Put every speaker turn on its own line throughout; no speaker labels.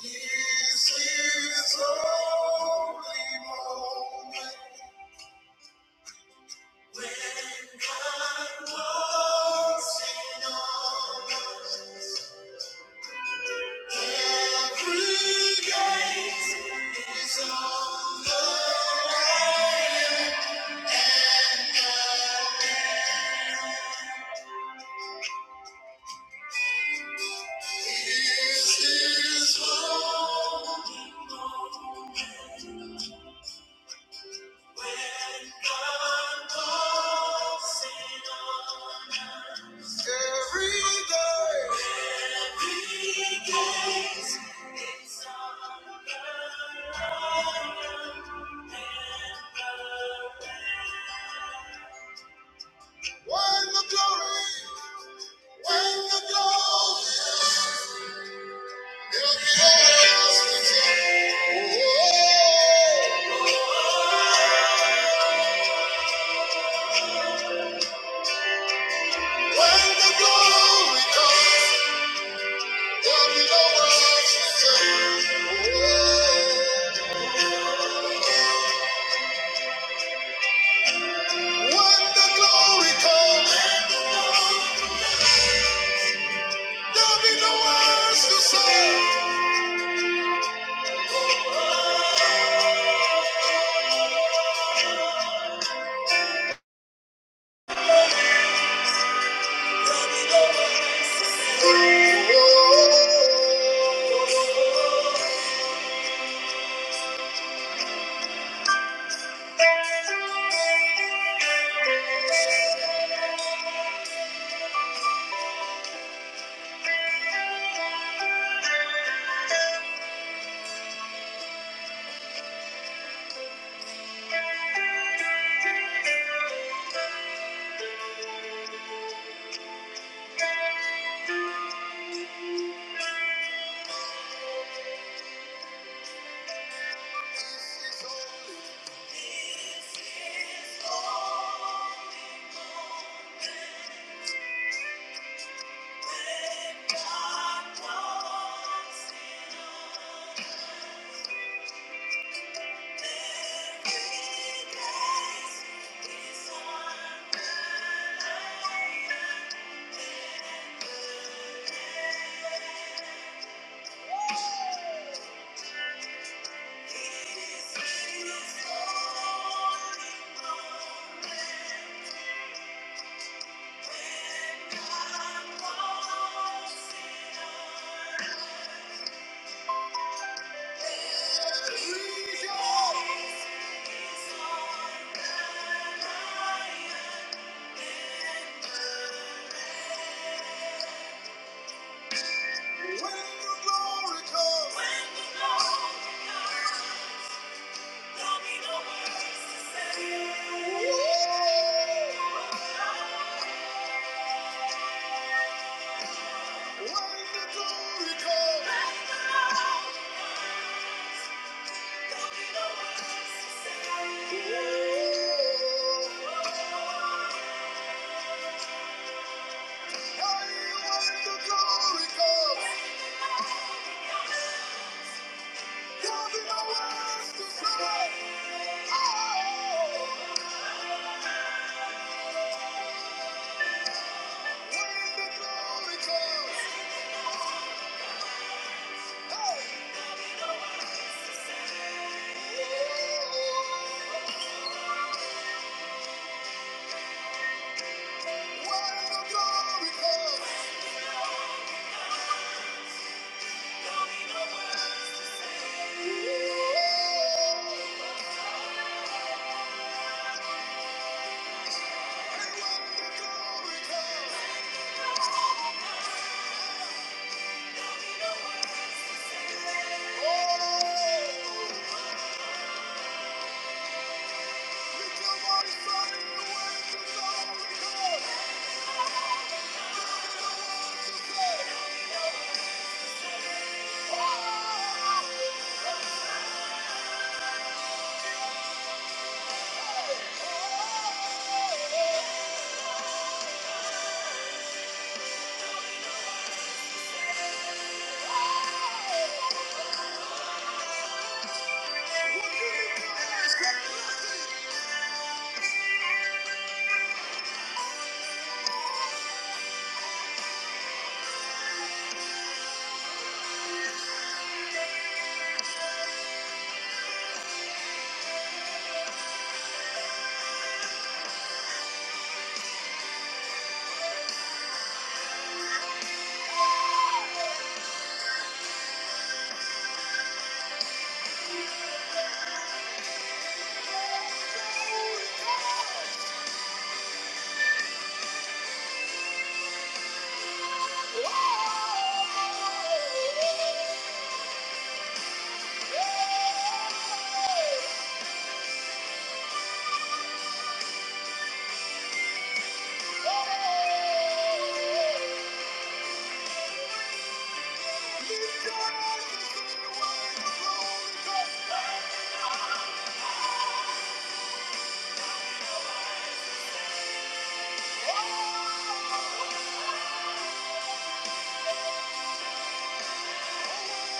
This is only moment when God walks in on us. Every gate is open. doors. Every day. every gate. When the glory, when the glory, every day else oh. When the glory comes, there'll be no words to say. Whoa. When the glory comes, there'll be no words to say. Whoa. When your glory comes, when the glory comes, there'll be no words to say. Woo! When the glory comes, woo! Hey, when the glory comes, there'll be no words to say. Oh, when the glory comes, hey, when the glory comes, woo! Oh! We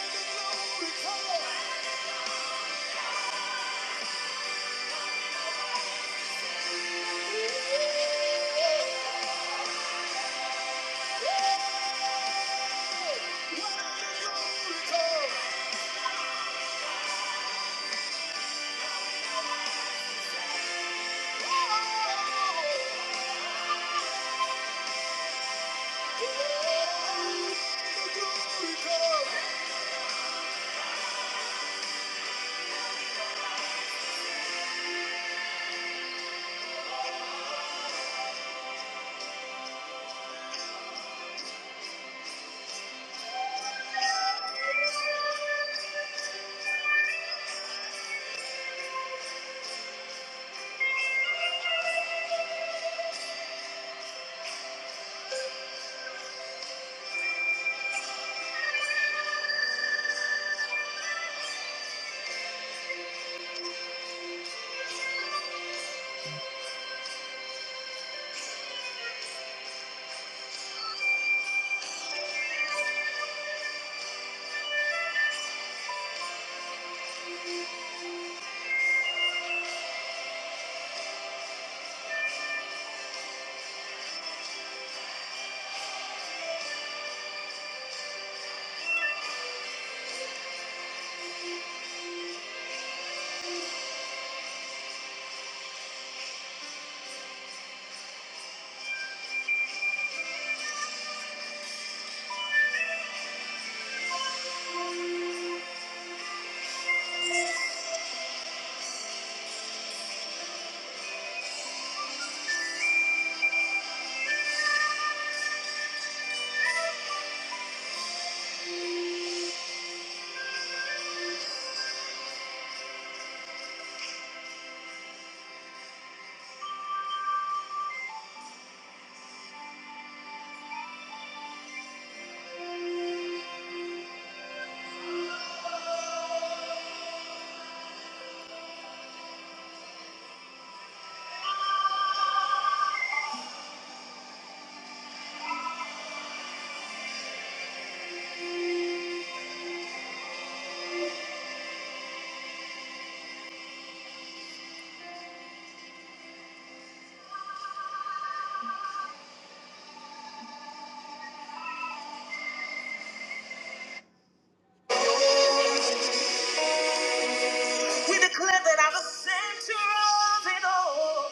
declare that I'm our center of it all,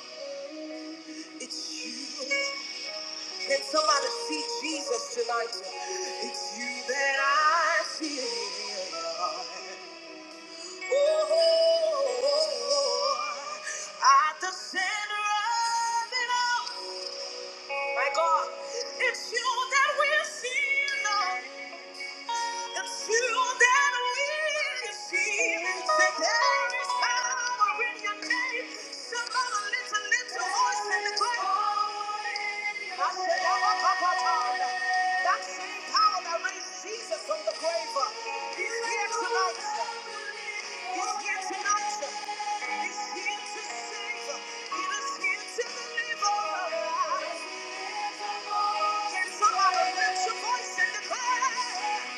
it's you. Can somebody see Jesus tonight? It's you that I see. Oh, At the center of it all, my God, it's you that we're seeing. It's you that we see. Say there is power in your name. Somebody lift a little voice and declare. I say, Abba, Papa, Father, That same power that raised Jesus from the grave uh, is here tonight. Is here tonight. Is here to save. It is here to deliver. Can somebody lift your voice and declare?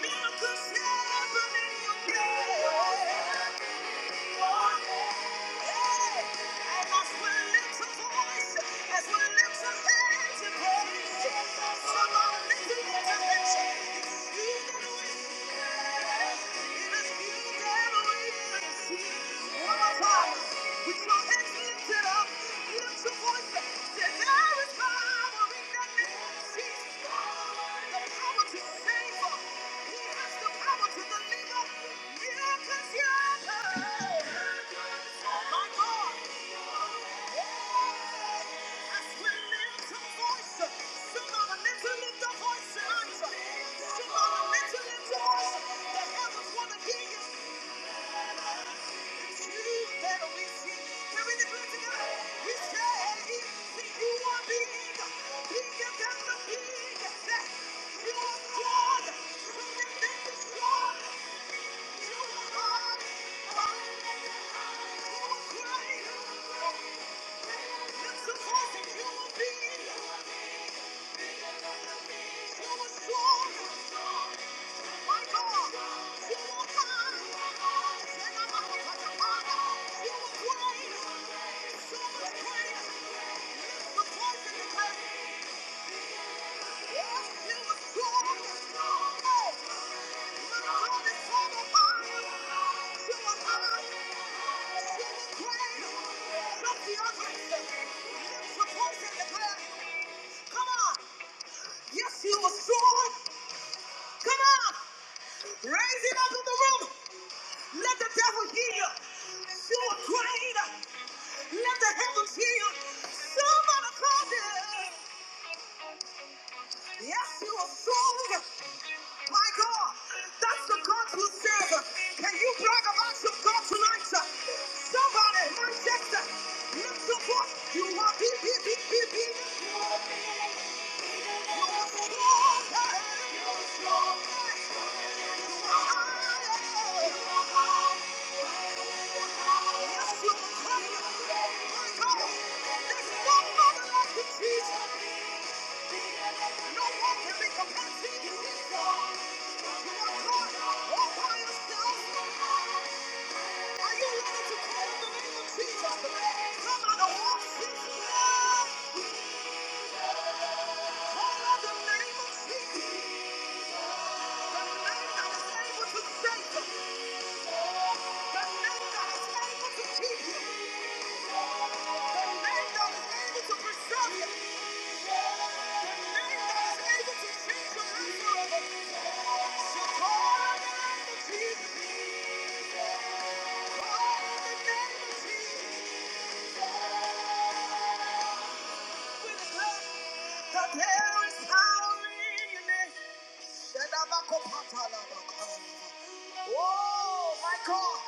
Miracles happen in your prayer. With your hands lifted up, lift your voice. Say, there is power in God. Somebody lift your voice. The heavens want to hear you. You will be, you will be, you will be strong. Come on! Yes, he was strong. Come on! Raise it up in the room. Let the devil hear. You You are afraid. Let the heavens hear. you. Somebody call it. Yes, you are strong. My God, that's the God who serve. Can you brag about your God tonight? sir? Somebody, Manchester, lift your voice. You are big, big, big, big, big. You are strong. You are strong. You are higher. the to name that is able to preserve you. Oh my God!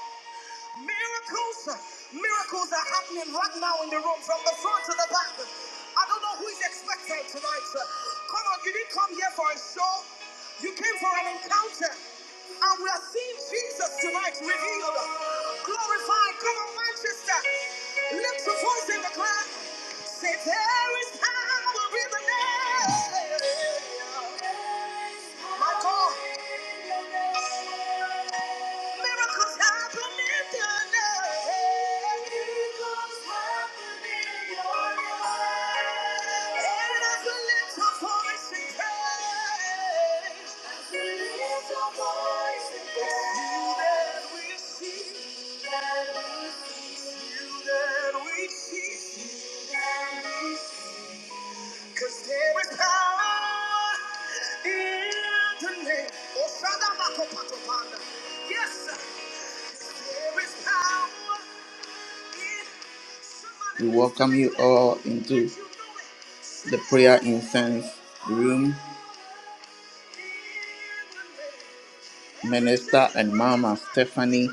Miracles, miracles are happening right now in the room from the front to the back. I don't know who is expecting tonight. Come on, you didn't come here for a show. You came for an encounter. And we are seeing Jesus tonight revealed, glorified. Come on, Manchester. Lift your voice in the crowd. Say, there is power in the name. My God. Miracles happen in your life. Miracles happen in your life. And as we lift our voice in praise, as we lift our voice in praise, you that we see, you that we see, you that we see, you that we see. 'Cause there is power in the name. Oh, Shanda Makopatopanda. Yes, sir. We welcome you all into the prayer incense room. Minister and Mama Stephanie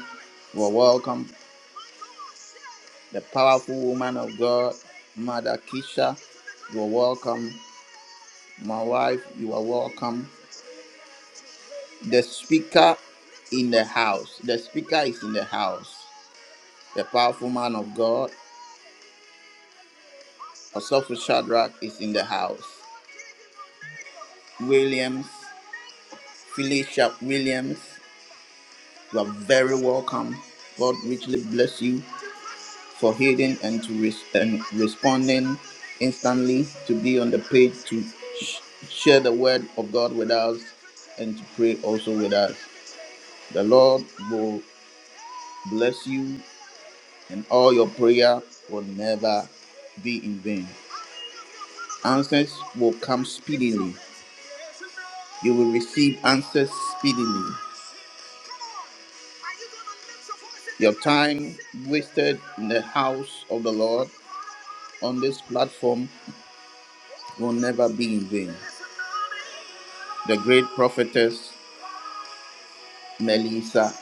were welcome. The powerful woman of God, Mother Keisha, you are welcome. My wife, you are welcome. The speaker in the house. The speaker is in the house. The powerful man of God, Osofo Shadrach, is in the house. Williams Felicia Williams. You are very welcome. God richly bless you for hearing and to res- and responding instantly to be on the page to sh- share the word of God with us and to pray also with us. The Lord will bless you and all your prayer will never be in vain. Answers will come speedily. You will receive answers speedily. Your time wasted in the house of the Lord on this platform will never be in vain. The great prophetess Melissa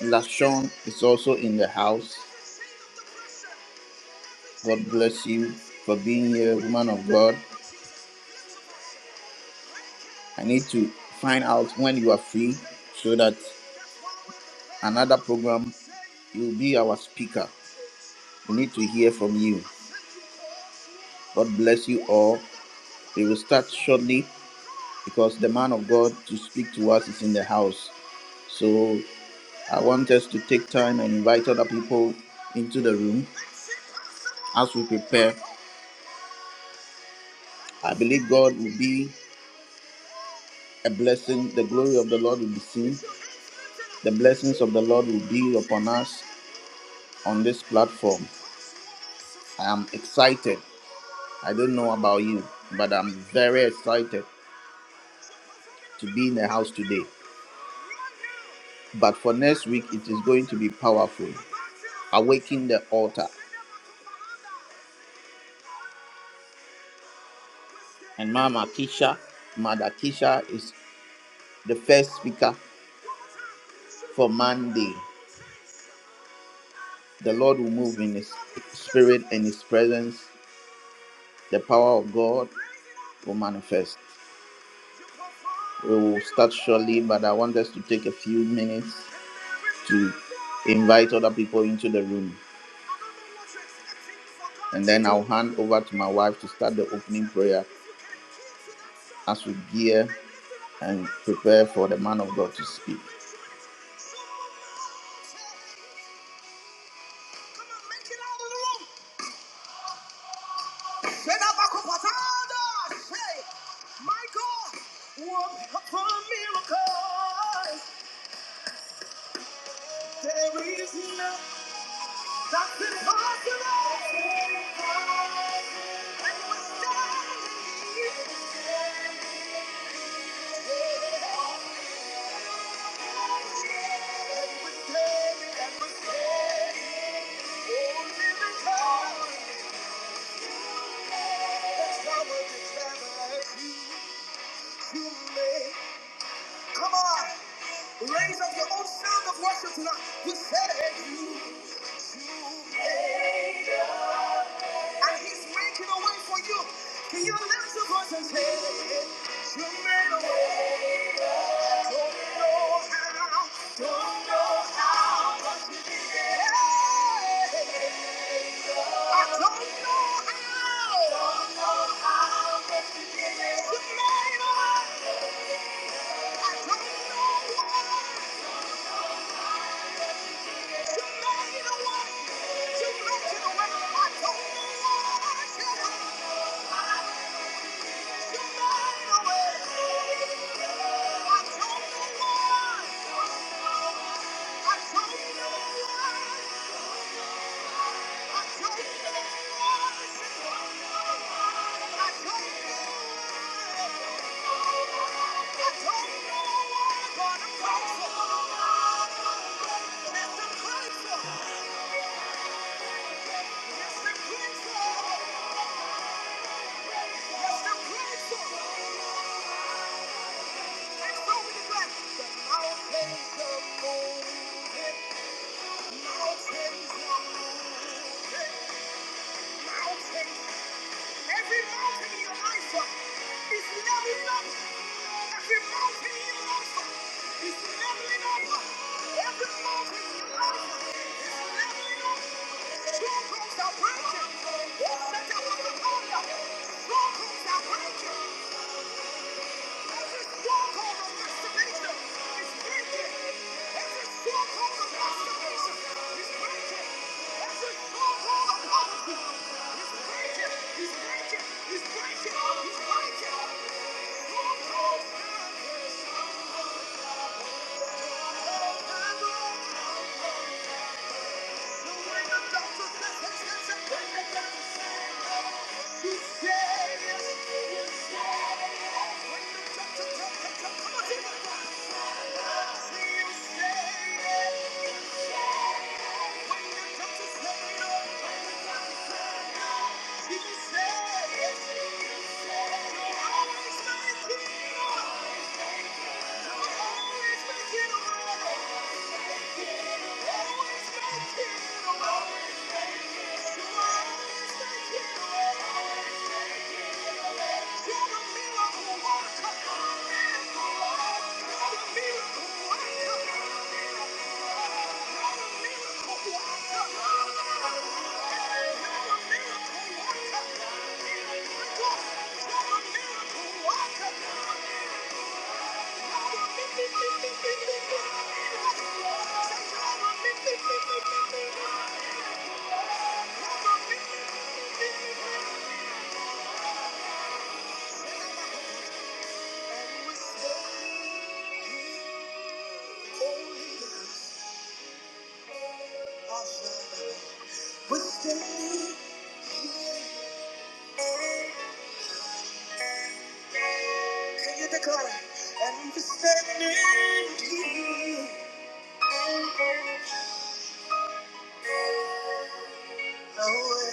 Lashon is also in the house. God bless you for being here, woman of God. I need to find out when you are free so that another program you'll be our speaker. We need to hear from you. God bless you all. We will start shortly. because the man of God to speak to us is in the house. So I want us to take time and invite other people into the room as we prepare. I believe God will be a blessing. The glory of the Lord will be seen. The blessings of the Lord will be upon us on this platform. I am excited. I don't know about you, but I'm very excited to be in the house today. But for next week, it is going to be powerful. Awaken the altar. and Mama Keisha. Mother Keisha is the first speaker for Monday. The Lord will move in His spirit and His presence. The power of God will manifest. We will start shortly, but I want us to take a few minutes to invite other people into the room. And then I'll hand over to my wife to start the opening prayer as we gear and prepare for the man of God to speak. There is nothing that's impossible. And we're standing here. And we're standing, and we're standing. Oh, miracle. That's why we're declaring you, you may. Come on. Raise up your own sound of worship tonight. You said you, you. may. and He's making a way for you. Can you lift your voice and say, You made a way? Don't know how, don't know how, but you did it. Yeah. I don't know how, don't know how, but you did it. You made a way. I don't know why. You made a way. You made a way. I don't know why. You made a way. I don't know why. Mountains are moving. Mountains Every mountain in your life uh, is leveling up. Every mountain in your life uh, is leveling up. Every mountain in your life uh, is leveling up. Strongholds are breaking. Who that? I was a thunder? Strongholds are breaking. He's breaking. He's breaking. Thank you. Always make it away. Always make it away. Can you declare? I'm standing here. No way.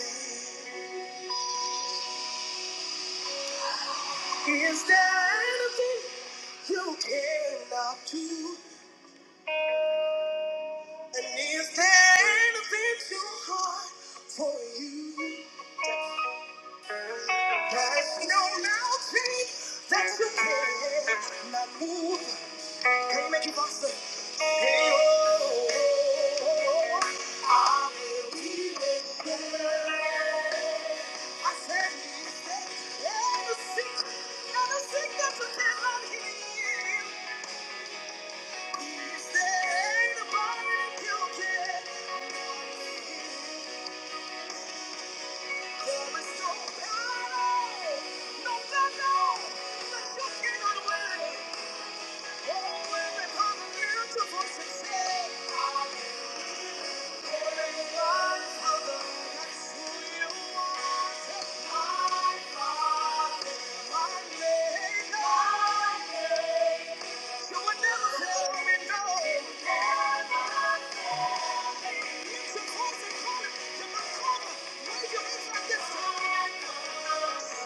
Is there anything you cannot do? And is there anything too hard for you? There's no mountain that you cannot move. Can you make it possible? No, no, battle, no, but you can't win. Thank you. You would never tell me no. Lift your voice and call it. You're my father. Raise your hands like this. Lord, tell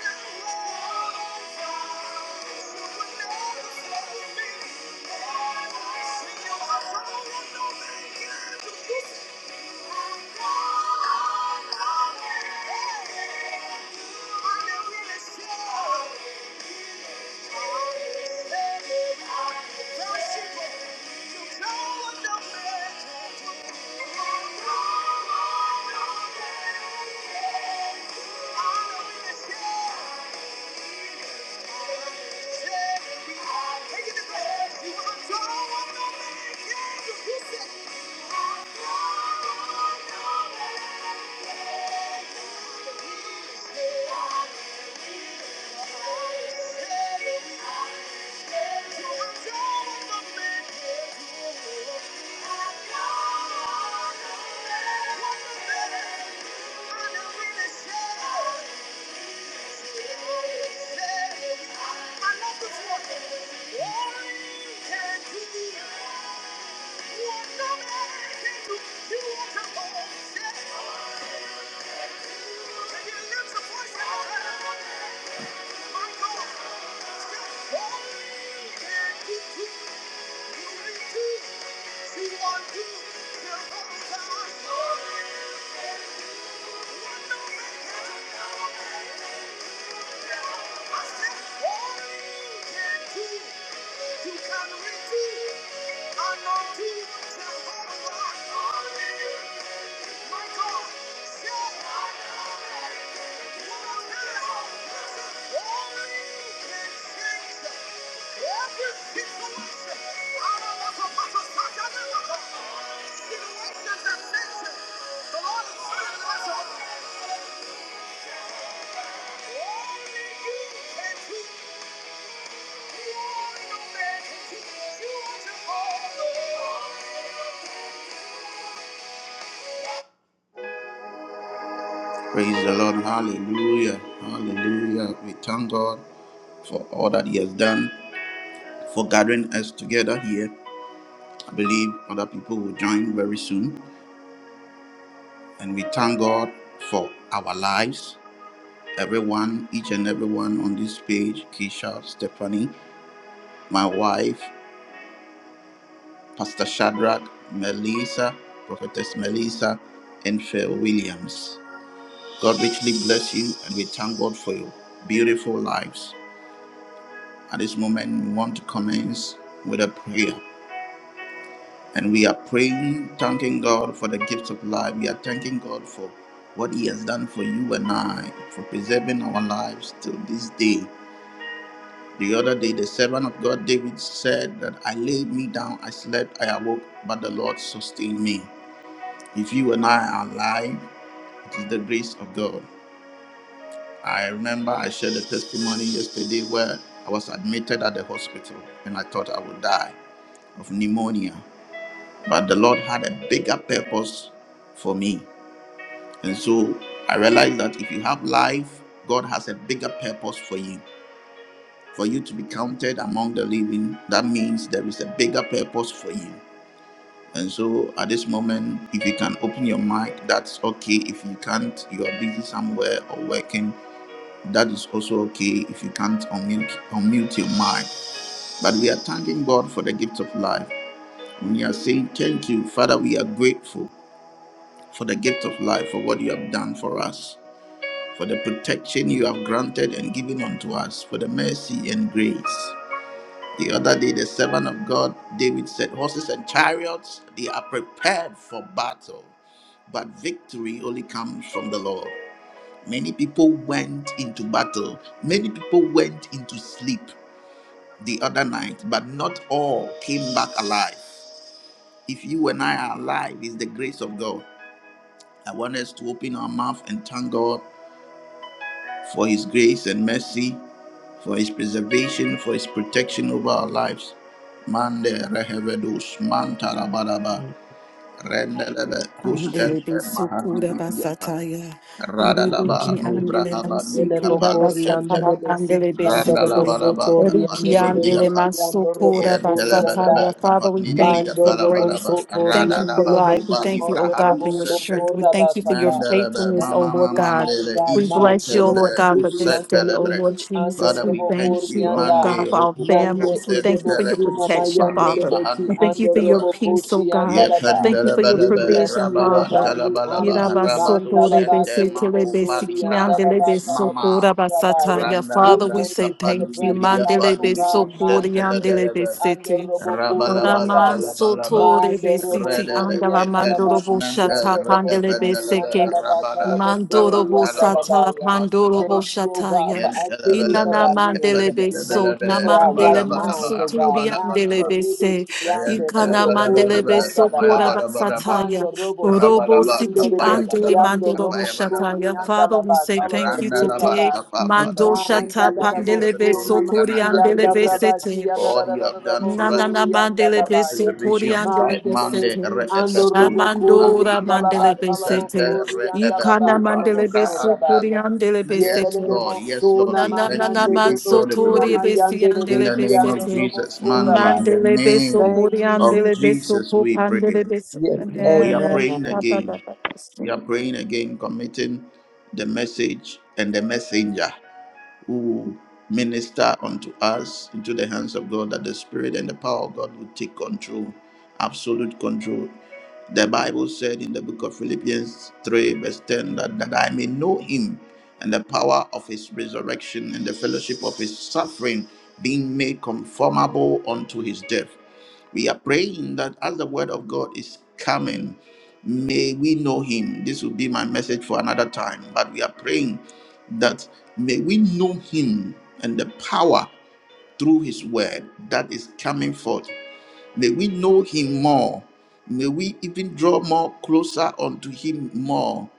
you, you would never tell me. no man can do. I never really Thank you. Thank you. Thank you. Situations that makes it. The Lord is with us. Only you can do. Praise the Lord. Hallelujah. Hallelujah. We thank God for all that He has done, for gathering us together here. I believe other people will join very soon. And we thank God for our lives, everyone, each and everyone on this page Keisha, Stephanie, my wife, Pastor Shadrach, Melissa, Prophetess Melissa, and Phil Williams. God richly bless you, and we thank God for your beautiful lives. At this moment, we want to commence with a prayer. And we are praying, thanking God for the gift of life. We are thanking God for what He has done for you and I, for preserving our lives till this day. The other day, the servant of God David said that I laid me down, I slept, I awoke, but the Lord sustained me. If you and I are alive, it is the grace of God. I remember I shared a testimony yesterday where I was admitted at the hospital and I thought I would die of pneumonia. But the Lord had a bigger purpose for me. And so I realized that if you have life, God has a bigger purpose for you. For you to be counted among the living, that means there is a bigger purpose for you. And so at this moment, if you can open your mic, that's okay. If you can't, you are busy somewhere or working, that is also okay. If you can't unmute, unmute your mic. But we are thanking God for the gift of life. We are saying, Thank you, Father, we are grateful. for the gift of life, for what you have done for us, for the protection you have granted and given unto us, for the mercy and grace. The other day, the servant of God, David said, Horses and chariots, they are prepared for battle, but victory only comes from the Lord. Many people went into battle, many people went into sleep the other night, but not all came back alive. If you and I are alive, it's the grace of God. I want us to open our mouth and thank God for His grace and mercy, for His preservation, for His protection over our lives. Mande rehevedus mantarabaraba
Father,
rendelebe
we
kustelpe
Andele be sukura
mahandibiyata
basataya.
radalaba
Eruki andele
nubrahaba
Ele
masukura
bokori anda
likapalushente
de
basataya. Andele
besiki
be
anda robo
sete.
soto
Randalabaraba
riande
Eruki
de
Kapanidi
andele
Briapa
besiki anda robo
masukura
Yan
sori anda.
basataya.
Telebelebe
Father, we
Kapanidi
thank you
Mando
Briapa
for
robo
grace.
Labaraba
soto
We thank you
riande
for
Radadaba
life. We
lebeki
Kuba
thank you,
Livra
oh
anda
God,
Halu
for
robo
your
soto
Center
strength. We thank you for your
rabasata.
Mandelebe
faithfulness,
Thank
oh
Mama
Lord
you,
God.
Almighty
Mamandele
God.
We
Isu
bless
Manto
you, oh
robo
Lord
Tende
God, for
suri
this
Uset
anda
day, oh
Telebre
lebeki
Lord
anda
Jesus.
Father,
We
we
robo
thank
thank
kori
you,
you, oh
anda.
God,
Mande,
for our
Rokupo,
Nande
families. We thank you
edebo
for
Tentele,
your
suna
Isu,
protection,
mayande
Pandi,
Father.
lebeki
We thank you
anda
for your
Mahandi,
robo
peace, oh
koshi
God.
anda raba.
Thank you for your
We
Yependelebalebe,
bless
provision,
you, O
Father.
God. We honor
rababantalabalaba,
you.
rabadu
Mantalaba
sente
kelebo
maku palivra
andalaba
halus
kalabo
mama.
Yirabasokorebesetelebesikiandelebesokora basataya.
We
Father,
Randalabra
we
thank
say
you for the
kapandi
thank you.
breath of
libriya
life, O
pandi
God.
kusente
Mantelebe
legelebe.
andorobokuri
Mandelebesokoriandelebesete.
andaya.
Rabalabalabalaba.
Mandorobo
Ramansotorebesiti
Redere
kuri andalaba
kependus
siki
mente
andalamandoroboshata
re
andorobo
ependelebe,
pandelebeseke.
andalaba
rabada,
kalabo
rabantalaba,
Mandorobosatala
andalabaya.
rabantalaba.
Thank you, O God,
pandoroboshataya.
for activities of
Yentelebelebe,
our limbs.
Inanamandelebe so
Thank
kependelebelebe,
you for our
namandele
right minds,
rabalabalaba,
O God. Manto
rabalabalaba.
rebe
mansuturiandelebese.
ki
Father, we
Ikana
andorobo kuri
mandele beso kora
andalaba.
basataya.
Mando robo
Robo
suri ande
siki
rebeki
andele
ando
mandoro
robo suri
boshataya.
anda
Father,
la
we
ba
say
kalabo
thank you
sura ba.
today. Mando
thank
Manda
shata
you,
da da
give you all
pandele
the
bostona
beso
glory,
kori
honor, and
maki
andele
anda
adoration
besete.
rabaki
for
anda da
all
da
you
da da
have
da
done for us,
Nanana
bosuri anda
mandele
for
da
the
beso
baya.
kori
preservation of
andele
life.
Mande
Monday,
besete.
rebeki ando
Re'epekus,
robo kuri
Mahali,
Shamandora
anda la
Mahal,
mandele
ba kalabo
besete.
Center,
suri anda la
Ikana
ba
Re'epeku,
kalabo
mandele
Balibra,
beso
sura
and uh,
kori
baya.
andele
Yele
yes,
de de
besete.
Lord, yes, Lord,
Na
bostona
we
na
thank
na na
you, we
manande
man
de
give you
so
all the
bostuna
tori
glory.
besi
mayande
In
andele
the
rebeki
name of
ando
besete.
robo
Jesus,
sura
Monday, in the
baya.
Mandele beso
name
Thank
kori
you,
of
andele
Jesus.
beso
Jesus,
ko
we pray.
pandele beso.
Ye-
We are
Ne.
praying
Amen.
Pa pa pa
again.
pa pa.
We
So.
are praying again, committing the message and the messenger who will minister unto us into the hands of God, that the Spirit and the power of God will take control, absolute control. The Bible said in the book of Philippians 3, verse 10, that, that I may know him and the power of his resurrection and the fellowship of his suffering, being made conformable unto his death. We are praying that as the word of God is coming, may we know him. This will be my message for another time, but we are praying that. May we know him and the power through his word that is coming forth May we know him more. May we even draw more closer unto him more.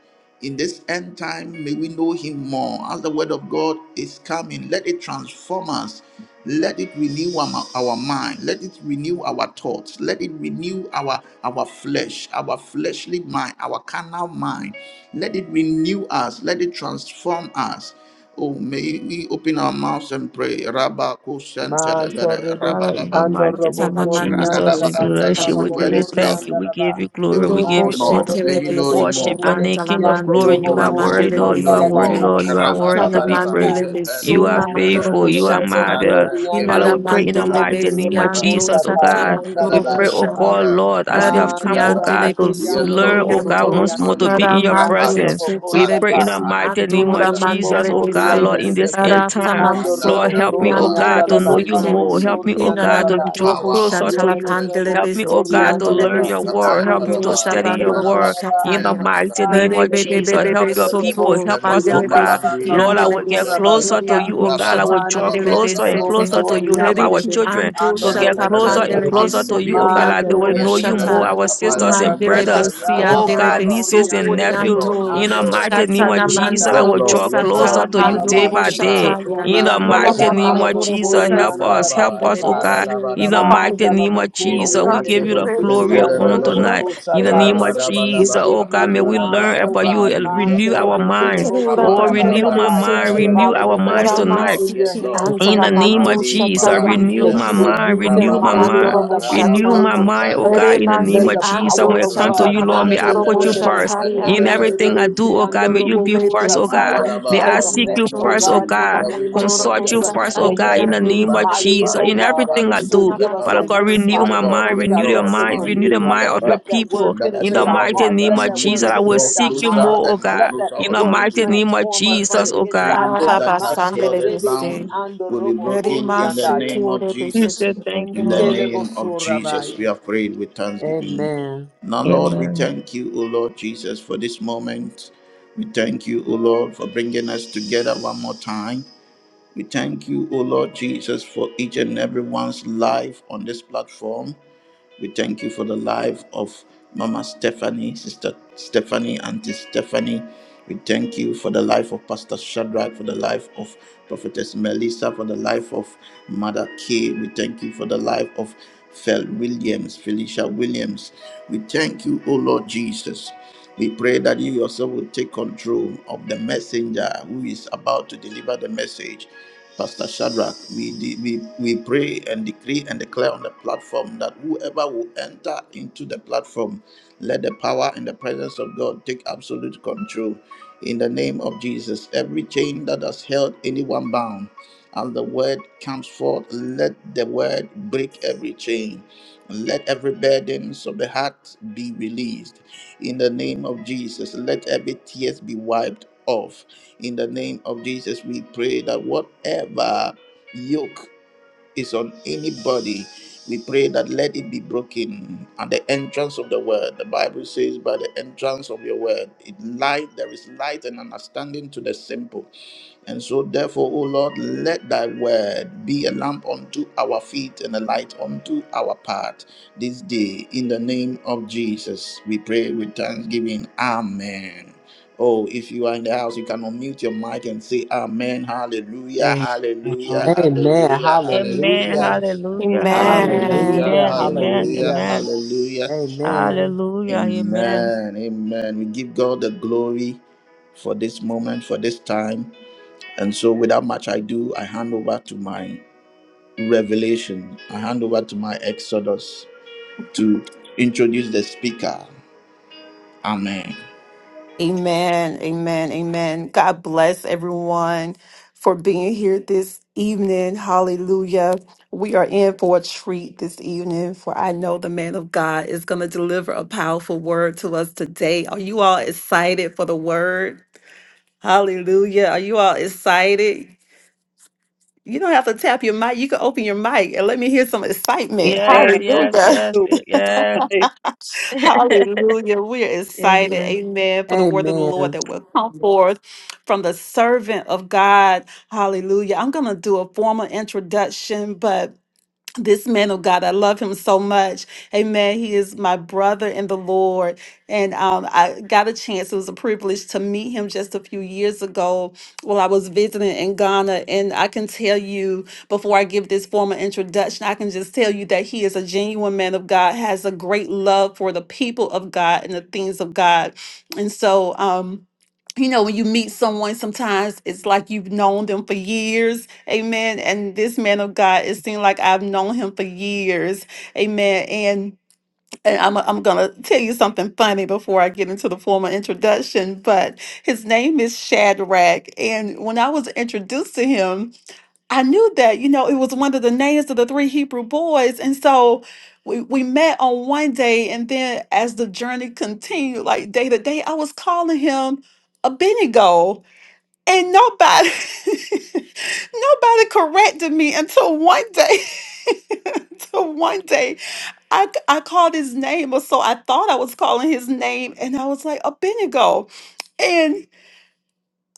In this end time, may we know him more. As the word of God is coming, let it transform us. Let it renew our, our mind. Let it renew our thoughts. Let it renew our, our flesh, our fleshly mind, our carnal mind. Let it renew us. Let it transform us. Oh, may we open our mouths and pray. Rabba Kushan
Man
Telebere, Rabba
Father,
torebeki
in the
Rabba
ando
mighty
robo
name
Sala
of
kori
ra
mandoro
anda
Jesus,
da
we
as
ba
besan sala
bless you.
satala
We
your
bo
tell
word
mandele
you
is
kori
thank you.
coming.
anda
We
da
give
ba.
you
May
glory.
we
We
know
Urobo
give
you
you
Man de de
more.
honor.
de
May
de de
you
shetelebe
de
know
bo
you
siki
more.
Worship your name,
sorebeki
antala
King of
ando
May
glory.
we
You
robo
know
mandura
are
you more.
koshi
worthy,
May we
mandelebe
Lord. You
know
anda
are
la
you
ba
worthy,
sete.
more.
kala
Lord.
bo
You are
ra ba
worthy
sora
Itana
to
ba
be
da
praised.
sata.
mandelebe
You
Kepelus
are
suna
Man de
mehe.
de
mandorobo
faithful.
de
You
de
are
de bo
shata.
marvelous.
sori
Randa
ande
Father,
Inana
we
le
pray
kepelus
in
meki
the
mandelebe
ando
mighty
mahandiri
name of
robo
kriyapa.
sianto
Jesus,
kosha
oh
ta
sata
God.
Ian
yanda
We
la
kelebe
mandorobo
ba
pray, oh
sata.
God,
shaya.
rababa
Lord, as we
Hari
kapandiri
have
Man
come,
da
oh
kriyapa.
God,
kiantelebe
to
ramaki
Yes,
ando
Lord.
learn,
robo
oh
Yes,
God,
sori
Lord.
sokorianto.
once more
ande
to
le
Mandi
be
Hara
in your
meki
mante
ando
rapandi
presence.
robo
We
kopali
kosha
pray
shetelebe
in
ta.
the
si
rahali
mighty name of
andora
mahanda.
Yerebo
Jesus, oh
mandelebe
kori
God,
se.
ande
Lord,
Randa
de
in this
kepelus
end
Hara
beseki
time.
taman
ando
mahanda
robo
Lord, help me,
sori
oh
rababa.
anda
God,
That
sokoriantelebe
la
to
we
ba
know
may
you
know
sete.
kalabo
more.
you
Help me,
sori
oh
anda
Inana
God,
la
to
the
ba
draw
ya.
mandorobo
power of
closer
the
to
shatala
you.
Yelelelebo
resurrection.
pandele
Help me, oh
besiki
sori
God, to
ande
andele
le
learn
Mandalabra,
your
besi
besiki
word.
Kapaya
ando
Help me
robo
ando
to
Balaba,
study
sori
your
shabandorobo
anda
Randalaba,
word
la ba.
in the
Kapaya
shataya.
Balaba,
mighty name
Mante
Rebe
of
le
bebe
besi
Jesus.
bebe
Help
ando
your
robo
people.
soto
Help
sori
us,
Pendus,
oh
mandele
anda la
God.
ba
besiki
Mahandi,
kalabo
Lord, I
andele
will
Mahalu
get
sora ba
Center,
closer
besokuri
sata.
to you,
ando
oh God. I will
Rababa,
Mande
draw
le
Talabra,
shatapandele
le le
closer
le
and
bo
Kapan,
besete.
closer to
Dalabra,
sori
you. Help
Kapan,
ande
our
le
Riki
besi
children
ando
ando
to
Yan
get
robo
closer
Telebe,
soya.
and
shatapandele
Kapan,
closer to you, oh
besokuri
God.
Nibriapa,
Like they
ando
Mandala
will
Yan
know you more.
shata.
Telebe,
Our
Kapal
sisters and
Mandele
Center,
brothers,
besi
oh
Rababa
andele
God,
Baba.
nieces and
besokuri
Yes,
nephews,
Lord,
ando
in
yes,
the
Lord.
mighty name of
shatana
Jesus, I
Yes,
will
mandorobo
draw
Lord, yes,
closer
satala
Lord.
to you day
Mandi,
pandorobo
by day.
Kipa,
shataya.
In the
Luprande,
Father, we
mighty name
Kupa,
of Jesus, help us. Help
Randalaba,
us, oh God. In the
Radalaba,
mighty name of
oh
Jesus, we
God,
give you the
praise
glory and
God. Oh,
honor
Imegerushentelebalaba.
Lord, I
tonight. In
thank
the
you,
name of
Jesus.
we
Jesus,
Rabadabadaba,
give
oh God,
you
may
the
we
kapanadaba,
honor,
learn
O
about you
God.
and
Man
renew
kapanibriapa.
our
telebe
minds.
kelebo
Kalamantula
Oh,
bandele
renew
Rapatalaba,
my
sorabasataya.
mind,
besegi,
renew
Father,
our
we
kapayabalabalaba.
minds
mera
Yes,
commit him
tonight.
Lord.
in
Yes,
your
masiki
Lord.
hands in
In
the
anzala
the
name
name
of
batu
of
Mandi
Jesus,
shata
Jesus, uh,
Mahalu
bandele
renew
that
my
you
besi,
Sente
will
mind,
use him
renew
anzala
my
mightily
mind,
Rababata
mandoro
in the mighty
renew
bushata,
my
name
Raapaku
of
mind, oh
Jesus. Uh,
God,
ere
in the
Balushmente
name
May
masi
of
the
Jesus. When
power
andu
it
of
comes to
shata
you,
na
God,
Lord, may I
Mante
mandoro
put you
Rabantelebelebe
Edebo
first.
bushata ya,
In
Kependelebe
everything
that
I
we may
do,
Suriandelebeki
oh
know
God, may you
you.
be
ere
Andoroboko
first, oh
beki
God.
Shataya,
May
Mandalaba,
I
take
anzala
that we
seek
may
you
effect,
know
oh
mandu
first, oh
God,
shata
in
you,
the
God.
that we
name
may
of
mandoro
know
Consult you
Jesus.
you.
Uh,
first, oh
May he
God,
be
bushata
in
Mente,
the
used
name of
Ruba,
Amen.
mightily,
Jesus.
oh
In
Kupandi,
God. Uh,
everything I
Mahandi,
to
do,
give us
Libriyapa.
a
Father God,
word,
renew
Yes,
Father,
my
that
Lord,
mind,
yes,
comes
renew your
Lord.
directly
mind,
from
Mandi,
renew the
you. Uh,
mind of your
Libriyapa.
Let that
people.
word
That
In
as
penetrate
the
your
our
word is
mighty
hearts.
name
Let
of
coming,
that
we
Jesus,
word
will
I will
draw
penetrate our
seek you
closer
minds.
more, oh
and more
God.
Let that
closer
In the
unto
word
mighty
you.
name of
transform us
That
from
Jesus,
the
oh
every
God.
inside
chains
out.
that has
Manto
held us
rebeki
bound
ando
will be
robo
broken in the
koriandaya.
name of
We
Jesus.
say thank you,
In the
Lord.
Kelebo
name of Jesus, we
sorabaya.
have prayed with thanksgiving.
Amen.
Now, Lord, we
Amen.
thank you, O Lord Jesus, for this moment. We thank you, O Lord, for bringing us together one more time. We thank you, O Lord Jesus, for each and everyone's life on this platform. We thank you for the life of Mama Stephanie, Sister Stephanie, Auntie Stephanie. We thank you for the life of Pastor Shadrach, for the life of Prophetess Melissa, for the life of Mother Kay. We thank you for the life of Fel Williams, Felicia Williams. We thank you, O Lord Jesus. We pray that you yourself will take control of the messenger who is about to deliver the message. Pastor Shadrach, we, de- we, we pray and decree and declare on the platform that whoever will enter into the platform, let the power and the presence of God take absolute control. In the name of Jesus, every chain that has held anyone bound, as the word comes forth, let the word break every chain. Let every burdens of the heart be released in the name of Jesus. Let every tears be wiped off in the name of Jesus. We pray that whatever yoke is on anybody, we pray that let it be broken at the entrance of the word. The Bible says, by the entrance of your word, it light there is light and understanding to the simple. And so, therefore, O Lord, let thy word be a lamp unto our feet and a light unto our path this day. In the name of Jesus, we pray with thanksgiving. Amen. Oh, if you are in the house, you can unmute your mic and say Amen. Hallelujah.
Amen.
Hallelujah.
Amen.
Hallelujah.
Amen.
Hallelujah.
Hallelujah.
Hallelujah. Hallelujah.
Hallelujah.
Hallelujah.
Amen. Amen.
Hallelujah.
Hallelujah.
Amen.
Hallelujah.
Amen.
Hallelujah. Amen.
Amen. Amen. We give God the glory for this moment, for this time. And so without much ado, I hand over to my revelation. I hand over to my exodus to introduce the speaker. Amen.
Amen. Amen. Amen. God bless everyone for being here this evening. Hallelujah. We are in for a treat this evening, for I know the man of God is going to deliver a powerful word to us today. Are you all excited for the word? Hallelujah. Are you all excited? You don't have to tap your mic. You can open your mic and let me hear some excitement.
Yes, yes,
Hallelujah.
yes, yes.
Hallelujah. We are excited.
Amen.
Amen. For the word of the Lord
Amen.
that will come forth from the servant of God. Hallelujah. I'm going to do a formal introduction, but this man of God, I love him so much. Amen. He is my brother in the Lord. And um, I got a chance, it was a privilege to meet him just a few years ago while I was visiting in Ghana. And I can tell you, before I give this formal introduction, I can just tell you that he is a genuine man of God, has a great love for the people of God and the things of God. And so, um, you know, when you meet someone, sometimes it's like you've known them for years Amen. And this man of God, it seemed like I've known him for years. Amen. And and I'm, I'm going to tell you something funny before I get into the formal introduction, but his name is Shadrach. And when I was introduced to him, I knew that, you know, it was one of the names of the three Hebrew boys. And so we, we met on one day. And then as the journey continued, like day to day, I was calling him Abednego. And nobody. nobody corrected me until one day until one day I, I called his name or so i thought i was calling his name and i was like abednego and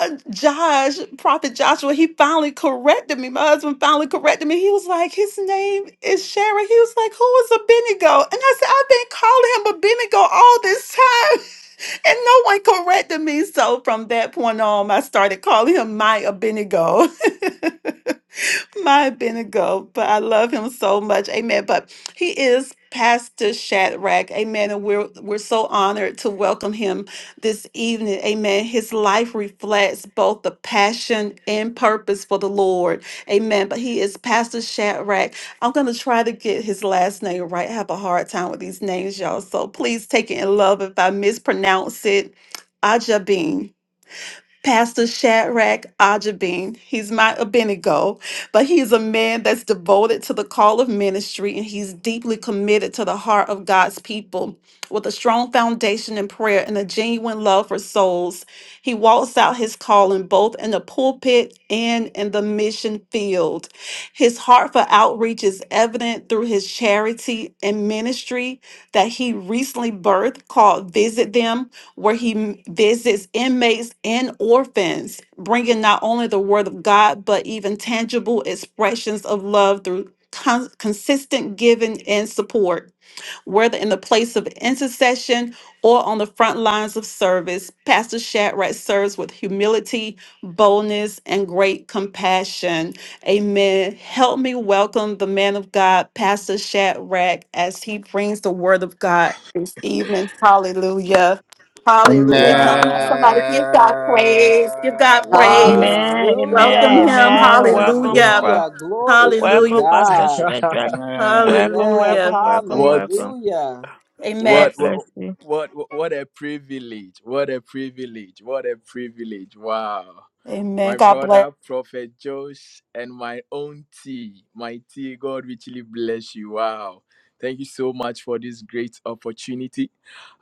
uh, josh prophet joshua he finally corrected me my husband finally corrected me he was like his name is sharon he was like who is abednego and i said i've been calling him abednego all this time and no one corrected me so from that point on i started calling him my abednego my Benigo, but I love him so much. Amen. But he is Pastor Shadrach. Amen. And we're we're so honored to welcome him this evening. Amen. His life reflects both the passion and purpose for the Lord. Amen. But he is Pastor Shadrach. I'm gonna try to get his last name right. I have a hard time with these names, y'all. So please take it in love if I mispronounce it. Ajabin. Pastor Shadrach Ajabin. He's my Abednego, but he's a man that's devoted to the call of ministry and he's deeply committed to the heart of God's people. With a strong foundation in prayer and a genuine love for souls, he walks out his calling both in the pulpit and in the mission field. His heart for outreach is evident through his charity and ministry that he recently birthed called Visit Them where he m- visits inmates and orphans, bringing not only the word of God, but even tangible expressions of love through con- consistent giving and support whether in the place of intercession or on the front lines of service, Pastor Shadrach serves with humility, boldness, and great compassion. Amen. Help me welcome the man of God, Pastor Shadrach, as he brings the word of God this evening. Hallelujah. Hallelujah.
Amen.
Come on,
Wow.
somebody, give God praise. Give God praise.
Amen.
Wow.
Welcome
Amen.
Hallelujah.
him.
Wow.
Amen. Welcome,
Hallelujah.
Prof.
Hallelujah.
Wow.
Glory to
Welcome,
Hallelujah.
Pastor
God.
Wow.
Shadrach.
Amen.
Welcome,
Yes,
Hallelujah.
welcome, welcome,
what?
welcome.
hallelujah.
Amen.
God
What
bless
what
you.
what what a privilege. What a privilege. What a privilege. Wow.
Amen.
My brother Prophet Josh and my own tea. My tea, God richly bless you. Wow. Thank you so much for this great opportunity.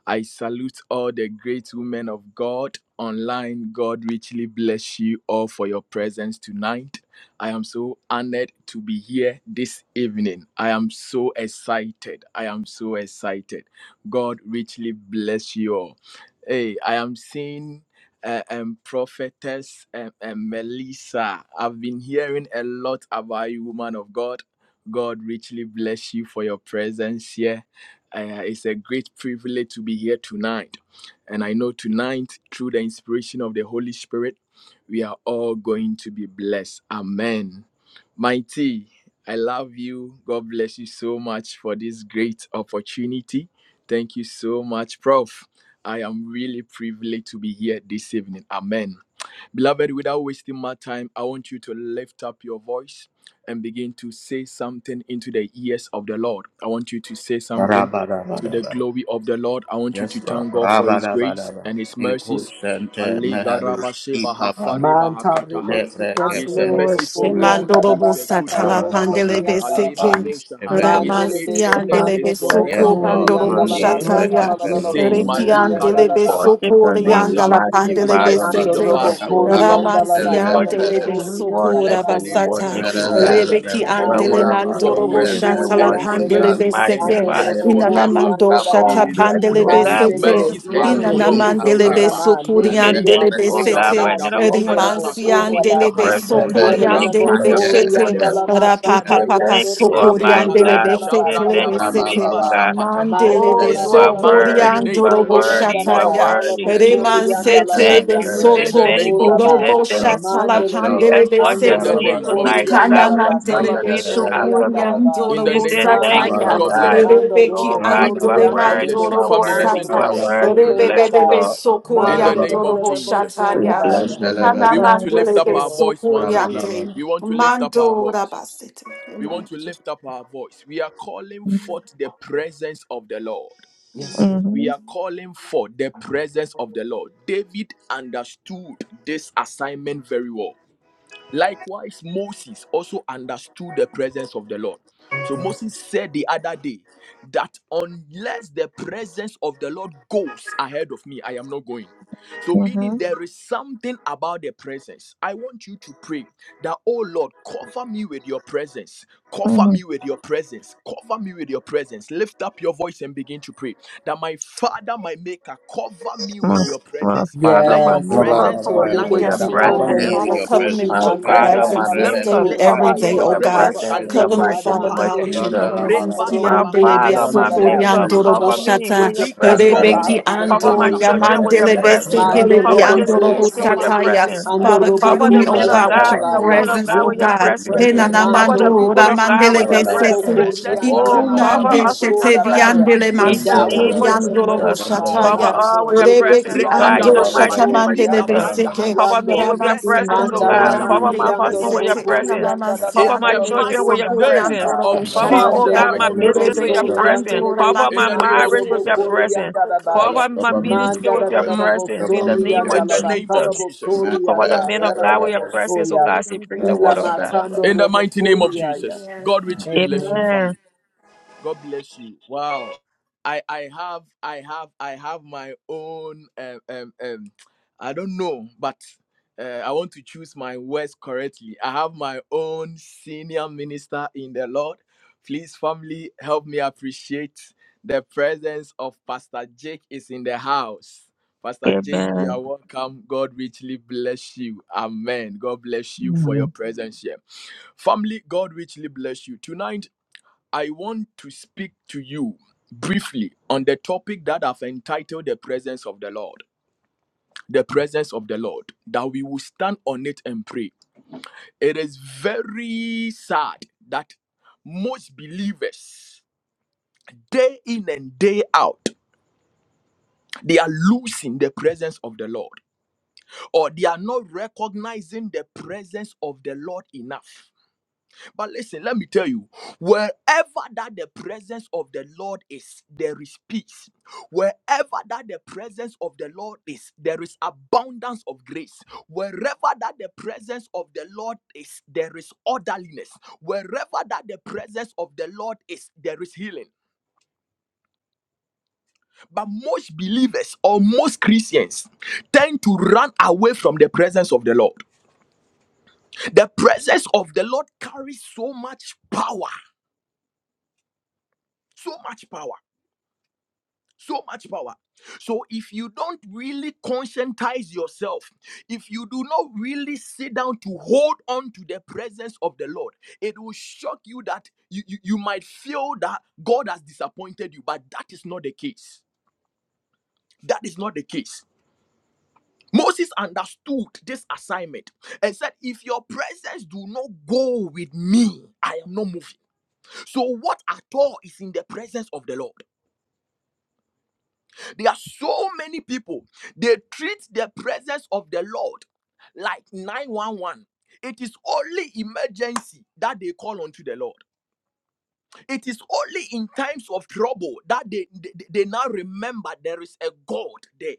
I salute all the great women of God online. God richly bless you all for your presence tonight. I am so honored to be here this evening. I am so excited. I am so excited. God richly bless you all. Hey, I am seeing uh, um, prophetess um, um, Melissa. I've been hearing a lot about you, woman of God. God richly bless you for your presence here. Uh, it's a great privilege to be here tonight. And I know tonight, through the inspiration of the Holy Spirit, we are all going to be blessed. Amen. Mighty, I love you. God bless you so much for this great opportunity. Thank you so much, Prof. I am really privileged to be here this evening. Amen. Beloved, without wasting my time, I want you to lift up your voice and begin to say something into the ears of the Lord. I want you to say something to the
Rabadabadabada.
glory of the Lord. I want you
Yes,
to
Lord.
thank God for His grace
Rabadabadaba.
and His
Iku
mercies.
sente
He
meheru ipapa
Mantarebeki
nefre
Yes,
ando
is a
Lord.
robo
kependo
merciful
mere.
God.
korianda
He
da
Shemandorobo
is a
basa
good
satala
God.
talabo
pandelebe
Rabadabadaba
korianda da ba.
seke.
kapani
Alebadoshaha. His
ebedebe.
Mandelebeki
Ramasia
faithfulness
Father,
is
delebe
ando
we bless
robo
your
Yes,
soko
name.
forevermore.
We
Lord.
give
sorianda
bandorobo
you
la
the
Mandi
What
masa
re
glory. We
can
shataya.
talala
we
la
give you the
ependus
lobo
say?
honor.
Rekian
Marika
sorianda da
mehendelebe.
delebe
ba.
Doshaha.
Worship
soko
your
What
name. We
shall
riandala
we give in
Mantorebeki
magnify
pandelebe
your
exchange
ando
of
Andalabadaba
sete.
our
robo
name.
souls? I
kapandu
want
korianda
you
la
to
We
ba
lift
sente
Ramansian
up your
kalabo
worship
delebe
you,
voice.
lebelebe.
we
sorianda
soko
la
worship
Bless the
you,
ba
we
name of
kalabo
the
rabasata.
worship
Lord.
you, O
sura
God.
Bless
ba.
the name
Rebeki
Merebelebelebe.
of the
You are
Lord.
andele
worthy to be
For
Ilabadu
Mandelelebo
he
mandorobo
is
praised, we
sente
good
sori
and
shatala
lebe.
worship
his
you,
andelebe
we
pandelebe
Ilabadu
ki
mercies
ando
seke.
magnify
smende.
endures
robo
you.
Inana
kori
Ilabadu
forever.
mando
Oh,
andadaba.
rabada.
shata
we
He is
bless
good
you, oh
and
pandelebe
his
God.
Yes,
We give
sete.
Mantelebe
Lord.
you
mercies
glory.
iando
Mandi
We
Inana
rubo
endures
give you
mandelebe
suna
honor.
ikapa
forever.
ma ne
We say
lusmente
sokurian
elebo
thank you,
delebe
Alibaku
oh
suna
rekeke
God,
sete.
ma
for
shabrada
ki
another
ando
bafeni
lusmada.
robo
opportunity to be
sora
Rimansian
makatoli
in your
baya.
delebe
bahaya.
presence. We
Bebe
say
sokorian
thank
Yelelebo
you
Arapa
for
delebe
your
dusmante
sori
parede
shete
rekeke
faithfulness.
andala
debo
ma
We say
shanta
shapande vehe.
rapapapa
thank
yando
lusma.
you,
robo
sokorian
Almighty
kori
Andaraba.
God.
Erekato
delebe
We
andala ba
say
shabranda
thank
setelebe
kalabo
you,
sora
sete
baliva
faithful
Rabababa.
ba.
God.
Tere
sapataha.
Mandala
Oh,
mandelebe
ba
In
you
the
kustebebe.
are
mighty
worthy.
kalalalabo
sokorian
You
name
are
dorobo
sori
of
worthy. You
andala
are
ba
Jesus.
Rekebebebe.
shataya
worthy.
kalabo sori
reman
We say
andala ba
thank
setelebe
you.
yando
We
Hendusmantebebebe.
say
In
robo
the
soto
thank
name
you.
of
sora
We
ba.
say
robo
Yes,
Jesus.
thank
Lord.
you.
shatala
Yes,
Mandele
We
beki
Lord.
pandelebe
exalt
ando
your
In
sete
the
name
name
Mandarabalaba.
of
robokori
tonight, oh
anda
ikana
God.
Jesus.
da
We
ba
exalt
Mm.
your
kalabo
mandelebe
name this
sori anda da
afternoon.
Mantelebelebebebe.
sokorian
ba.
In the
We
dorobo
say
name of
thank you,
Mantele
Jesus.
sataya
oh
God
beki
God.
bless
Rabalabalaba.
you.
ando
rebeki
Oh God, you
robokori
are
anda
Rabalabalaba.
andeleman
God
de
worthy,
bless
you
you.
are
beki
dorobo
Family,
ando
worthy,
listen
you
to
sata
are
robo
me.
worthy. We
soko
Rabalabalaba.
Mm.
bless you,
raba.
rebebebe
Lord.
In the
sokorian
Mandele
name
de
of
de
dorobo
de bo
Jesus.
so
We
raba.
shataya
bless your name, O
Nana
We
Rabalabalaba.
want to
God.
mandele
lift
Yes,
up
de
our
Lord.
voice
sokori
once again.
ande.
Rabalabalaba,
We want to lift up
Mando
our voice.
rabasete.
We
Amen.
want to lift up our voice. We are calling forth the presence of the Lord.
Yes,
Amen.
We
Mm-hmm,
are calling for the presence of the Lord. David understood this assignment very well. Likewise, Moses also understood the presence of the Lord.
Lord.
So Moses said the other day that unless the presence of the Lord goes ahead of me, I am not going. So,
mm-hmm,
meaning there is something about the presence. I want you to pray that, oh Lord, cover me with your presence. Cover
mm-hmm.
me with your presence. Cover me with your presence. Lift up your voice and begin to pray that my Father, my Maker, cover me
My,
with your
my
presence.
Father,
Let
my
your
Yes,
Oh, Lord,
Maker,
Lord,
presence
Lord,
Manto
cover
Lord,
me
Lord.
with your
blanket
Yes,
Father,
Rebeki
me.
and
cover
Lord.
Let
presence.
me
me
with
Father,
your
cover
sit
me
Robokoshi
in
presence.
with
My
your
your
and
Man,
Father,
presence.
eh,
my
presence this
Let
rebe,
Alabakalabo
me
day
Maker,
and
rebe.
listen
every
cover
Father,
in
me
Sorabaya.
day,
your
with
cover
oh
your
me with
God.
presence.
your
Cover
presence
us,
in the
O
Cover
presence.
Kalibro
me,
mighty
God,
Father
name of
God, with
shapandehe.
your
Randa,
Jesus.
Mantelebeki
la, ba,
and
la,
presence.
ba.
My
Father,
Robokuri
Kiandelebe
Rebazabakole
Father,
and
Cover
my
me with your
Dadabaya.
broshemini
Maker,
presence.
mahaya.
sokoriandorobo
cover
Cover us
me
shata.
with
with your
your
Randa,
presence,
presence.
la,
Irikatondi
Rebeki
ba.
Father, in the
Cover
Cover
name
my
of
me.
ando
barabasapaha.
children
Mehe,
with
Jesus.
your
rebe.
Let
yamandelebe
the
presence.
Ruban,
Mando
presence
sekelebi
Cover
eh,
of
this
the
Robokuri
rebe,
Lord
andorobo
ministry
and
with
cover
your
kefe,
us.
sataya.
presence.
Delebeki and
Let
Father,
the
mahada.
Cover
cover
the
me,
presence
oh
Robokuri
men
of
of
Father,
and
God,
the
with
God
Lord
your
cover
and the
me
cover
with
Dadabaya.
women
your
of
presence,
us.
God
We
oh
with
presence.
your
Let
need your
God.
the
presence.
Man, te,
presence,
presence of
rebe,
the
Cover
rebe.
Manto
the
Lord
Menanamando
people of
liberate
Rebeki
God
us.
with
and
your
Raba,
ramandelebe
la,
Let
ba,
the
la, ba.
sete.
presence.
Robokuri
presence
and
Kapa,
of the
Oh,
na, la,
Lord
ba,
cover
la,
be
Ikunande
ba.
Alamakalabo
us
with
with your
shete
us.
Sorabaya.
presence.
biandele
In
Kalibru
the
Ranta,
Endow
la,
us
name
ba,
shataya.
la,
of
with
ba.
your
mansotoriandorobo
Jesus.
presence,
Kefe,
Ba-
na, la, ba, la, ba. Randa, la, ba,
God.
Cover
shataya.
la, ba.
all
Manto
rabarabaha.
with your
Rebeki.
presence,
Rebeki
oh God,
Kiando
in
Raba,
ando
the
robo
mighty name of
Rekadabalabatundi
coriando
shatamandelebe
Jesus.
le
la, ba, la,
seke.
zabrandahaya.
ba.
Cover me
becchiando
with your
Ramas
presence, oh
imanda
Eresetorobo
Cover
God.
me
Andora
Cover
with
my
your
Mandele
ramasiando
presence.
shaprandevesi
husband with
robo
your
Beseke,
bakataya.
presence.
coriando da
Lord,
Namamasi
Cover
In
bacca
my
the
la
Andele
children with
mighty
your
bossura
Besokuri
name
presence.
Andora
basata
of
Cover, oh
Jesus
Boshataya,
mandele
God,
le
my
Christ of
le
business
Nazareth.
with your
Urebeki
bossoriando
presence.
le
Andora
Cover
In
my
the
Mandele
name
becchiando
of
marriage with
Bese.
robo
your
Jesus.
presence.
coriando da baia
Cover my ministry
manda
with
da da
your
da da
Mm.
presence in the name
bossoriando
of
in
la
the name
bacca
of
la
Jesus.
Jesus.
Cover the
bossoriando
men of
yada da
God
da
with your presence, oh
bossoia
God. Say, bring the
ila
word of God.
macando
In the
robo
mighty name of
coriaia
Jesus. God richly bless you,
amen
Amen.
family. God bless you. Wow. I I have I have I have my own um um, um I don't know, but uh, I want to choose my words correctly. I have my own senior minister in the Lord. Please, family, help me appreciate the presence of Pastor Jake is in the house. Pastor Jake, you
Amen.
are welcome. God richly bless you. Amen. God bless you for your
Mm.
presence here. Family, God richly bless you. Tonight I want to speak to you briefly on the topic that I've entitled The Presence of the Lord. The presence of the Lord, that we will stand on it and pray. It is very sad that most believers, day in and day out, they are losing the presence of the Lord, or they are not recognizing the presence of the Lord enough. But listen, let me tell you, wherever that the presence of the Lord is, there is peace. Wherever that the presence of the Lord is, there is abundance of grace. Wherever that the presence of the Lord is, there is orderliness. Wherever that the presence of the Lord is, there is healing. But most believers or most Christians tend to run away from the presence of the Lord. The presence of the Lord carries so much power, so much power. So much power. So, if you don't really conscientize yourself, if you do not really sit down to hold on to the presence of the Lord, it will shock you that you, you, you might feel that God has disappointed you, but that is not the case. That is not the case. Moses understood this assignment and said, If your presence do not go with me, I am not moving. So, what at all is in the presence of the Lord? There are so many people. They treat the presence of the Lord like 911. It is only emergency that they call unto the Lord. It is only in times of trouble that they, they, they now remember there is a God there.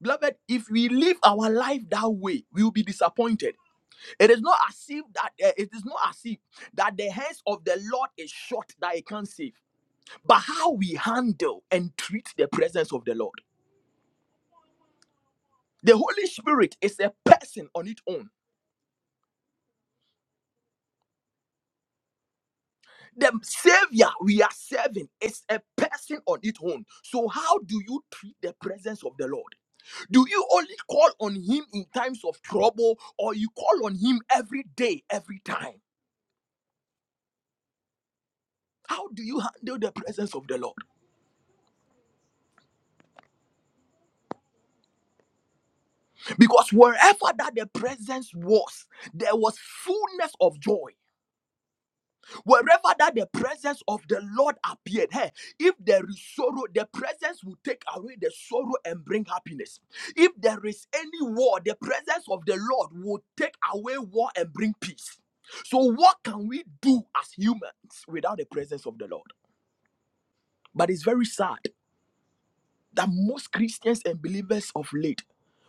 Beloved, if we live our life that way, we will be disappointed. It is not as if that eh, it is not as if that the hands of the Lord is short that it can't save, but how we handle and treat the presence of the Lord. The Holy Spirit is a person on its own. The Savior we are serving is a person on its own. So, how do you treat the presence of the Lord? Do you only call on Him in times of trouble or you call on Him every day, every time? How do you handle the presence of the Lord? Because wherever that the presence was, there was fullness of joy. Wherever that the presence of the Lord appeared, hey, if there is sorrow, the presence will take away the sorrow and bring happiness. If there is any war, the presence of the Lord will take away war and bring peace. So, what can we do as humans without the presence of the Lord? But it's very sad that most Christians and believers of late,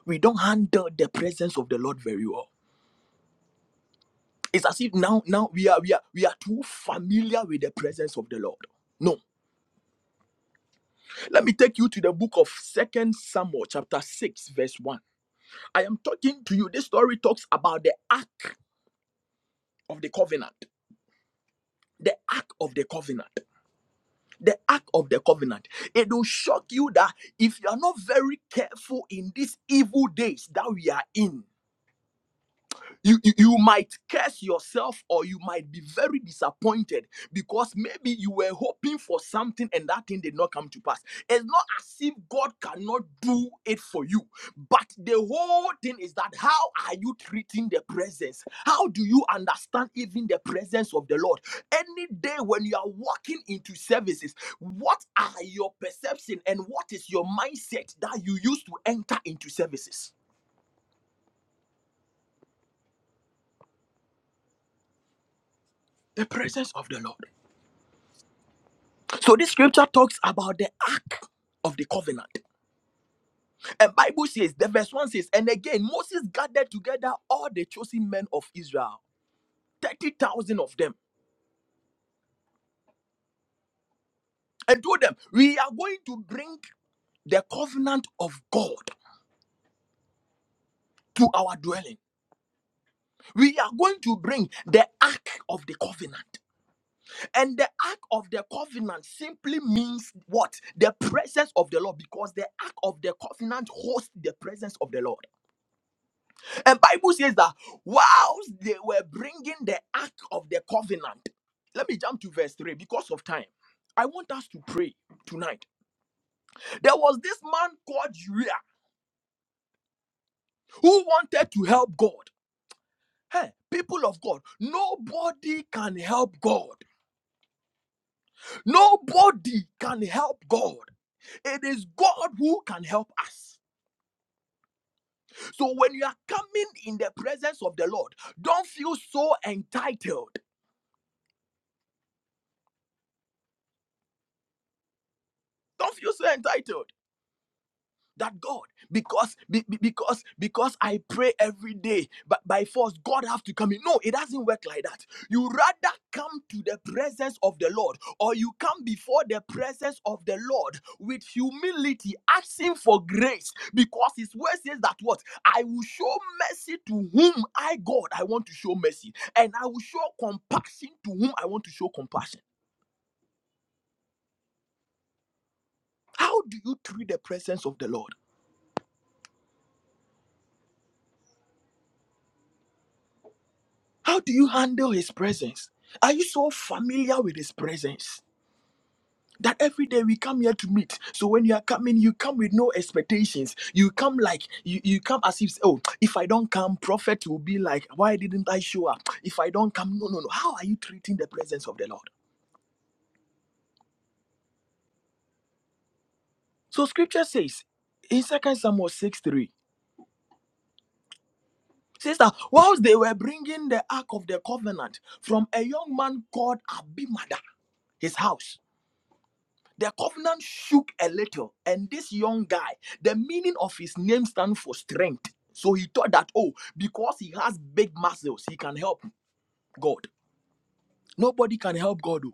we don't handle the presence of the Lord very well. It's as if now, now we are we are we are too familiar with the presence of the Lord. No. Let me take you to the book of Second Samuel, chapter 6, verse 1. I am talking to you. This story talks about the ark of the covenant. The ark of the covenant. The ark of the covenant. It will shock you that if you are not very careful in these evil days that we are in, you, you you might curse yourself or you might be very disappointed because maybe you were hoping for something and that thing did not come to pass it's not as if god cannot do it for you but the whole thing is that how are you treating the presence how do you understand even the presence of the lord any day when you are walking into services what are your perception and what is your mindset that you use to enter into services the presence of the lord So this scripture talks about the ark of the covenant. And Bible says, the verse 1 says, and again Moses gathered together all the chosen men of Israel, 30,000 of them, and told them, we are going to bring the covenant of God to our dwelling. We are going to bring the ark of the covenant. And the ark of the covenant simply means what? The presence of the Lord because the ark of the covenant hosts the presence of the Lord. And Bible says that whilst they were bringing the ark of the covenant, let me jump to verse 3 because of time. I want us to pray tonight. There was this man called Uriah who wanted to help God. Hey, people of God, nobody can help God. Nobody can help God. It is God who can help us. So when you are coming in the presence of the Lord, don't feel so entitled. Don't feel so entitled. that God, because be- be- because because I pray every day, but by force God have to come in. No, it doesn't work like that. You rather come to the presence of the Lord, or you come before the presence of the Lord with humility, asking for grace, because His word says that what I will show mercy to whom I God I want to show mercy, and I will show compassion to whom I want to show compassion. How do you treat the presence of the Lord? How do you handle His presence? Are you so familiar with His presence? That every day we come here to meet. So when you are coming, you come with no expectations. You come like you, you come as if oh, if I don't come, prophet will be like, why didn't I show up? If I don't come, no, no, no. How are you treating the presence of the Lord? So Scripture says in Second Samuel six three says that whilst they were bringing the ark of the covenant from a young man called Abimelech, his house. The covenant shook a little, and this young guy, the meaning of his name stands for strength. So he thought that, oh, because he has big muscles, he can help God. Nobody can help God. oh.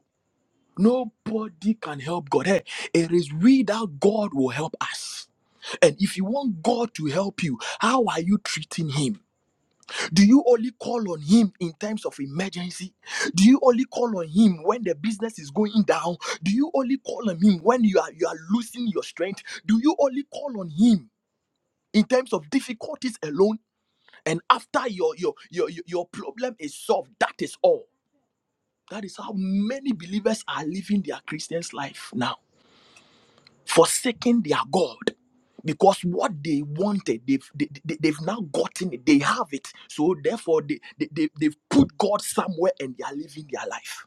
Nobody can help God. Hey, it is we that God will help us. And if you want God to help you, how are you treating him? Do you only call on him in times of emergency? Do you only call on him when the business is going down? Do you only call on him when you are you are losing your strength? Do you only call on him in times of difficulties alone? And after your your your your your problem is solved, that is all. That is how many believers are living their Christian's life now forsaking their God because what they wanted, they've, they, they, they've now gotten it, they have it. So therefore, they, they, they, they've put God somewhere and they are living their life.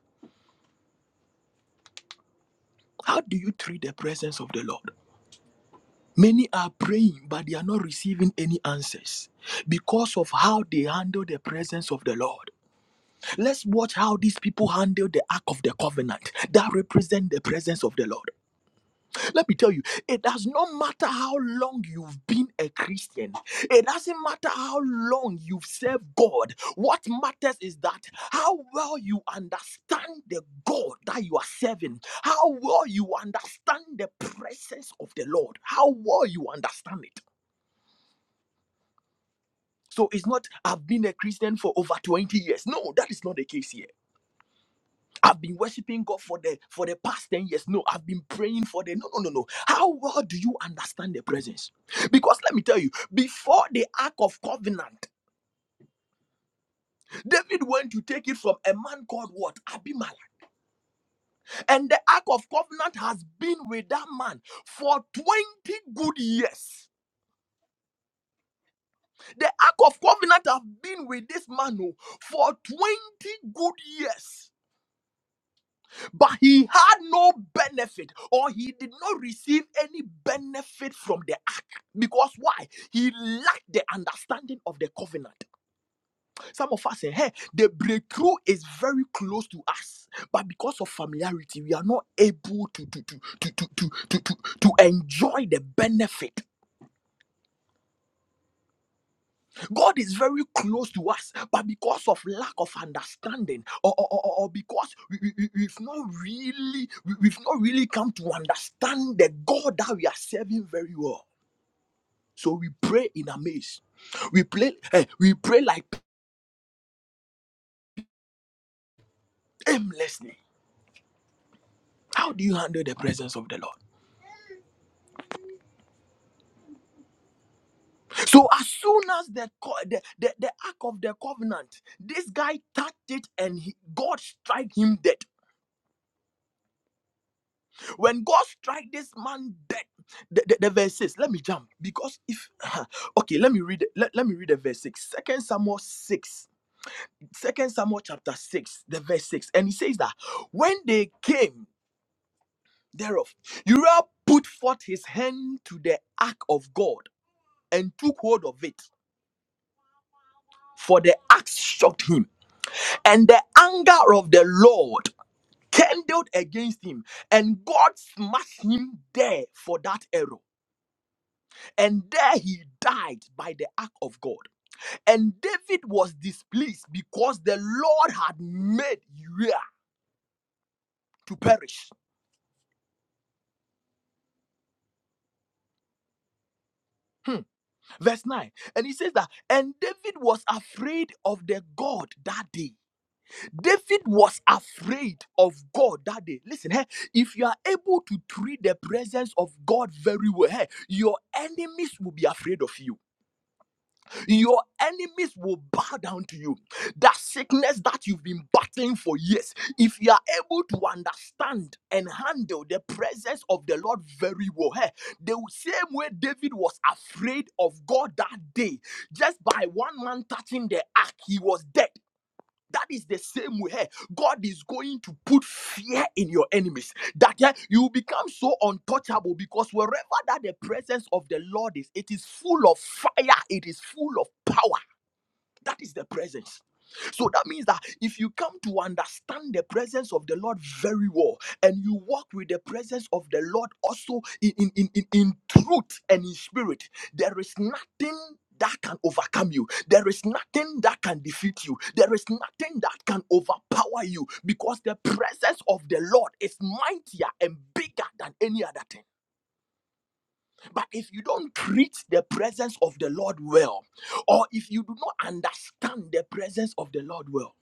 How do you treat the presence of the Lord? Many are praying, but they are not receiving any answers because of how they handle the presence of the Lord. Let's watch how these people handle the Ark of the Covenant that represent the presence of the Lord. Let me tell you, it does not matter how long you've been a Christian, it doesn't matter how long you've served God. What matters is that how well you understand the God that you are serving, how well you understand the presence of the Lord, how well you understand it. So it's not, I've been a Christian for over 20 years. No, that is not the case here. I've been worshiping God for the for the past 10 years. No, I've been praying for the no no no no. How well do you understand the presence? Because let me tell you, before the Ark of Covenant, David went to take it from a man called what? Abimelech. And the Ark of Covenant has been with that man for 20 good years. The Ark of Covenant have been with this man oh, for 20 good years. but he had no benefit or he did not receive any benefit from the ark because why he lacked the understanding of the covenant some of us say hey the breakthrough is very close to us but because of familiarity we are not able to to to to to to, to, to to enjoy the benefit God is very close to us, but because of lack of understanding, or, or, or, or because we, we, we- have not really we, we've not really come to understand the God that we are serving very well. So we pray in a maze. We pray, eh, we pray like aimlessly. How do you handle the presence of the Lord? So as soon as the co- the, the, the ark of the covenant, this guy touched it and he, God strike him dead. When God strike this man dead, the, the, the verse six, let me jump. Because if okay, let me read it- let, let me read the verse six. Second Samuel 6. Second Samuel chapter 6, the verse 6. And he says that when they came thereof, Uriah put forth his hand to the ark of God and took hold of it, for the ark shocked him, and the anger of the Lord kindled against him, and God smashed him there for that error. and there he died by the ark of God. And David was displeased because the Lord had made Uriah to perish. Hmm. Verse 9. And he says that, and David was afraid of the God that day. David was afraid of God that day. Listen, hey, if you are able to treat the presence of God very well, eh, your enemies will be afraid of you. Your enemies will bow down to you. That sickness that you've been battling for years, if you are able to understand and handle the presence of the Lord very well, eh, the same way David was afraid of God that day, just by one man touching the ark, he was dead. That is the same way eh, God is going to put fear in your enemies. That eh, you become so untouchable because wherever that the presence of the Lord is, it is full of fire, it is full of power. That is the presence. So that means that if you come to understand the presence of the Lord very well and you walk with the presence of the Lord also in, in, in, in, in truth and in spirit, there is nothing that can overcome you. There is nothing that can defeat you. There is nothing that can overpower you because the presence of the Lord is mightier and bigger than any other thing. But if you don't treat the presence of the Lord well, or if you do not understand the presence of the Lord well,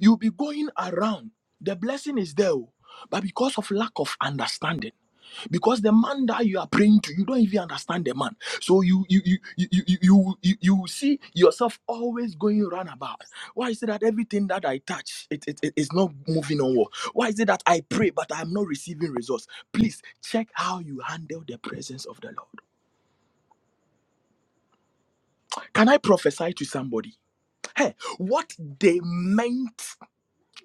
you'll be going around. The blessing is there, oh, but because of lack of understanding, because the man that you are praying to, you don't even understand the man. So you you you you you you, you, you you see yourself always going round about. Why is it that everything that I touch it, it, it- it's not moving onward? Why is it that I pray but I'm not receiving results? Please check how you handle the presence of the Lord. Can I prophesy to somebody? Hey, what they meant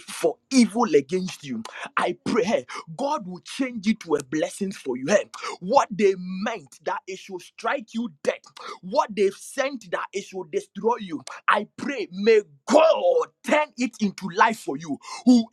for evil against you. I pray hey, God will change it to a blessing for you. Hey, what they meant that it should strike you dead, what they've sent that it should destroy you. I pray, may God turn it into life for you. Whoever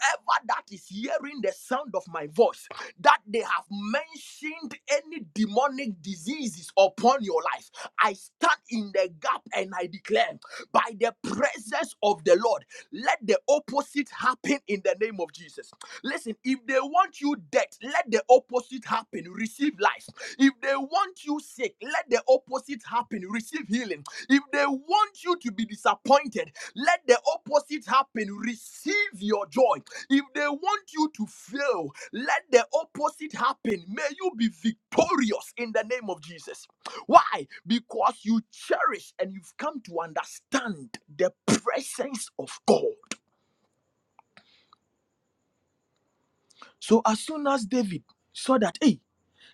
that is hearing the sound of my voice, that they have mentioned any demonic diseases upon your life, I stand in the gap and I declare by the presence of the Lord. Let the opposite happen in the name of Jesus. Listen, if they want you dead, let the opposite happen. Receive life. If they want you sick, let the opposite happen. Receive healing. If they want you to be disappointed, let the opposite happen. Receive your joy. If they want you to fail, let the opposite happen. May you be victorious in the name of Jesus. Why? Because you cherish and you've come to understand the presence of God. So as soon as David saw that, hey,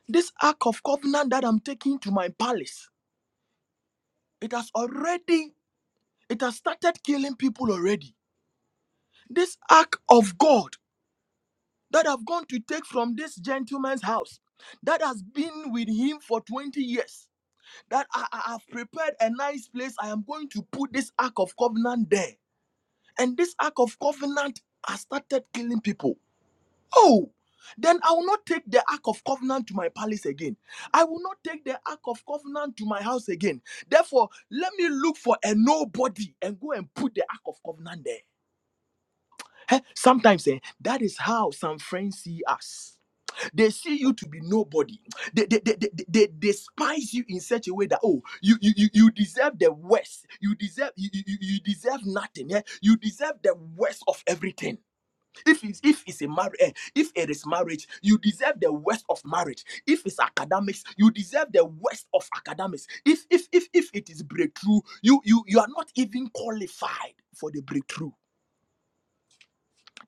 this ark of covenant that I'm taking to my palace, it has already, it has started killing people already. This ark of God that I've gone to take from this gentleman's house, that has been with him for 20 years, that I, I- have prepared a nice place. I am going to put this ark of covenant there And this ark of covenant has started killing people. Oh, then I will not take the ark of covenant to my palace again. I will not take the ark of covenant to my house again. Therefore, let me look for a nobody and go and put the ark of covenant there. Eh, Sometimes eh, that is how some friends see us. They see you to be nobody. They, they, they, they, they despise you in such a way that oh, you you, you, you deserve the worst. You deserve you, you, you you deserve nothing. Yeah? You deserve the worst of everything. If it's, if it's a marriage, if it is marriage, you deserve the worst of marriage. If it's academics, you deserve the worst of academics. If if if if it is breakthrough, you you you are not even qualified for the breakthrough.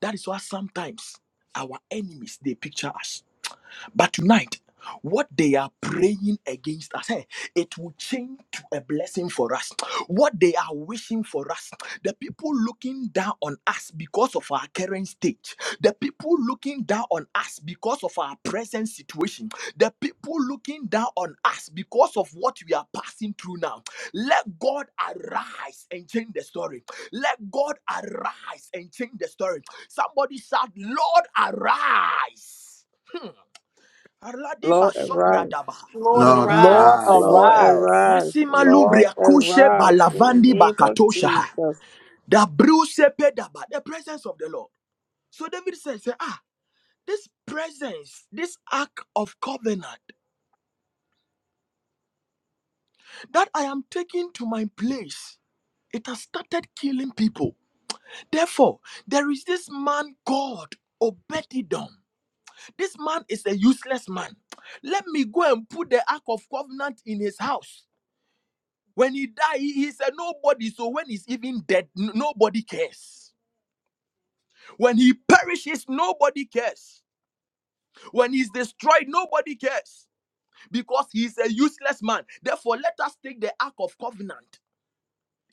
That is why sometimes our enemies they picture us. But tonight, what they are praying against us, eh, it will change to a blessing for us. What they are wishing for us, the people looking down on us because of our current state, the people looking down on us because of our present situation, the people looking down on us because of what we are passing through now. Let God arise and change the story. Let God arise and change the story. Somebody shout, Lord, arise. Aradi
Lord, arise.
basobradaba.
Lord
Mm.
lord
arise.
arise.
Lord,
arise
arise.
Masima
Lord,
lubria kushe
arise. In the
balavandi
name of
bakatosha.
Jesus.
Da bruse pedaba. The presence of the Lord. So David says, say, ah, this presence, this ark of covenant that I am taking to my place, it has started killing people. Therefore, there is this man God, Obedidom. This man is a useless man. Let me go and put the ark of covenant in his house. When he died, he, he said, Nobody. So when he's even dead, n- nobody cares. When he perishes, nobody cares. When he's destroyed, nobody cares. Because he's a useless man. Therefore, let us take the Ark of Covenant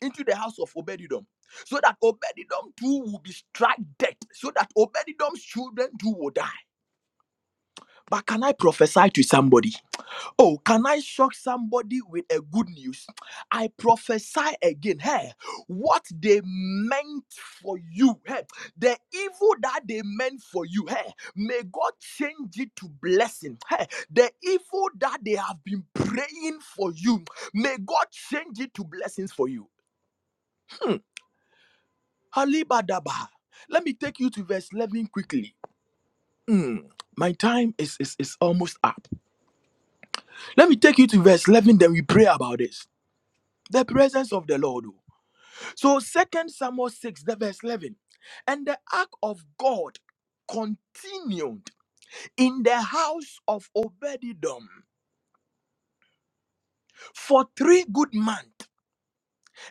into the house of Obedidom. So that Obedidom too will be struck dead. So that Obedidom's children too will die. But can I prophesy to somebody? Oh, can I shock somebody with a good news? I prophesy again. Hey, what they meant for you, hey, the evil that they meant for you, hey, may God change it to blessing. Hey, the evil that they have been praying for you, may God change it to blessings for you. Halibadaba. Let me take you to verse 11 quickly. Hmm, my time is, is, is almost up. Let me take you to verse 11, then we pray about this. The presence of the Lord. oh. So Second Samuel 6, the verse 11. And the ark of God continued in the house of Obededom for three good months.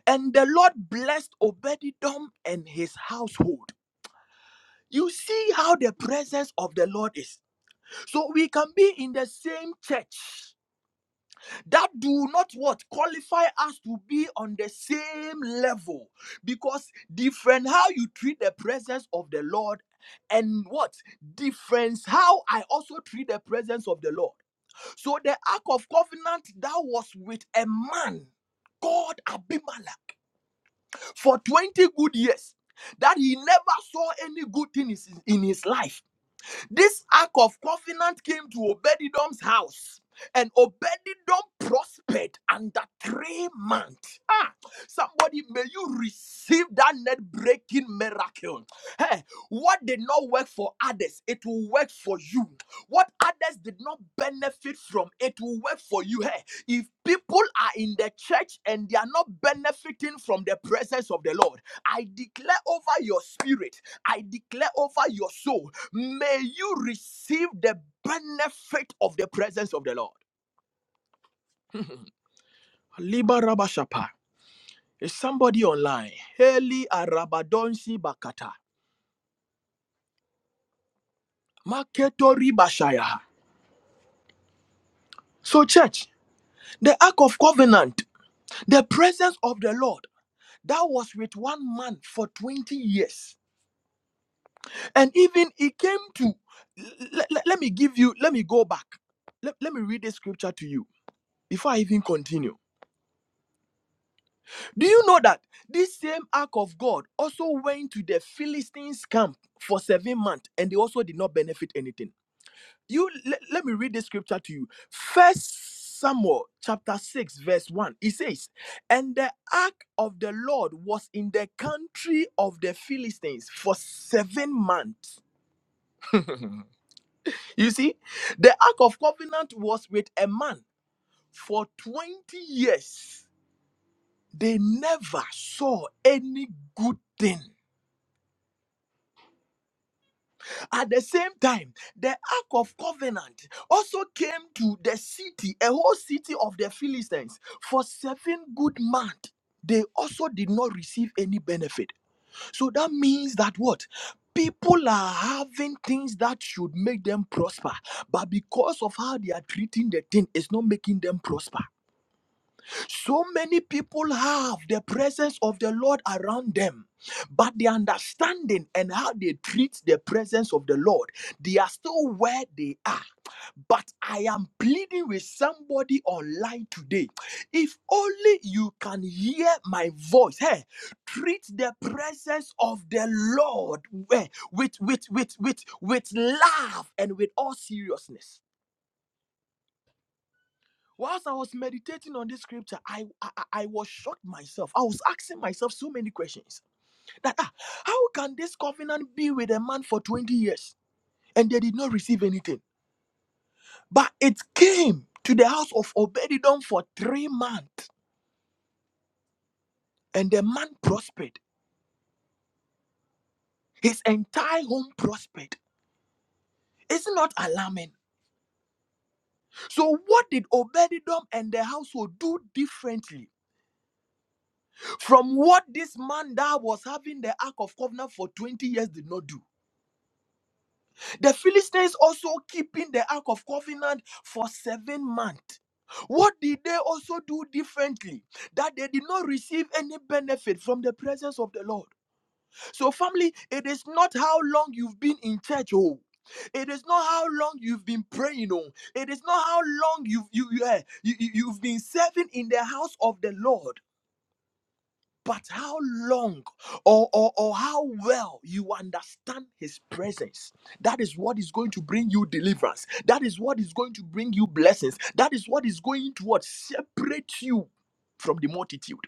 And the Lord blessed Obededom and his household. You see how the presence of the Lord is. So we can be in the same church. that do not what qualify us to be on the same level because different how you treat the presence of the lord and what difference how i also treat the presence of the lord so the ark of covenant that was with a man called abimelech for 20 good years that he never saw any good thing in his in his life this ark of covenant came to Obedidom's house, and Obedidom prospered under three months. Ah, somebody, may you receive that net breaking miracle. Hey, what did not work for others, it will work for you. What others did not benefit from, it will work for you. Hey, if people are in the church and they are not benefiting from the presence of the Lord, I declare over your spirit, I declare over your soul May you receive the benefit of the presence of the Lord. Liba Rabashapa. Is somebody online? Heli Arabadonsi Bakata. Maketori Bashayaha. So, church, the Ark of Covenant, the presence of the Lord that was with one man for 20 years. And even he came to, let, let me give you, let me go back. Let, let me read this scripture to you before I even continue. Do you know that this same ark of God also went to the Philistines' camp for seven months and they also did not benefit anything? You le- let me read this scripture to you. First Samuel chapter 6, verse 1. It says, And the ark of the Lord was in the country of the Philistines for seven months. you see, the ark of covenant was with a man for 20 years. They never saw any good thing At the same time, the Ark of Covenant also came to the city, a whole city of the Philistines, for seven good months. They also did not receive any benefit. So that means that what? People are having things that should make them prosper, but because of how they are treating the thing, it's not making them prosper. So many people have the presence of the Lord around them, but the understanding and how they treat the presence of the Lord, they are still where they are. But I am pleading with somebody online today. If only you can hear my voice, hey, treat the presence of the Lord eh, with, with, with, with, with love and with all seriousness Whilst I was meditating on this scripture, I, I I was shocked myself. I was asking myself so many questions that ah, how can this covenant be with a man for 20 years and they did not receive anything? But it came to the house of Obedidom for three months, and the man prospered. His entire home prospered. It's not alarming. So, what did Obedidom and the household do differently from what this man that was having the Ark of Covenant for 20 years did not do? The Philistines also keeping the Ark of Covenant for seven months. What did they also do differently? That they did not receive any benefit from the presence of the Lord. So, family, it is not how long you've been in church, oh. It is not how long you've been praying, oh. It is not how long you've you, you, eh, you, you- you've been serving in the house of the Lord. But how long or, or, or how well you understand his presence, that is what is going to bring you deliverance. That is what is going to bring you blessings. That is what is going to what separate you from the multitude.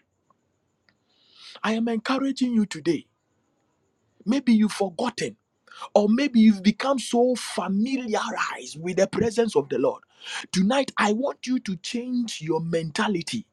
I am encouraging you today. Maybe you've forgotten or maybe you've become so familiarized with the presence of the Lord. Tonight, I want you to change your mentality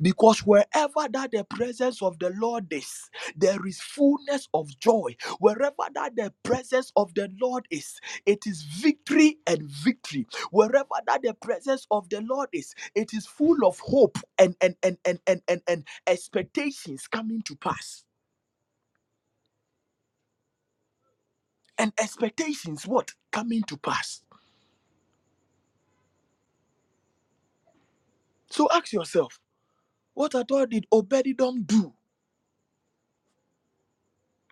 because wherever that the presence of the Lord is, there is fullness of joy. Wherever that the presence of the Lord is, it is victory and victory. Wherever that the presence of the Lord is, it is full of hope and and and and and and, and expectations coming to pass. And expectations what coming to pass. So ask yourself, what at all did Obedidom do?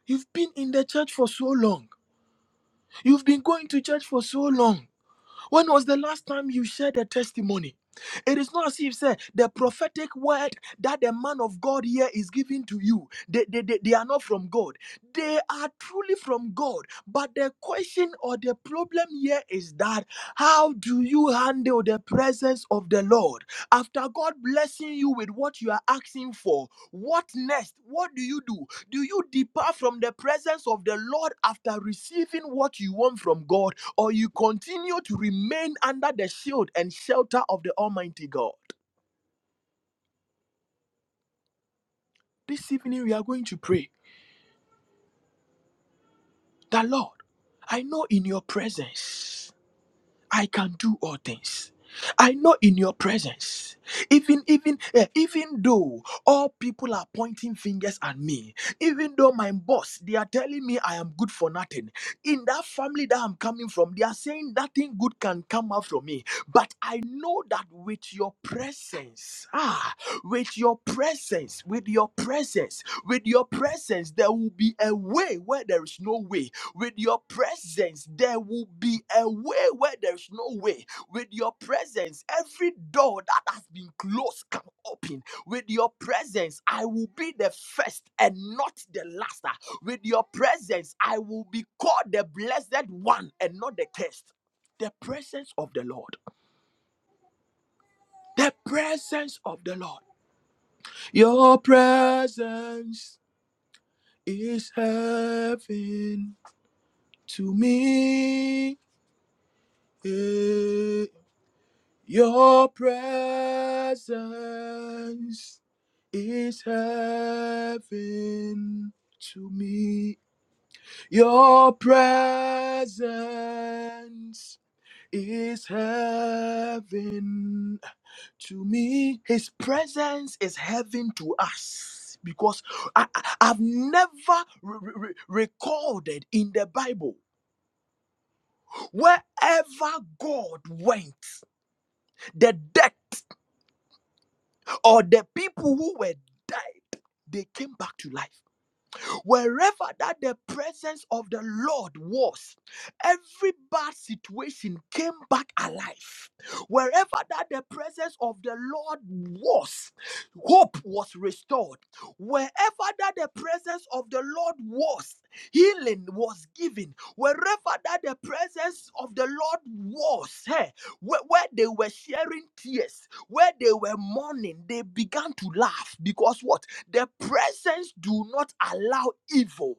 You've been in the church for so long. You've been going to church for so long. When was the last time you shared a testimony? It is not as if say, the prophetic word that the man of God here is giving to you, they, they, they, they are not from God. They are truly from God. But the question or the problem here is that how do you handle the presence of the Lord? After God blessing you with what you are asking for, what next? What do you do? Do you depart from the presence of the Lord after receiving what you want from God, or you continue to remain under the shield and shelter of the Almighty God? This evening, we are going to pray that Lord, I know in your presence. I can do all things. I know in your presence, even even eh, even though all people are pointing fingers at me, even though my boss they are telling me I am good for nothing. In that family that I'm coming from, they are saying nothing good can come out from me. But I know that with your presence, ah, with your presence, with your presence, with your presence, there will be a way where there is no way with your presence, there will be a way where there is no way. With your presence, every door that has been closed can open. With your presence, I will be the first and not the last. With your presence, I will be called the blessed one and not the cursed. The presence of the Lord. The presence of the Lord. Your presence is heaven to me. Eh, Your presence is heaven to me. Your presence is heaven to me. His presence is heaven to us because I, I- I've never re- re- re- recorded in the Bible wherever God went, the death or the people who were dead they came back to life. Wherever that the presence of the Lord was, every bad situation came back alive. Wherever that the presence of the Lord was, hope was restored. Wherever that the presence of the Lord was, healing was given. Wherever that the presence of the Lord was, hey, where, where they were sharing tears, where they were mourning, they began to laugh because what? The presence do not allow evil.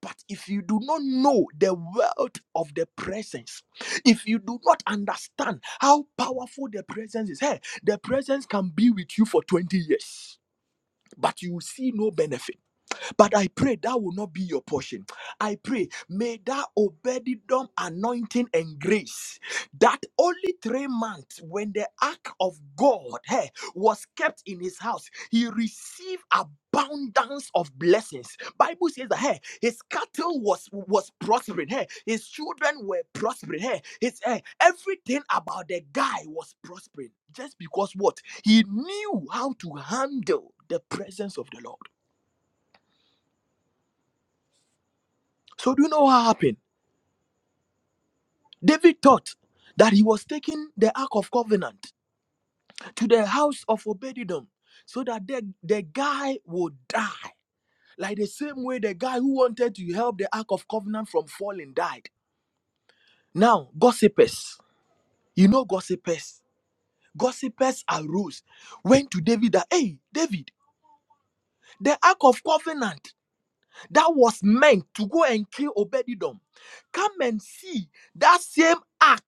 But if you do not know the world of the presence, if you do not understand how powerful the presence is, hey, the presence can be with you for 20 years, but you see no benefit. But I pray that will not be your portion. I pray, may that obedidom anointing and grace that only three months when the ark of God eh, was kept in his house, he received abundance of blessings. Bible says that hey, his cattle was was prospering, hey, his children were prospering, hey, his eh, everything about the guy was prospering. Just because what he knew how to handle the presence of the Lord. So do you know what happened? David thought that he was taking the Ark of Covenant to the house of Obedidom so that the, the guy would die. Like the same way the guy who wanted to help the Ark of Covenant from falling died. Now, gossipers, you know gossipers. Gossipers arose, went to David that, hey, David, the Ark of Covenant that was meant to go and kill Obedidom, come and see that same Ark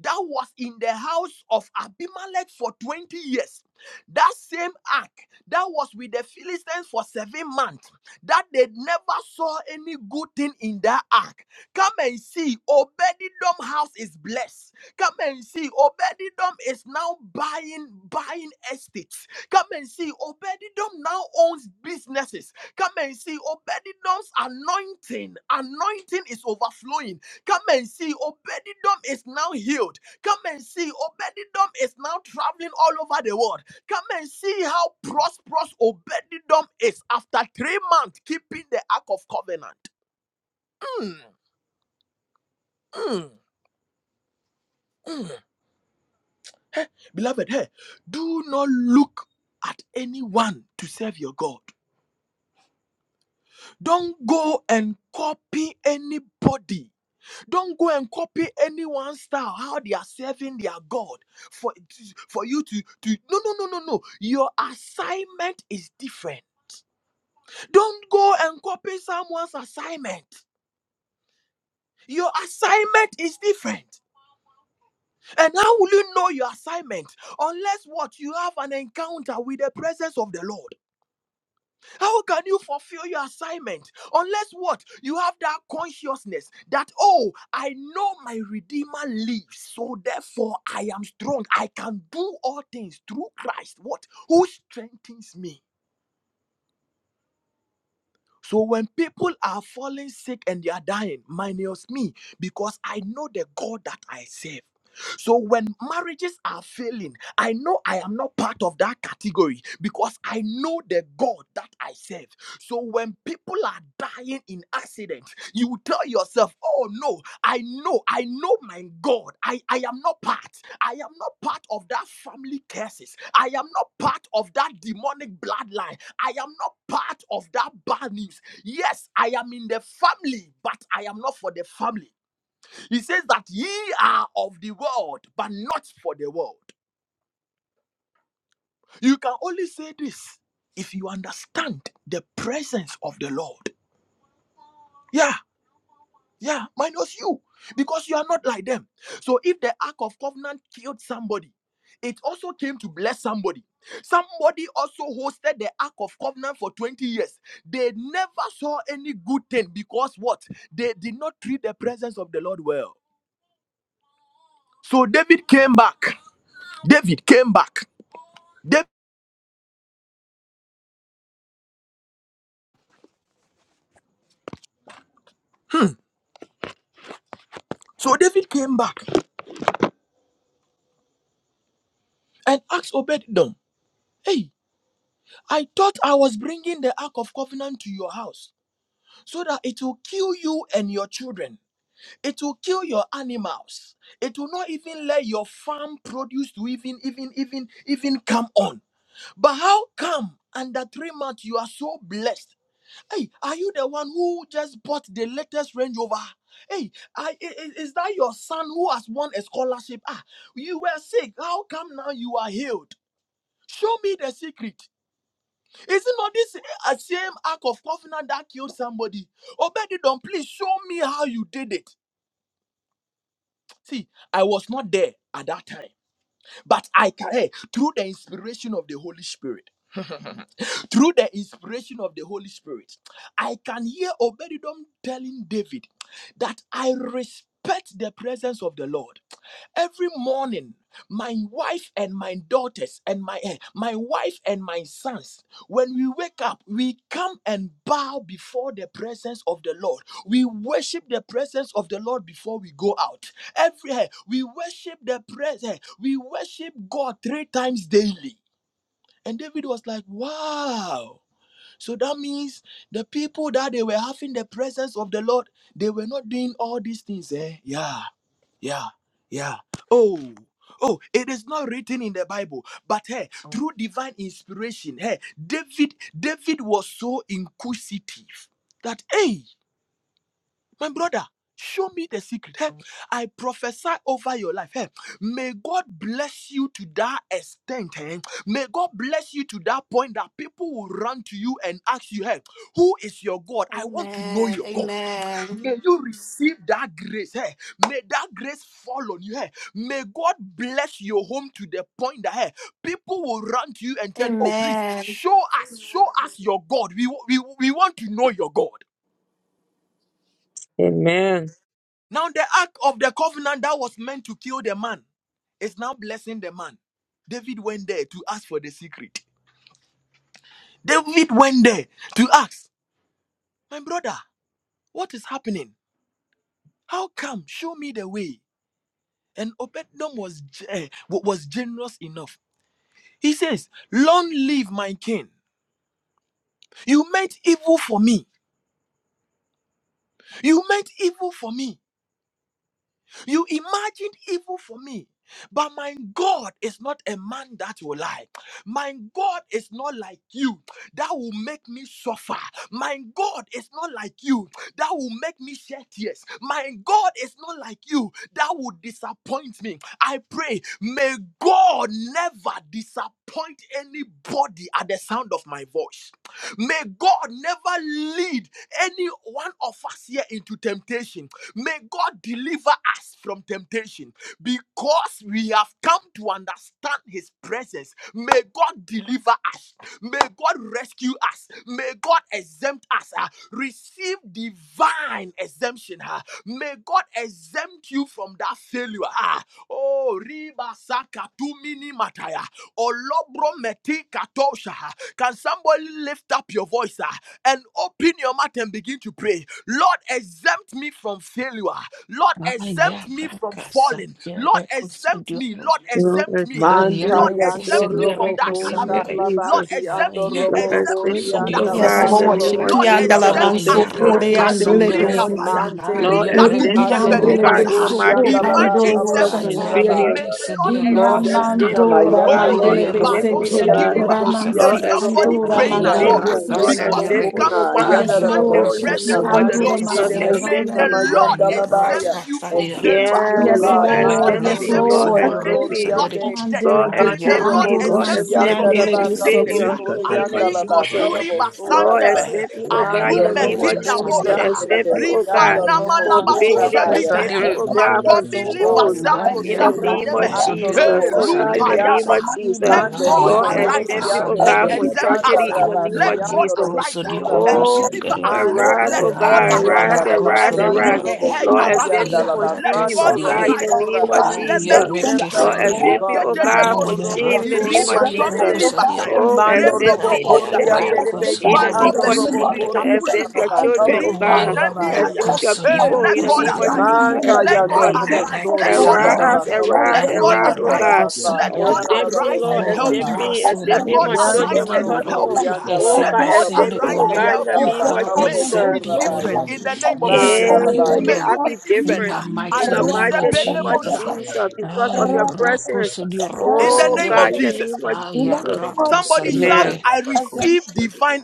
that was in the house of Abimelech for 20 years. That same ark that was with the Philistines for seven months, that they never saw any good thing in that ark. Come and see, Obedidom house is blessed. Come and see, Obedidom is now buying buying estates. Come and see, Obedidom now owns businesses. Come and see, Obedidom's anointing anointing is overflowing Come and see, Obededom is now healed. Come and see, Obededom is now traveling all over the world. Come and see how prosperous Obededom is after three months keeping the Ark of Covenant. Mm, mm, mm. Beloved, hey, do not look at anyone to serve your God. Don't go and copy anybody Don't go and copy anyone's style, how they are serving their God for for you to to no no no no no. Your assignment is different. Don't go and copy someone's assignment. Your assignment is different. And how will you know your assignment? Unless what you have an encounter with the presence of the Lord. How can you fulfill your assignment unless what you have that consciousness that oh, I know my Redeemer lives, so therefore I am strong. I can do all things through Christ. What who strengthens me? So when people are falling sick and they are dying, minus me, because I know the God that I serve. So when marriages are failing, I know I am not part of that category because I know the God that I serve. So when people are dying in accident, you will tell yourself, oh no, I know, I know my God. I, I am not part. I am not part of that family curses. I am not part of that demonic bloodline. I am not part of that bad news. Yes, I am in the family, but I am not for the family. He says that ye are of the world, but not for the world. You can only say this if you understand the presence of the Lord. Yeah. Yeah, minus you, because you are not like them. So if the Ark of Covenant killed somebody, it also came to bless somebody. Somebody also hosted the Ark of Covenant for 20 years. They never saw any good thing because what? They did not treat the presence of the Lord well. So David came back. David came back. Dav- so David came back and asked Obed-Edom, Hey, I thought I was bringing the Ark of Covenant to your house so that it will kill you and your children. it will kill your animals it will not even let your farm produce to even even even even come on but how come under three months you are so blessed hey are you the one who just bought the latest range rover hey I, i- i- is that your son who has won a scholarship ah you were sick how come now you are healed show me the secret is it not this uh, same act of covenant that killed somebody obedidon please show me how you did it See, I was not there at that time, but I can, hey, through the inspiration of the Holy Spirit, through the inspiration of the Holy Spirit, I can hear Obedidom telling David that I respect the presence of the Lord. Every morning, my wife and my daughters and my eh, my wife and my sons, when we wake up, we come and bow before the presence of the Lord. We worship the presence of the Lord before we go out. Every eh, we worship the presence, we worship God three times daily. And David was like, "Wow." So that means the people that they were having the presence of the Lord, they were not doing all these things, eh? Yeah. Yeah, yeah. Oh, oh, it is not written in the Bible, but hey, through divine inspiration, hey, David, David was so inquisitive that hey, my brother, show me the secret. Hey, I prophesy over your life. Hey, may God bless you to that extent. Hey. May God bless you to that point that people will run to you and ask you, hey, who is your God? I want to know
Amen.
your God.
Amen.
May you receive that grace. Hey. May that grace fall on you. Hey. May God bless your home to the point that hey, people will run to you and tell, oh, please
Amen.
show us, show us your God. We, we, we want to know your God.
Amen.
Now, the ark of the covenant that was meant to kill the man is now blessing the man. David went there to ask for the secret. David went there to ask, My brother, what is happening? How come? Show me the way. And Obednom was, eh, was generous enough. He says, Long live my king. You meant evil for me. You meant evil for me. You imagined evil for me. But my God is not a man that will lie. My God is not like you that will make me suffer. My God is not like you that will make me shed tears. My God is not like you that will disappoint me. I pray, may God never disappoint anybody at the sound of my voice. May God never lead any one of us here into temptation. May God deliver us from temptation because we have come to understand His presence. May God deliver us. May God rescue us. May God exempt us. ah. receive divine exemption. ah. may God exempt you from that failure. ah. oh, riba saka tu mini mataya. Olobro meti katosha. ah. Can somebody lift up your voice ah, and open your mouth and begin to pray? Lord, exempt me from failure. Lord,
Aya
exempt me from
raka some
falling. Lord,
Yereko
exempt
Sudio.
me. Lord,
Lord,
exempt me.
Ah,
ah.
accept
Manta
me
Lord,
for
Yereke
yando
exempt me
failure.
from
robo
In
that
Sudireko
the name
kosha
of
calamity.
sandere
Lord,
Jesus.
labati
kusudiano.
exempt
ando
me.
Aya
Lord,
robo
accept
raka
Exempt me from
me,
that
oh
korianda
sandere
Yes,
God,
laba
in
sickness.
the
ah.
Lord.
name
kalabo
kusandere.
of
Lord,
Jesus.
Shikiandala
soraba.
exempt
Aya
us.
Accept
ah.
me
mansukore
for
raka
Exempt me,
andele
Alubri
sudioro kusandere. Aya raka
sickness.
sandere.
Lord,
tapaya.
besiti.
mante
Lord,
Aya
lebeki
Rikatu
accept
Erudi
reke
me,
ando
oh
andele
robo
God,
sepelivasa.
sandere
in the
ah.
mighty
besuko
korianda
name
kusandere.
Divine
of
laba
pandoro
Jesus,
kalabo
from
exemption.
Aya
ah.
boshatayan.
soraba.
failure.
May
reke
the Lord
sandere
Ina
Lord,
Finando
exempt us.
exempt
kusandara.
suna
me,
ah.
oh
mandora
God.
mayande
Oh,
Lord,
mandele
Aya
edebo
exempt
roko
me, oh
Ribarosia
besete.
God.
suriande
sudioro
Kidibaha.
lebeki
Lord,
Is
Ramansi
ando
kusandere.
robo
exempt
somebody
me
andora
from
praying at
Aya
mandele
koria.
all? ah?
failure.
raka
Lord,
besiti.
Because
Yelebo
exempt
you've
sandere.
me,
come
oh
kona
to
God.
Yes,
Aya
understand
yanarabo
the
Lord.
Oh, in
raka
the
Shiki
suna
presence
name
of
of
the
sudioro
andora
Lord.
mande
ah.
Jesus,
edebo
kusandere.
May
exempt
suna
the
masataya.
me.
Lord
mayanda
Aya
Thank
labaya.
exempt
raka
you from failure.
sandere.
Exempt me,
Yeah,
O
Yes,
May
Lord,
the
God.
Lord
Lord.
exempt
Yarra
Manto
Yes,
me.
exempt
robo
Lord,
koso
you
Lord.
from
dioro
exempt
any
me.
koso
plot
diore.
of
sotoriande.
death.
Lord,
Mandele
May
beki
the
Manto
exempt
Lord
Ayarra
me.
robo
andoro
Lord,
koso
exempt
mansi
you
exempt
dioro
from
cucianda
me
la
andele
koso
any
from
ba
diore.
calabo
sickness.
failure
beseti.
ah.
in the name of
sorianda la
Aliko
ba
Jesus.
turi
calabo
Lord,
soraba.
basandebe.
accept me, oh God, in
Mando
the
Aprume
Ayarra
name
robo
of
kinda
koso
Jesus.
diore.
coriande
Accept me,
de
oh God,
chianda
Rifanama
robo
from
Ayarra
labako
failure.
koso
sorabaya.
Accept
shebritaya.
me,
diore.
oh God,
Exempt
from
us,
Matobi
O
liva
God.
divorce.
sabro
In
Mante
the
de
sabra
Ayarra
name of
nemehe.
koso
chiando
dioro
Jesus.
Hey,
robo
Oh
koso
God, in
lupa
the
diore.
cucia.
name of
yapa.
He
Jesus.
Let
Mando
Lord,
robo
God
Ayarra
arise
accept
uh,
me,
koso
oh
coriande
and
God,
de
diore.
from
exempt
chianda
us.
tragedy
uh.
in the name of
Let God
Ayarra
rabasiando
Jesus.
Let
robo
arise
koso
uh,
dioro
Thank
and
soraba.
koso
Oh,
deliver
diore.
us. uh.
Mando
arise,
Let
oh
robo
God
God, arise,
arise
surianda
Ayarra
uh,
da
arise,
and
koso diore. Ayarra koso
basando
make
arise.
diore.
a
robo
hedge
Lord,
around
accept
us.
corianda
me
uh.
la
from
Ayarra
Let
shame,
basando
koso
God
oh God,
diore.
robo
in the
arise.
name of
soraba.
Jesus.
Exempt
Alebedusha.
us,
Lord,
O
accept me,
God.
oh God, from
Mando
Rikedebose.
robo
Ayarra
shame in the name
koso
of
Irima
surianda
dioro
de
Jesus.
tomili
be.
koso diore.
basaya.
I
Oh,
mando
accept
robo
me,
Repedobo
Ay,
accept me.
shataya.
corianda de be.
racoso
Ki
In
dio
the
Ipando
name
ando
of
rocoso
robo
vesibri
Jesus,
dire.
corianda
exempt
la
your
tapulusha.
ba.
children,
Calabo
oh God.
Ay,
Ripatendi
soraba.
Exempt
haya.
your
racoso dio
Hey,
people. In
let
the
God
rocoso
name of
dire.
arise.
Jesus,
Manta
Let
exempt
yando
God
us.
Ay,
robo
arise. Let
racoso
God
surianda la
dire.
Arise,
arise.
ba. Calabo
arise,
Let God
Ay,
arise, oh
surianda
arise.
la
God.
racoso
ba.
Let God
Yada
dire.
Exempt me,
robo
arise
Lord.
and
Father,
help
Exempt
you.
soraba.
me.
arise, O
Exempt
Lord,
Let
me,
God
and
my
arise
ascend
children,
Yando
my
me,
and
O Lord.
help
sotori
husband.
you.
yanda la
Oh
ba
Ascend
God,
Let
my
God
kalabo
exempt
family,
me,
O
arise
oh
sori
and
Lord.
God, in
help
the
yanda
you.
name
ba
of
Father,
May
kalabo
you
ascend
Jesus.
be
me,
sora
O
different
baya
Lord.
in the name of
you.
Jesus.
manda
Ascend
Yeah,
la
me, O
may
May
baya.
Lord.
I
you be
be
different.
In
different.
I
the
ah.
receive
In
mighty
the
name of
mighty name of
Jesus.
Alusepelebosha.
Jesus, because of
Ay,
your presence.
racoso dio
In the
rocoso
Oh
name of
dire.
God, in the
Jesus.
name of
Ay,
Jesus.
racoso
Somebody shout,
Amen.
dire.
I receive divine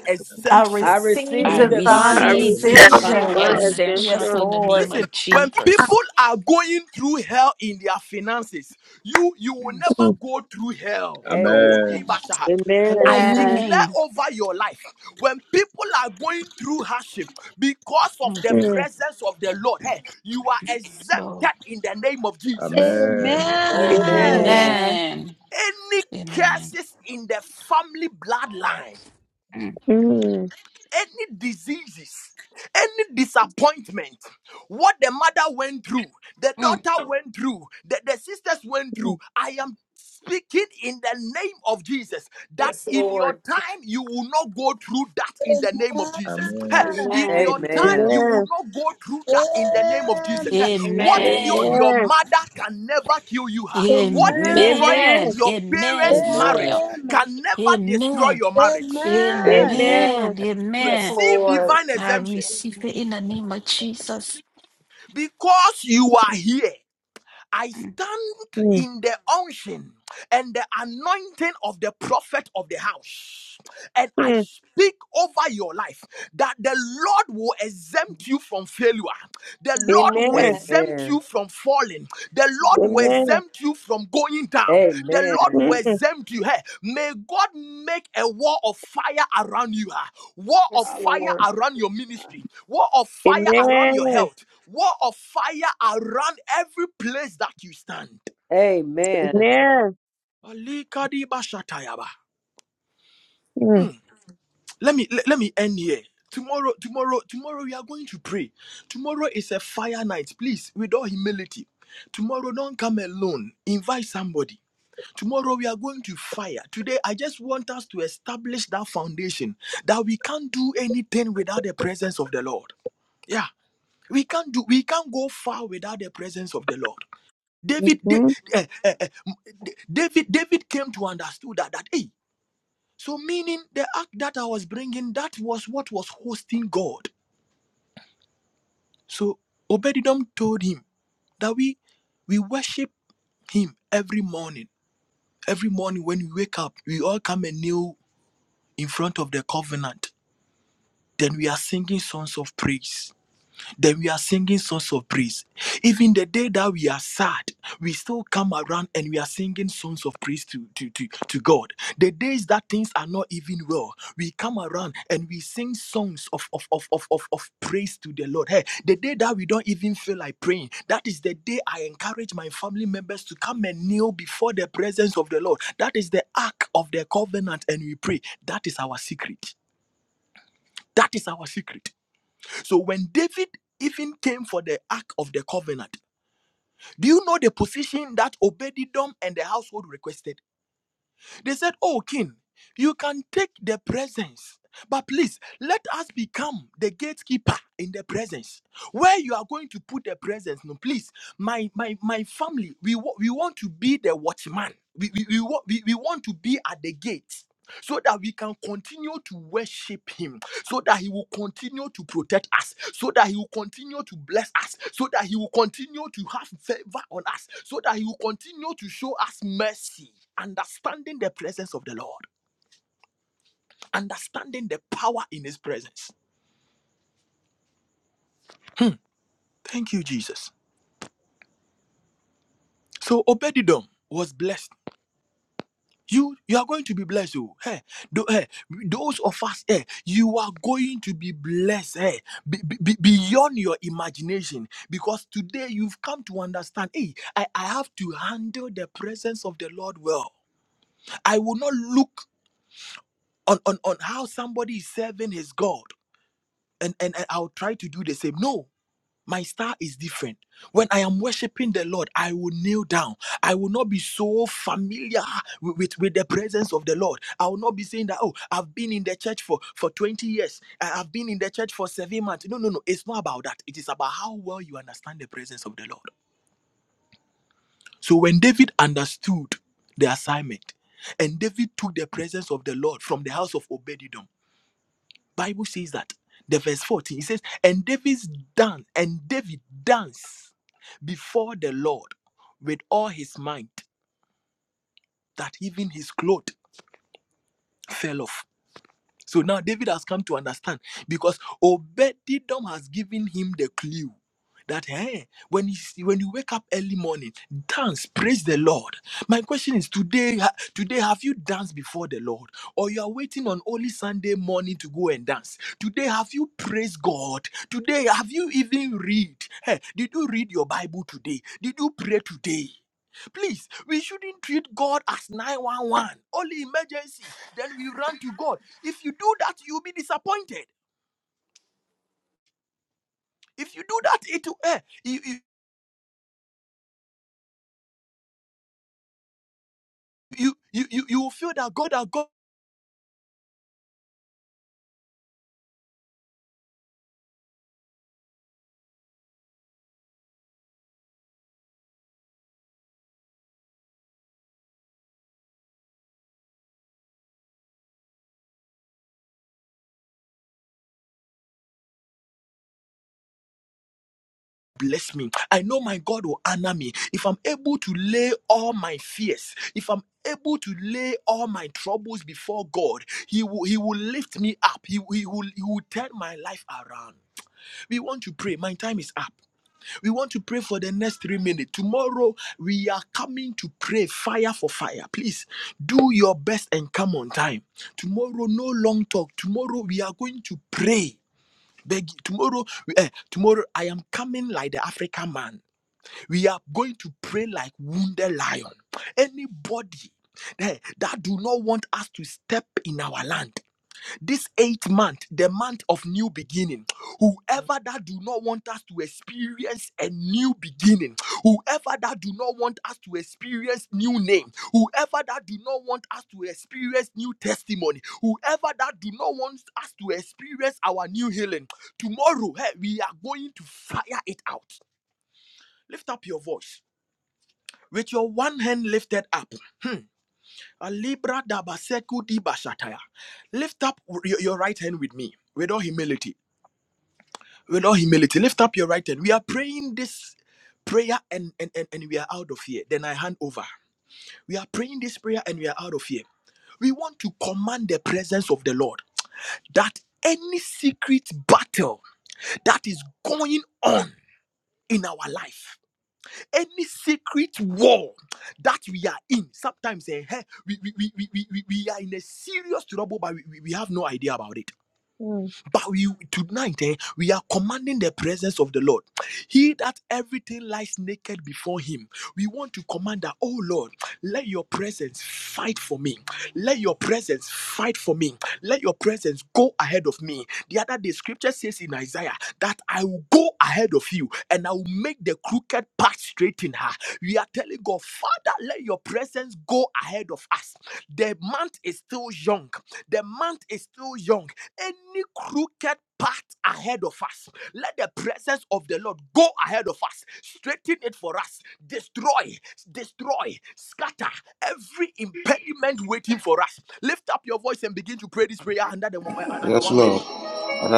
I
I
exemption.
receive
I
receive
divine
divine
I
receive
divine
receive
exemption.
divine
exemption.
divine
instruction.
exemption
Yes,
exemption.
in the
Lord.
name
Listen,
of
when people
Jesus.
are going through hell in their finances, you you will
Mm.
never go through hell.
Amen.
Oh,
Amen.
Ribasha.
Amen.
I
Amen.
Amen.
declare
Amen.
over your life when people are going through hardship because of
Mm.
the
Mm.
presence of the Lord, hey, you are exempted
So,
in the name of Jesus.
Amen.
Amen.
Amen.
Amen.
Amen.
amen.
Any
Amen.
curses in the family bloodline,
Mm.
Mm.
any diseases, any disappointment, what the mother went through, the
Mm.
daughter went through, the, the sisters went through, I am speaking in the name of Jesus that
Yes,
in your
Lord.
time you will not go through that in the name of Jesus. Hey,
Amen.
Amen.
in your
Amen.
time
Amen.
you will
Amen.
not go through that in the name of Jesus. Hey, what
Amen.
killed
Amen.
your
Amen.
mother can never kill you. Huh? What
Amen.
destroyed
Amen.
Amen.
your
Amen.
parents'
Amen.
marriage
Fire.
Amen.
can never destroy
Amen.
your marriage
Amen.
Amen.
Amen.
Amen.
Yes,
Amen.
receive
Lord.
divine
I
exemption
receive it in the name of Jesus.
because you are here. I
Mm.
stand
Mm.
in the unction and the anointing of the prophet of the house, and I
Mm.
speak over your life that the Lord will exempt you from failure, the Lord
Amen.
will
Amen.
exempt you
Amen.
from falling, the Lord will
Amen.
Amen.
exempt you from going down. The
Amen.
Lord will
Mm.
exempt you. Hey, may God make a wall of fire around you. ah. Wall of
Yes,
fire
Lord.
around your ministry. Wall of fire around your
Amen.
health. Wall of fire around every place that you stand.
Amen.
Amen.
Alikadiba shatayaba. Let me let, let me end here. Tomorrow, tomorrow, tomorrow we are going to pray. Tomorrow is a fire night. Please, with all humility. Tomorrow, don't come alone. Invite somebody. Tomorrow we are going to fire. Today, I just want us to establish that foundation that we can't do anything without the presence of the Lord. Yeah, we can't do. We can't go far without the presence of the Lord. David, Da-
Mm.
eh, eh, eh, David, David came to understood that. That hey, so meaning the act that I was bringing that was what was hosting God. So Obedidom told him that we we worship him every morning. Every morning when we wake up, we all come and kneel in front of the covenant, then we are singing songs of praise. Then we are singing songs of praise. Even the day that we are sad, we still come around and we are singing songs of praise to, to, to, to God. The days that things are not even well, we come around and we sing songs of, of, of, of, of, of praise to the Lord. Hey, the day that we don't even feel like praying, that is the day I encourage my family members to come and kneel before the presence of the Lord. That is the ark of the covenant and we pray. That is our secret. That is our secret. So when David even came for the Ark of the Covenant, do you know the position that Obedidom and the household requested? They said, Oh, king, you can take the presence, but please let us become the gatekeeper in the presence. Where you are going to put the presence, no, please, my my my family, we, wa- we want to be the watchman. We, we, we, wa- we, we want to be at the gate so that we can continue to worship him, so that he will continue to protect us, so that he will continue to bless us, so that he will continue to have favor on us, so that he will continue to show us mercy. Understanding the presence of the Lord, understanding the power in his presence. Thank you, Jesus. So Obedidom was blessed You you are going to be blessed. Oh. Hey, tho- hey, those of us, hey, you are going to be blessed hey, be- be- be- beyond your imagination. Because today you've come to understand, hey, I, I have to handle the presence of the Lord well. I will not look on, on, on how somebody is serving his God. And, and, and I'll try to do the same. No, my style is different. When I am worshiping the Lord, I will kneel down. I will not be so familiar with, with, with the presence of the Lord. I will not be saying that, oh, I've been in the church for, for 20 years. I- I've been in the church for seven months. No, no, no. It's not about that. It is about how well you understand the presence of the Lord. So when David understood the assignment, and David took the presence of the Lord from the house of Obededom. Bible says that the verse 14 it says, and David's dance, and David danced before the Lord with all his might, that even his clothes fell off. So now David has come to understand because Obedidom has given him the clue that hey, when you see- when you wake up early morning, dance, praise the Lord. My question is today, ha- today have you danced before the Lord, or you are waiting on only Sunday morning to go and dance? Today have you praised God? Today have you even read? Hey, did you read your Bible today? Did you pray today? Please, we shouldn't treat God as 911, only emergency. Then we run to God. If you do that, you'll be disappointed. If you do that, it will eh, you, you you you you you will feel that God has God bless me. I know my God will honor me. If I'm able to lay all my fears, if I'm able to lay all my troubles before God, He will He will lift me up. He, he will He will turn my life around. We want to pray. My time is up. We want to pray for the next three minutes. Tomorrow, we are coming to pray fire for fire. Please do your best and come on time. Tomorrow, no long talk. Tomorrow, we are going to pray. Beg, tomorrow, eh, tomorrow, I am coming like the African man. We are going to pray like wounded lion. Anybody eh, that do not want us to step in our land this eighth month the month of new beginning whoever that do not want us to experience a new beginning whoever that do not want us to experience new name whoever that do not want us to experience new testimony whoever that do not want us to experience our new healing tomorrow hey, we are going to fire it out lift up your voice with your one hand lifted up Hmm. Alibra dabaseku di bashataya. Lift up your, your right hand with me, with all humility. With all humility, lift up your right hand. We are praying this prayer and, and, and, and we are out of here. Then I hand over. We are praying this prayer and we are out of here. We want to command the presence of the Lord that any secret battle that is going on in our life any secret war that we are in sometimes eh, heh, we, we, we, we, we, we we are in a serious trouble but we, we we have no idea about it
Mhm.
but we tonight eh, we are commanding the presence of the Lord. He that everything lies naked before him. We want to command that, oh Lord, let your presence fight for me. Let your presence fight for me. Let your presence go ahead of me. The other day, scripture says in Isaiah that I will go ahead of you and I will make the crooked path straight in her. We are telling God, Father, let your presence go ahead of us. The month is still young. The month is still young. Any crooked path ahead of us, let the presence of the Lord go ahead of us, straighten it for us, destroy, destroy, scatter every impediment waiting for us. Lift up your voice and begin to pray this prayer under the one- uh, under
Yes,
one
Lord.
minute.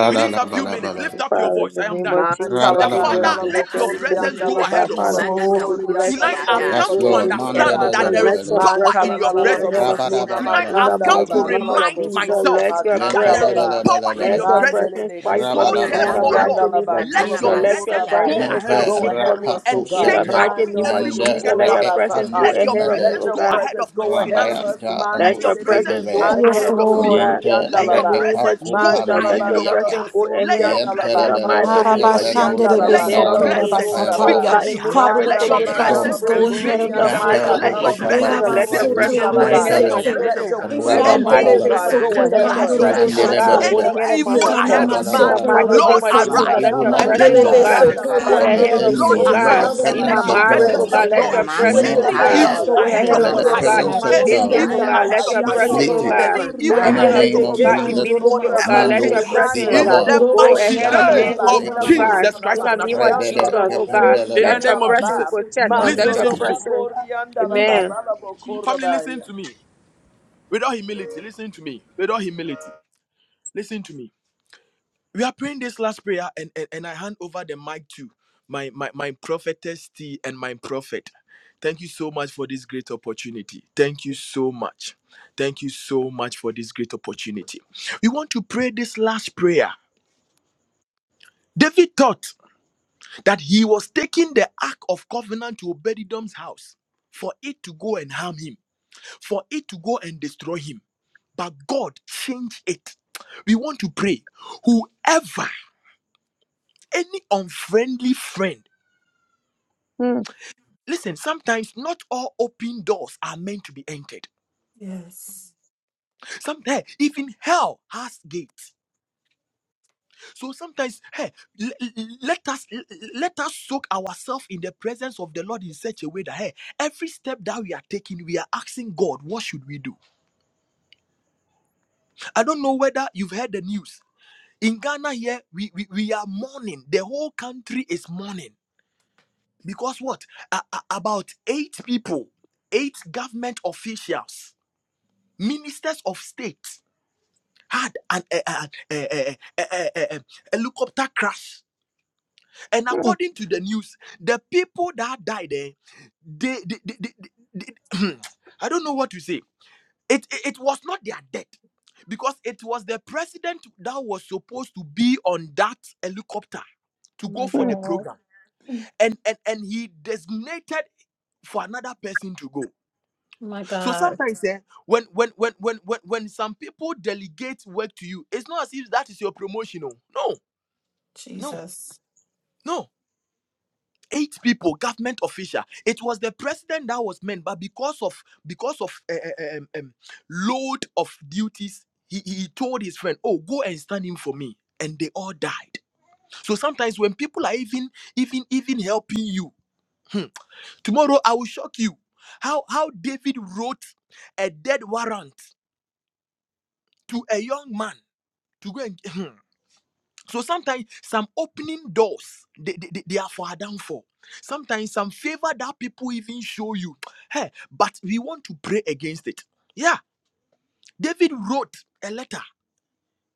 Within a few minutes,
Ra-la-la-ba-la-ba-la.
lift up your
Father, in
voice.
the
I am
name
done.
of Jesus,
The
we
Mantalaba
bless
Father,
Ra-la-la-ba-la-ba.
you. We
kalabo
let
tell
your
you, thank
presence
Hallelujah.
go
you, oh
koriandalaba
Thank
God,
ahead
you.
of me.
Yes,
Father.
kalabo
Mana
We
Lord.
bless you.
Tonight,
We
soriandalaba
I've
give you
tokusiada.
come
Yes,
glory,
kalabo
to
Lord.
give you honor,
Yapa
understand
oh
soraba.
that
God.
there
papa
Let
is
so
Manda-da-ba-da-ba-da.
your
power
Manta
in
la
presence
your
la la
go
la la
kusitiana
ahead
presence.
of me.
bosuna
Tonight,
Ra-ba-da-ba-da-ba.
masaya.
In the
I've
makanda
come
la
to
mighty
ba la
Ba-ya-ba-da.
name
la
of
la
remind
Jesus,
bosuna
Jesus
myself
let
for
your
that
making
makanda la
there
every
is
presence,
ba
power
crooked
in
let
your
place.
your
Mentalabalabalabala.
mandele
presence.
presence fight
bekele
So,
for me. In
Yunada
the
therefore,
bosuri
Rabadabadabadaba.
Lord,
anda
mighty
la
name
matoka
of
ba
Yes,
let
kala
nana
your
Jesus,
Lord.
let your
bosura
presence
masia
ba
go
that
presence,
ya.
a
oh
ahead
God,
Mante
of
kiss
Go
speak
in
me
for
ahead of
me.
us, oh
and
In
God.
the
take
rapakushete.
mighty
away
Mando
name of
every
rogo
Mande
Jesus,
crooked
let
kura
your
path.
ba
presence go
reepanus
Let
sataya.
your
ahead of me,
Let
mede.
presence
oh
your
go
God.
ahead
presence
of my
go ahead of
finances.
us.
Rabayanta
Let
Let
your
your
Mantele
presence
presence
beki
go
anuskibele.
go
ando
ahead
Yes,
of
ahead
me,
of
robo
oh
Lord.
me.
God.
kuri
Ninte
anda
In
Let
la
the
your
ba
name of
presence go
Jesus,
manda la
let
ahead
ba
your
of me.
kala
reepakupandiribriapa.
presence
ah.
go
bosuri
Let
ahead.
your
anda la
In
ba
the
presence go
kala
mighty
Yentelebelebe.
ahead
name
of
of
bosuri
me.
Jesus,
Kepenus
anda la
Let
ba
your
ahead of
kala
mandalaba
arabashanderebesukura
me.
presence
bosura
our
speak
Oh
ba.
kapayabadaba.
for
God,
me.
Father
and
for
make
ah.
Father,
every
Let
let your
flipping
your
it
crooked
Mandalaba
Yes,
and
path
Lord.
presence
presence
kalabo
go
straight.
reversing
ahead
liberate
it
In
of
me.
the
us,
ah.
in
O
our
soriandalaba
mighty
Mentero
name
Let
God.
your
of
favor,
kalabo
obaba
Jesus,
presence
Father.
let your
save me.
kuvalus
presence
ah.
go
Papa
ahead of
Let
sotoriandalabaya.
my
your
mentele.
sikia
Erabasotorebesese.
dada
Let
children.
presence,
your
ah,
In the
kusia
presence,
any
oh
mighty
Rabababa.
name
God,
of
go
anana
Jesus,
ahead
let
of
your
ahead
us.
of me,
kasia.
presence, oh
ah,
Let
God,
your
Mandelebelebe.
go
any
Thank
Inandelebesokopanderoboshataya.
you
ahead of
presence,
my
evil ahead
husband.
of
In
me,
the
Rabalabalaba.
mighty name
Lord,
mantalaba
of Jesus,
Any
Ikanamasokorebesete.
kalaba
let
arise
evil
your
and
kalabo
presence,
let your
oh
agenda
alone,
God,
oh
presence
God.
go
koriandalaba
scatter.
of the
ahead
Thank you,
of
kalabo
me,
Lord,
oh
enemy,
Mandelebesokoriandelebesete.
let
God.
the
arise
Father,
Jesus.
and
we
In my
let
presence
need
your
your
of
soriandalaba.
marriage,
presence
Let
oh
presence,
God
your
God,
oh
Kita
let your
God.
destroy
presence go
namasa
Let
presence,
ahead
your
melt
oh
any
it
enemy,
God.
taya.
presence
evil
out.
God.
Go
go
ahead
ahead
ahead
of
of
of
Let
my
the
you,
Mando
us,
Mama
oh
oh
life,
God,
so
robo
in
presence
God.
my
of
any
In the
business, oh
God
evil
corianda
name
la
God.
of
ahead
Let
of
your
my
bayando
Jesus,
Thank
presence,
soul,
deflate
oh
you,
robo
Father.
it.
God.
any
Lord
Go
evil
In
God.
the
ahead
surianda
of
ahead
le
Mandele
me,
name
of
oh
of
me,
beki
God,
bekele
ah,
in
bo
Jesus,
andoro
ministry, oh
whatever
mansi
God.
soraba.
Let
thing.
your
andele
ah,
Mandos
beso
Nando
presence
In
uh,
Ibaba,
the
robo
urobo
go
mighty
shi
ahead of
corianda
men
la
name
Randa
and
ba
andele
of
women of
manso
calamanana
Rekobo,
God.
Jesus
la
In
Christ of
the
andele
name
Nazareth,
of
beso
masiando
Jesus,
Rebede
oh
robo
God.
in the
Kependelebe.
Let your
corianda
name
mandele
of
la
presence
beso
ba.
Jesus,
In
protect
andele
the
us.
please
name
Let
Mando
of
your
listen to
beso
Jesus.
robo
me.
presence,
corianda
andele
la ba
beso.
amen.
la la bo
Family, listen
corabaya.
to me. with all humility, listen to me. with all humility, listen to me. we are praying this last prayer and, and, and i hand over the mic to my, my my prophetess t and my prophet thank you so much for this great opportunity thank you so much thank you so much for this great opportunity we want to pray this last prayer david thought that he was taking the ark of covenant to obedidom's house for it to go and harm him for it to go and destroy him but god changed it we want to pray whoever any unfriendly friend
Hmm,
Listen, sometimes not all open doors are meant to be entered.
Yes.
Sometimes even hell has gates. So sometimes, hey, l- l- let us l- let us soak ourselves in the presence of the Lord in such a way that hey, every step that we are taking, we are asking God, what should we do? I don't know whether you've heard the news. In Ghana, here we we, we are mourning. The whole country is mourning because what? A- a- about eight people, eight government officials, ministers of state had an a, a, a, a, a, a, a a helicopter crash. And
hmm,
according to the news, the people that died there, they, they, they, they, they- they- I don't know what to say. It, it, it was not their death because it was the president that was supposed to be on that helicopter to go
My
for
hmm.
the
God,
program. And, and, and he designated for another person to go.
my
So
God,
sometimes eh, when, when when when when when some people delegate work to you, it's not as if that is your promotion. oh. No No,
Jesus.
no. Eight people, government official. It was the president that was meant, but because of because of uh, uh, um, um, load of duties, he, he told his friend, "Oh, go and stand in for me," and they all died. So sometimes when people are even even even helping you, hmm, tomorrow I will shock you. How how David wrote a dead warrant to a young man to go and So sometimes some opening doors they, they, they they are for our downfall. Sometimes some favor that people even show you. Hey, but we want to pray against it. Yeah, David wrote a letter,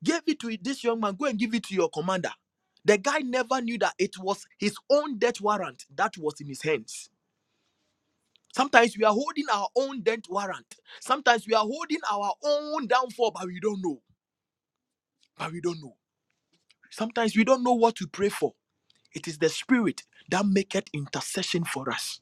gave it to this young man. Go and give it to your commander. The guy never knew that it was his own death warrant that was in his hands. Sometimes we are holding our own death warrant. Sometimes we are holding our own downfall, but we don't know. But we don't know. Sometimes we don't know what to pray for. It is the Spirit that maketh intercession for us.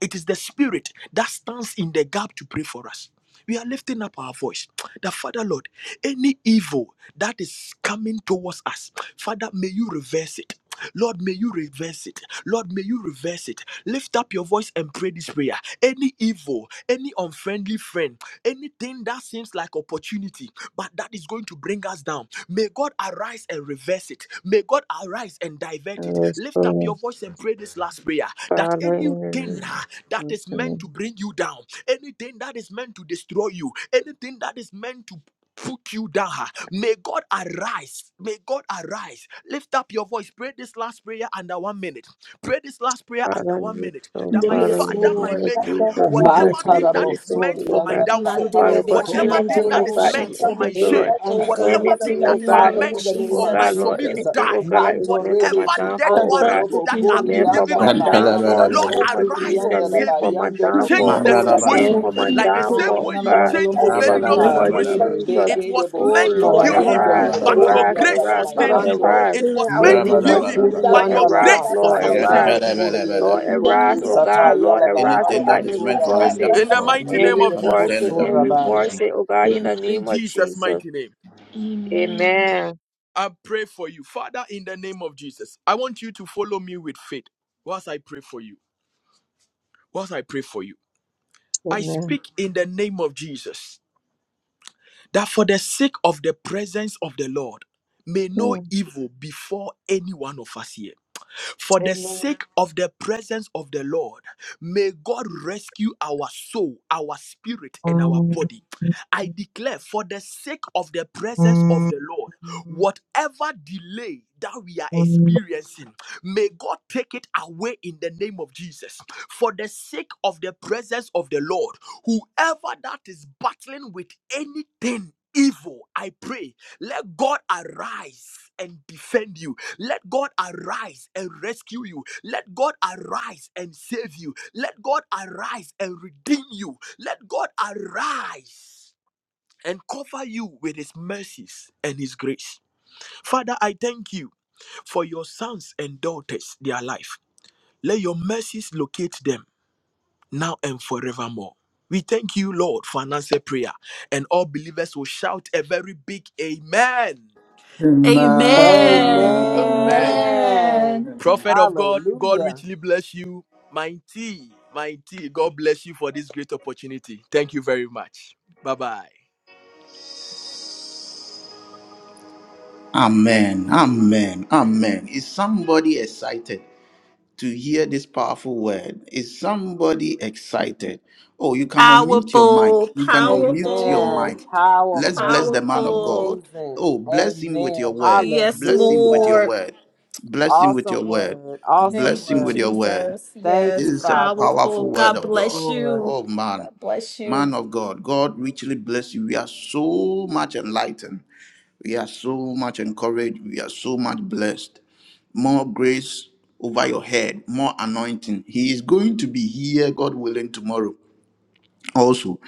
It is the Spirit that stands in the gap to pray for us. We are lifting up our voice. That Father Lord, any evil that is coming towards us, Father, may you reverse it. Lord, may you reverse it. Lord, may you reverse it. Lift up your voice and pray this prayer. Any evil, any unfriendly friend, anything that seems like opportunity, but that is going to bring us down. May God arise and reverse it. May God arise and divert it.
Yes,
Lift up your voice and pray this last prayer that anything ah, that is meant to bring you down, anything that is meant to destroy you, anything that is meant to took you down. May God arise. May God arise. Lift up your voice. Pray this last prayer under one minute. Pray this last prayer under one minute.
Oh, so,
That my
Father, in the name of Jesus. Father,
Yes,
in the
Father,
name of Jesus, Father, in the
my
name
Lord.
of
Maker,
Jesus, we bless
whatever thing
you,
that
we
is
thank
meant
you, oh
for my
God.
downfall,
Mandele
Father God,
beki
whatever thing
anything,
andoro
that
oh
is
God,
Mantarabosoriandarabakalabosoriabasataya.
meant
any
for
shata.
my
offense, oh
Any
shame,
Lord.
Oh God,
whatever
unfriendly
Anything,
thing
do it
friend,
oh
that
in the
is
God,
name
Father,
of
meant
in the
anything,
name
oh
for
of
my
God,
Jesus.
for
Lord,
me to
Jesus.
anything, oh
die.
God, that is meant for my
Whatever
Mantorebeki
death
downfall, oh God,
warrants
andorobo
that have been
meant for
given
my
unto me,
downfall, in the
Antalabalabala.
name
Lord,
of Jesus,
arise and
meant
save
for
me.
my
Change
downfall,
the
meant
situation.
koriandalabakalabosoturiandarabayandorobosorabaya.
for
Mandalabalaba.
my
Like the same
Na
downfall,
way
oh
na na
you
na
God,
na
change
in the
Obedidon's
name
mosuna
of
situation.
Rabalabalaba.
nele be
Jesus.
It
ele
was
Oh
meant to
bosuna
Lord,
kill him,
mayando lo
arise,
but your
Rabalabalaba.
bokuri
arise,
anda
grace
la
arise,
sustained
Father,
him.
mayando
arise.
It was
In the
meant to
yele
name of
kill him,
Rabalabalaba.
Jesus,
mokuri
but your
anda la
arise,
grace was
Lord,
masande de
Anything
arise.
sufficient for him.
mokuri ende
Lord,
le
arise,
boku
O
sata
God. Lord,
yala
arise, O
bakala
that
God,
is
and
meant
bosura
for my
reverse
baya
it.
In the
downfall,
mighty
And
name
yele
of
de
Father,
reverse
turn
it.
Jesus.
it
And
bosura
around. in
baya.
reverse
Jesus.
it, O God, in the
In
name of
Jesus'
Jesus.
mighty name.
Amen.
I pray for you. Father, in the name of Jesus, I want you to follow me with faith whilst I pray for you. Whilst I pray for you. I
Amen.
speak in the name of Jesus that for the sake of the presence of the Lord, may no
Mm.
evil befall any one of us here. For the sake of the presence of the Lord, may God rescue our soul, our spirit, and our
Amen.
body. I declare, for the sake of the presence of the Lord, whatever delay that we are experiencing, may God take it away in the name of Jesus. For the sake of the presence of the Lord, whoever that is battling with anything evil, I pray, let God arise and defend you let God arise and rescue you. Let God arise and save you. Let God arise and redeem you. Let God arise and cover you with his mercies and his grace. Father, I thank you for your sons and daughters, their life. Let your mercies locate them now and forevermore. We thank you, Lord, for an answered prayer. And all believers will shout a very big amen.
Amen.
Amen.
Amen.
Amen.
Amen.
Prophet of God, God
Hallelujah.
richly bless you. Mighty, mighty, God bless you for this great opportunity. Thank you very much. Bye bye.
Amen. Amen. Amen. Amen. Is somebody excited to hear this powerful word? Is somebody excited? Oh, you can unmute your mic.
Powerful,
You can unmute your
Amen.
powerful,
mic. Let's bless
Powerful.
the man of God.
powerful.
Amazing.
Oh, bless him with
Amen.
your word.
Yes,
Bless him with your
Hallelujah.
Lord.
word. Bless him with
Awesome
your word.
word. Awesome
Bless
Thank
him
you,
with your
word.
word.
Jesus.
Thank
This
Yes,
you,
is a
Father.
powerful.
powerful word
God
of
Yes,
God.
bless
Lord.
you.
Oh man,
God bless you.
man of God, God richly bless you. We are so much enlightened. We are so much encouraged. We are so much blessed. More grace over your head, more anointing. He is going to be here, God willing, tomorrow also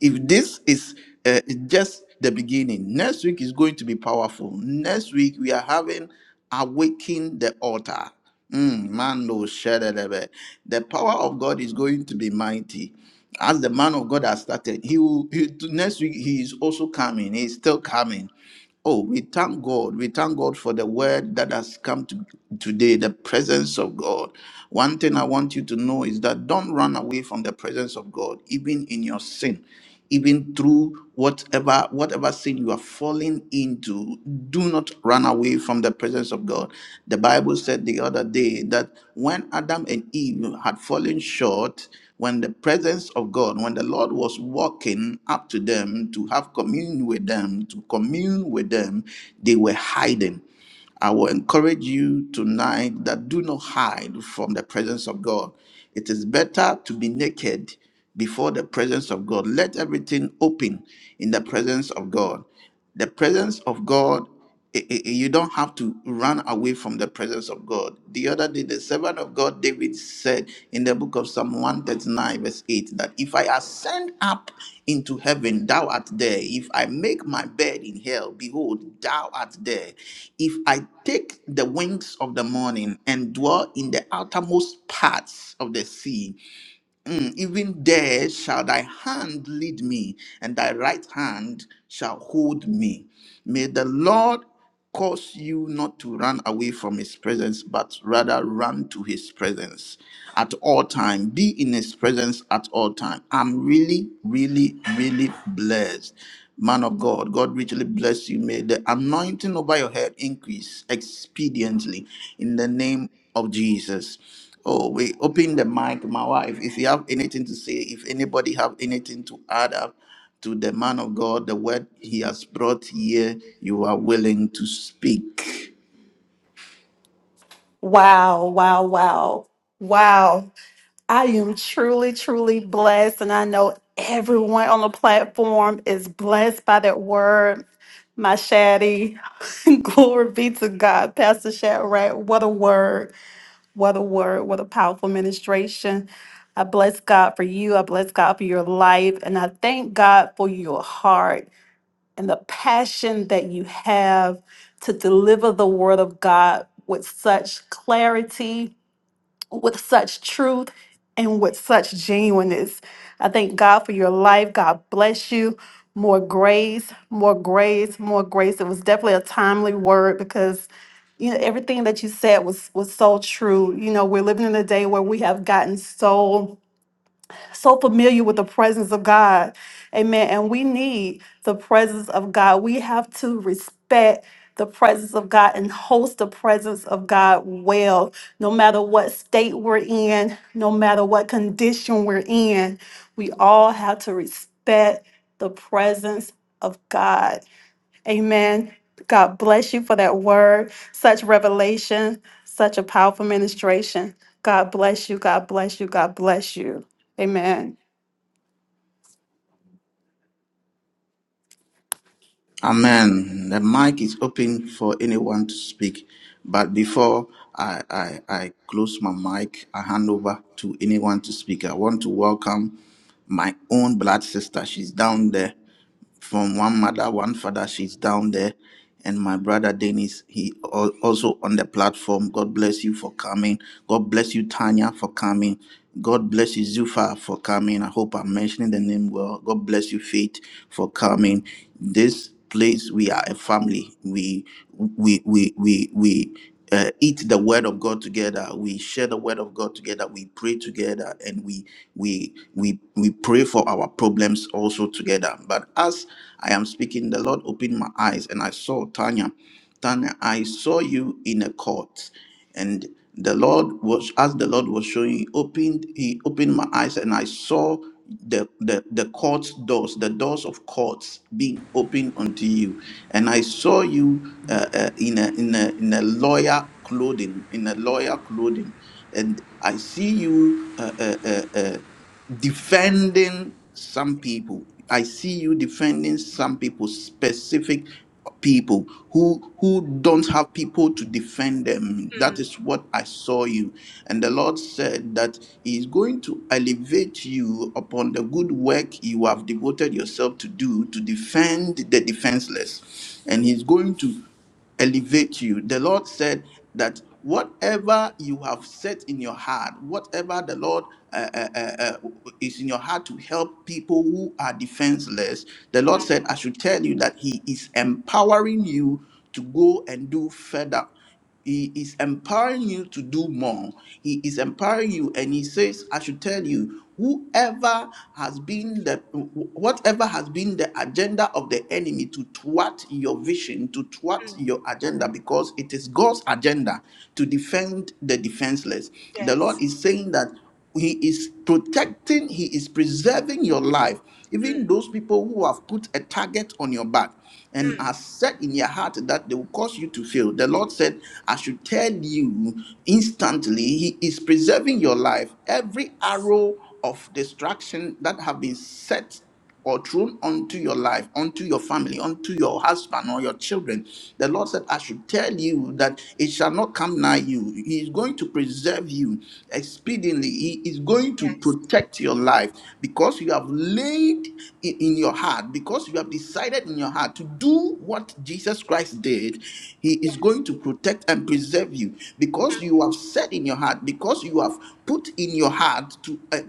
if this is uh, just the beginning next week is going to be powerful next week we are having awaken the altar Mm, man no shadadabe. the power of god is going to be mighty as the man of god has started he will he, next week he is also coming He is still coming Oh, we thank God. We thank God for the word that has come to today, the presence of God. One thing I want you to know is that don't run away from the presence of God, even in your sin, even through whatever whatever sin you are falling into. Do not run away from the presence of God. The Bible said the other day that when Adam and Eve had fallen short, when the presence of God, when the Lord was walking up to them to have commune with them, to commune with them, they were hiding. I will encourage you tonight that do not hide from the presence of God. It is better to be naked before the presence of God. Let everything open in the presence of God. The presence of God, i- i- you don't have to run away from the presence of God. The other day the servant of God David said in the book of Psalm 139, verse 8, that if I ascend up into heaven, thou art there. If I make my bed in hell, behold, thou art there. If I take the wings of the morning and dwell in the outermost parts of the sea, Mm, even there shall thy hand lead me, and thy right hand shall hold me. May the Lord cause you not to run away from his presence, but rather run to his presence at all time. Be in his presence at all time. I'm really, really, really blessed. Man of God, God richly bless you. May the anointing over your head increase expediently in the name of Jesus. Oh, we open the mic, my wife. If you have anything to say, if anybody have anything to add up to the man of God, the word he has brought here, you are willing to speak.
Wow, wow, wow. Wow. I am truly, truly blessed. And I know everyone on the platform is blessed by that word. My Shaddy, glory be to God. Pastor Shadrach, what a word. What a word. What a powerful ministration. I bless God for you. I bless God for your life. And I thank God for your heart and the passion that you have to deliver the word of God with such clarity with such truth and with such genuineness. I thank God for your life. God bless you. More grace, more grace, more grace. It was definitely a timely word because you know everything that you said was was so true. You know, we're living in a day where we have gotten so so familiar with the presence of God. Amen. And we need the presence of God. We have to respect the presence of God and host the presence of God well, no matter what state we're in, no matter what condition we're in. We all have to respect the presence of God. Amen. God bless you for that word, such revelation, such a powerful ministration. God bless you. God bless you. God bless you. Amen.
Amen. The mic is open for anyone to speak. But before I, I, I close my mic, I hand over to anyone to speak. I want to welcome my own blood sister. She's down there from one mother, one father. She's down there. and my brother Dennis, he al- also on the platform. God bless you for coming. God bless you, Tanya, for coming. God bless you, Zufa, for coming. I hope I'm mentioning the name well. God bless you, Faith, for coming. This place, we are a family. We we we we we uh, eat the word of god together we share the word of god together we pray together and we we we we pray for our problems also together but as i am speaking the lord opened my eyes and i saw tanya tanya i saw you in a court and the lord was as the lord was showing he opened he opened my eyes and i saw the the, the courts doors the doors of courts being opened unto you and i saw you uh, uh, in a in a in a lawyer clothing in a lawyer clothing and i see you uh, uh, uh, uh, defending some people. I see you defending some people, specific people who who don't have people to defend them. That
Mm,
is what I saw you. And the Lord said that He is going to elevate you upon the good work you have devoted yourself to do to defend the defenseless. And He's going to elevate you. The Lord said that whatever you have set in your heart, whatever the Lord uh, uh, uh, uh, is in your heart to help people who are defenseless, the Lord
mm,
said, I should tell you that He is empowering you to go and do further. He is empowering you to do more. He is empowering you, and he says, I should tell you, whoever has been the whatever has been the agenda of the enemy to thwart your vision, to thwart your agenda, because it is God's agenda to defend the defenseless. The
yes.
Lord is saying that. He is protecting, He is preserving your life. Even
Mm,
those people who have put a target on your back and
mm,
are set in your heart that they will cause you to fail. The Lord said, I should tell you instantly, He is preserving your life. Every
yes.
arrow of destruction that have been set or thrown onto your life, onto your family, onto your husband or your children. The Lord said, I should tell you that it shall not come nigh you. He is going to preserve you expediently. He is going to
Yes.
protect your life because you have laid i- in your heart, because you have decided in your heart to do what Jesus Christ did. He is
Yes.
going to protect and preserve you because
Mm,
you have said in your heart, because you have put in your heart to uh,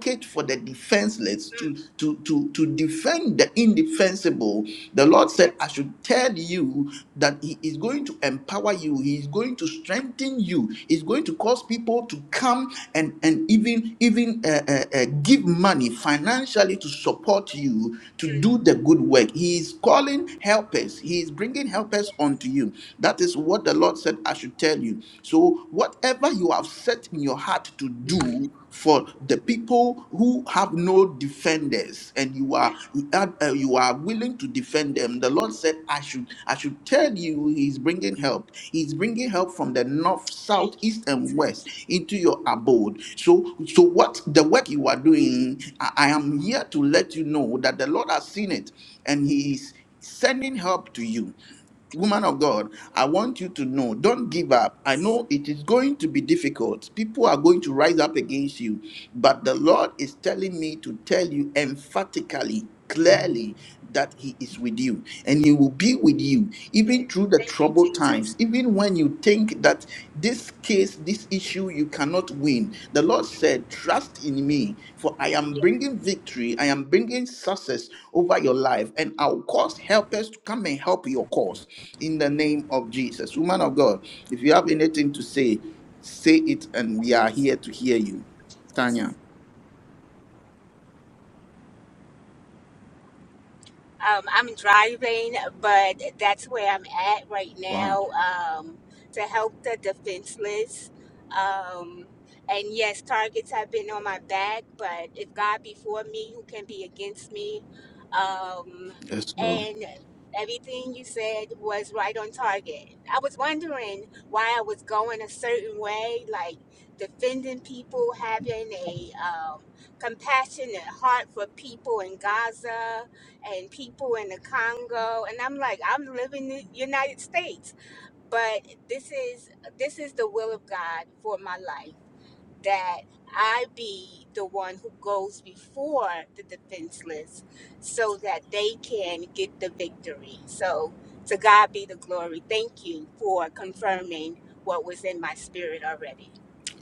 advocate for the defenseless zealous
mm,
to, to, to, to defend the indefensible, the Lord said,
yes.
I should tell you that He is going to empower you, He is going to strengthen you, He's going to cause people to come and, and even, even uh, uh, uh, give money financially to support you to
Mm,
do the good work. He is calling helpers, He is bringing
yeah,
helpers unto you. That is what the Lord said, I should tell you. So, whatever you have set in your heart to do, for the people who have no defenders and you
yeah.
are you are uh, you are willing to defend them the lord said i should i should tell you he's bringing help he's bringing help from the north south
Thank you,
east and
Jesus.
west into your abode so so what the work you are doing i, I am here to let you know that the lord has seen it and he is sending help to you woman of God, I want you to know don't give up. I know it is going to be difficult. People are going to rise up against you. But the Lord is telling me to tell you emphatically, clearly, that He is with you and He will be with you
Yeah.
even through the
Thank you,
troubled times,
Jesus.
even when you think that this case, this issue, you cannot win. The Lord said, Trust in me, for I am bringing victory, I am bringing success over your life, and I'll cause helpers to come and help your cause in the name of Jesus. Woman of God, if you have anything to say, say it, and we are here to hear you.
Jesus.
Tanya.
Um, I'm driving, but that's where I'm at right
Wow.
now um, to help the defenseless. Um, and yes, targets have been on my back, but if God be for me, who can be against me? Um,
Yes, Lord.
and everything you said was right on target. I was wondering why I was going a certain way, like defending people, having a um, compassionate heart for people in Gaza and people in the Congo and I'm like I'm living in the United States but this is this is the will of God for my life that I be the one who goes before the defenseless so that they can get the victory so to God be the glory thank you for confirming what was in my spirit already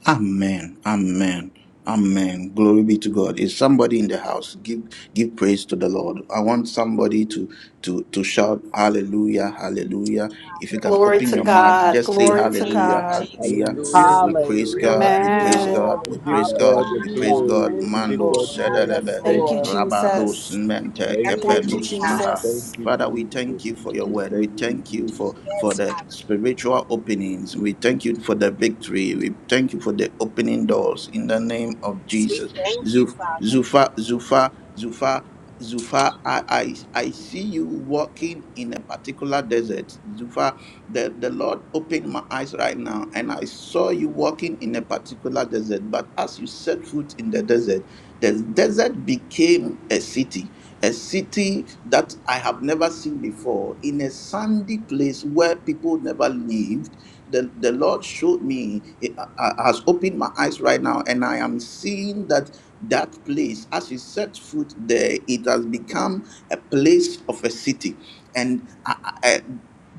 Amen. Amen. Amen. Glory be to God. Is somebody in the house? Give give praise to the Lord. I want somebody to to to shout hallelujah, hallelujah. If you can
Glory
open
hallelujah
to
your mouth,
God.
just say
Glory to
thank
hallelujah,
you
God.
hallelujah.
Hallelujah. Hallelujah.
Jesus
We praise
Hallelujah.
God, we praise
Hallelujah.
Amen.
God,
Glory.
We
we
give
praise
Hallelujah.
God,
God the
we praise
Hallelujah.
God.
glory.
Thank
We
you,
give
Mando
God
Lord.
God.
Yes,
praise.
sedalebe,
Thank
Thank
you,
Lord.
you,
rabado
Jesus.
Jesus.
cemente,
I'm
Thank you,
Thank
like
you,
you
kepenus
God
Jesus.
maha.
Thank
Jesus.
you,
Father, we thank
Jesus.
you for your word. We
Thank you,
thank you for,
Jesus.
for
that's
the
right
spiritual openings. We thank you for the victory. We thank you for the opening doors in the name of
We
Jesus.
thank you,
Zu-
Father.
Zufa, Zufa, Zufa, Zufa, I, I, I see you walking in a particular desert. Zufa, the, the Lord opened my eyes right now and I saw you walking in a particular desert. But as you set foot in the desert, the desert became a city a city that I have never seen before, in a sandy place where people never lived. The, the Lord showed me, it, uh, uh, has opened my eyes right now, and I am seeing that that place, as you set foot there, it has become a place of a city. And I, I-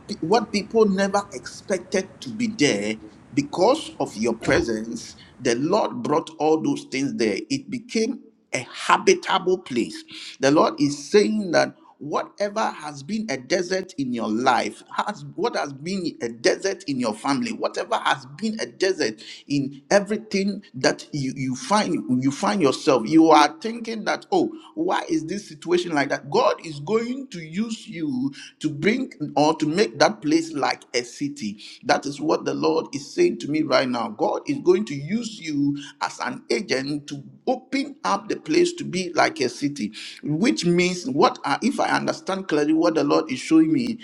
pe- what people never expected to be there because of your presence the lord brought all those things there it became a habitable place the lord is saying that whatever has been a desert in your life has what has been a desert in your family whatever has been a desert in everything that you you find you find yourself you are thinking that oh why is this situation? situation like that, God is going to use you to bring or to make that place like a city. That is what the Lord is saying to me right now. God is going to use you as an agent to open up the place to be like a city, which means what I, if I understand clearly what the Lord is showing me,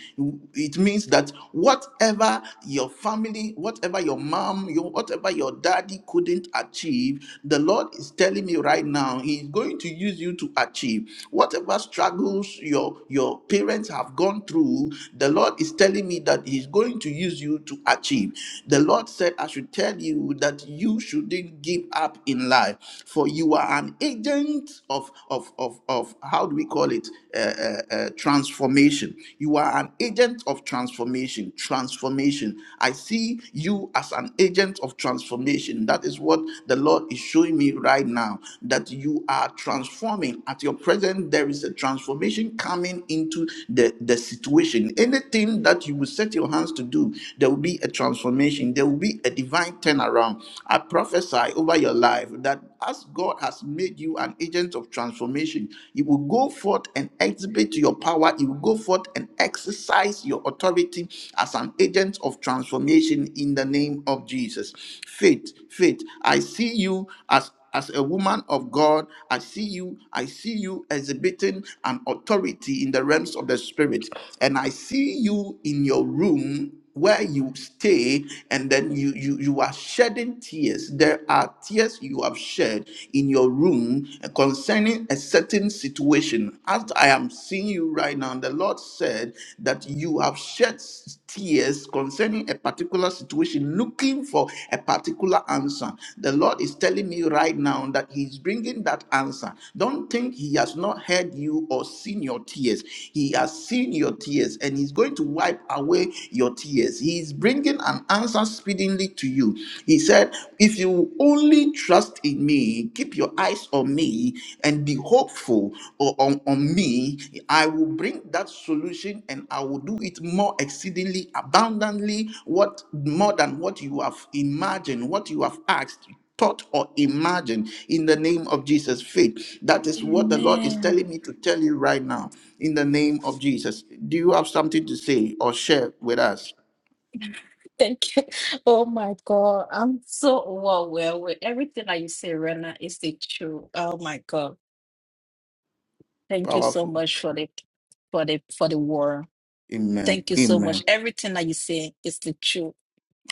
it means that whatever your family, whatever your mom, your whatever your daddy couldn't achieve, the Lord is telling me right now, He is going to use you to achieve whatever struggles your, your parents have gone through. The Lord is telling me that He's going to use you to achieve. The Lord said, I should tell you that you shouldn't give up in life, for you are an agent of, of, of, of how do we call it? Uh, uh, uh, transformation. You are an agent of transformation. Transformation. I see see you as an agent of transformation. That is what the Lord is showing me right now that you are transforming. At your present, there is a transformation coming into the, the situation. Anything that you will set your hands to do, there will be a transformation, there will be a divine turnaround. I prophesy over your life that as God has made you an agent of transformation, you will go forth and exhibit your power. You will go forth and exercise your authority as an agent of transformation in the name of Jesus. Faith, faith. I see you as as a woman of God, I see you, I see you exhibiting an authority in the realms of the spirit. And I see you in your room where you stay and then you you you are shedding tears there are tears you have shed in your room concerning a certain situation as i am seeing you right now the lord said that you have shed tears concerning a particular situation looking for a particular answer the lord is telling me right now that he's bringing that answer don't think he has not heard you or seen your tears he has seen your tears and he's going to wipe away your tears years. He is bringing an answer speedily to you. He said, If you only trust in me, keep your eyes on me, and be hopeful o- on, on me, I will bring that solution and I will do it more exceedingly abundantly, what more than what you have imagined, what you have asked thought or imagine in the name of Jesus. Faith. That is what the Lord is
Amen.
telling me to tell you right now in the name of Jesus. Do you have something to say or share with us?
Thank you. Oh my God. I'm so overwhelmed with everything that you say, Rena, is the truth. Oh my God. Thank you so
Powerful.
much for the for the for the war.
Amen.
Thank you so much.
Amen.
Everything that you say is the truth.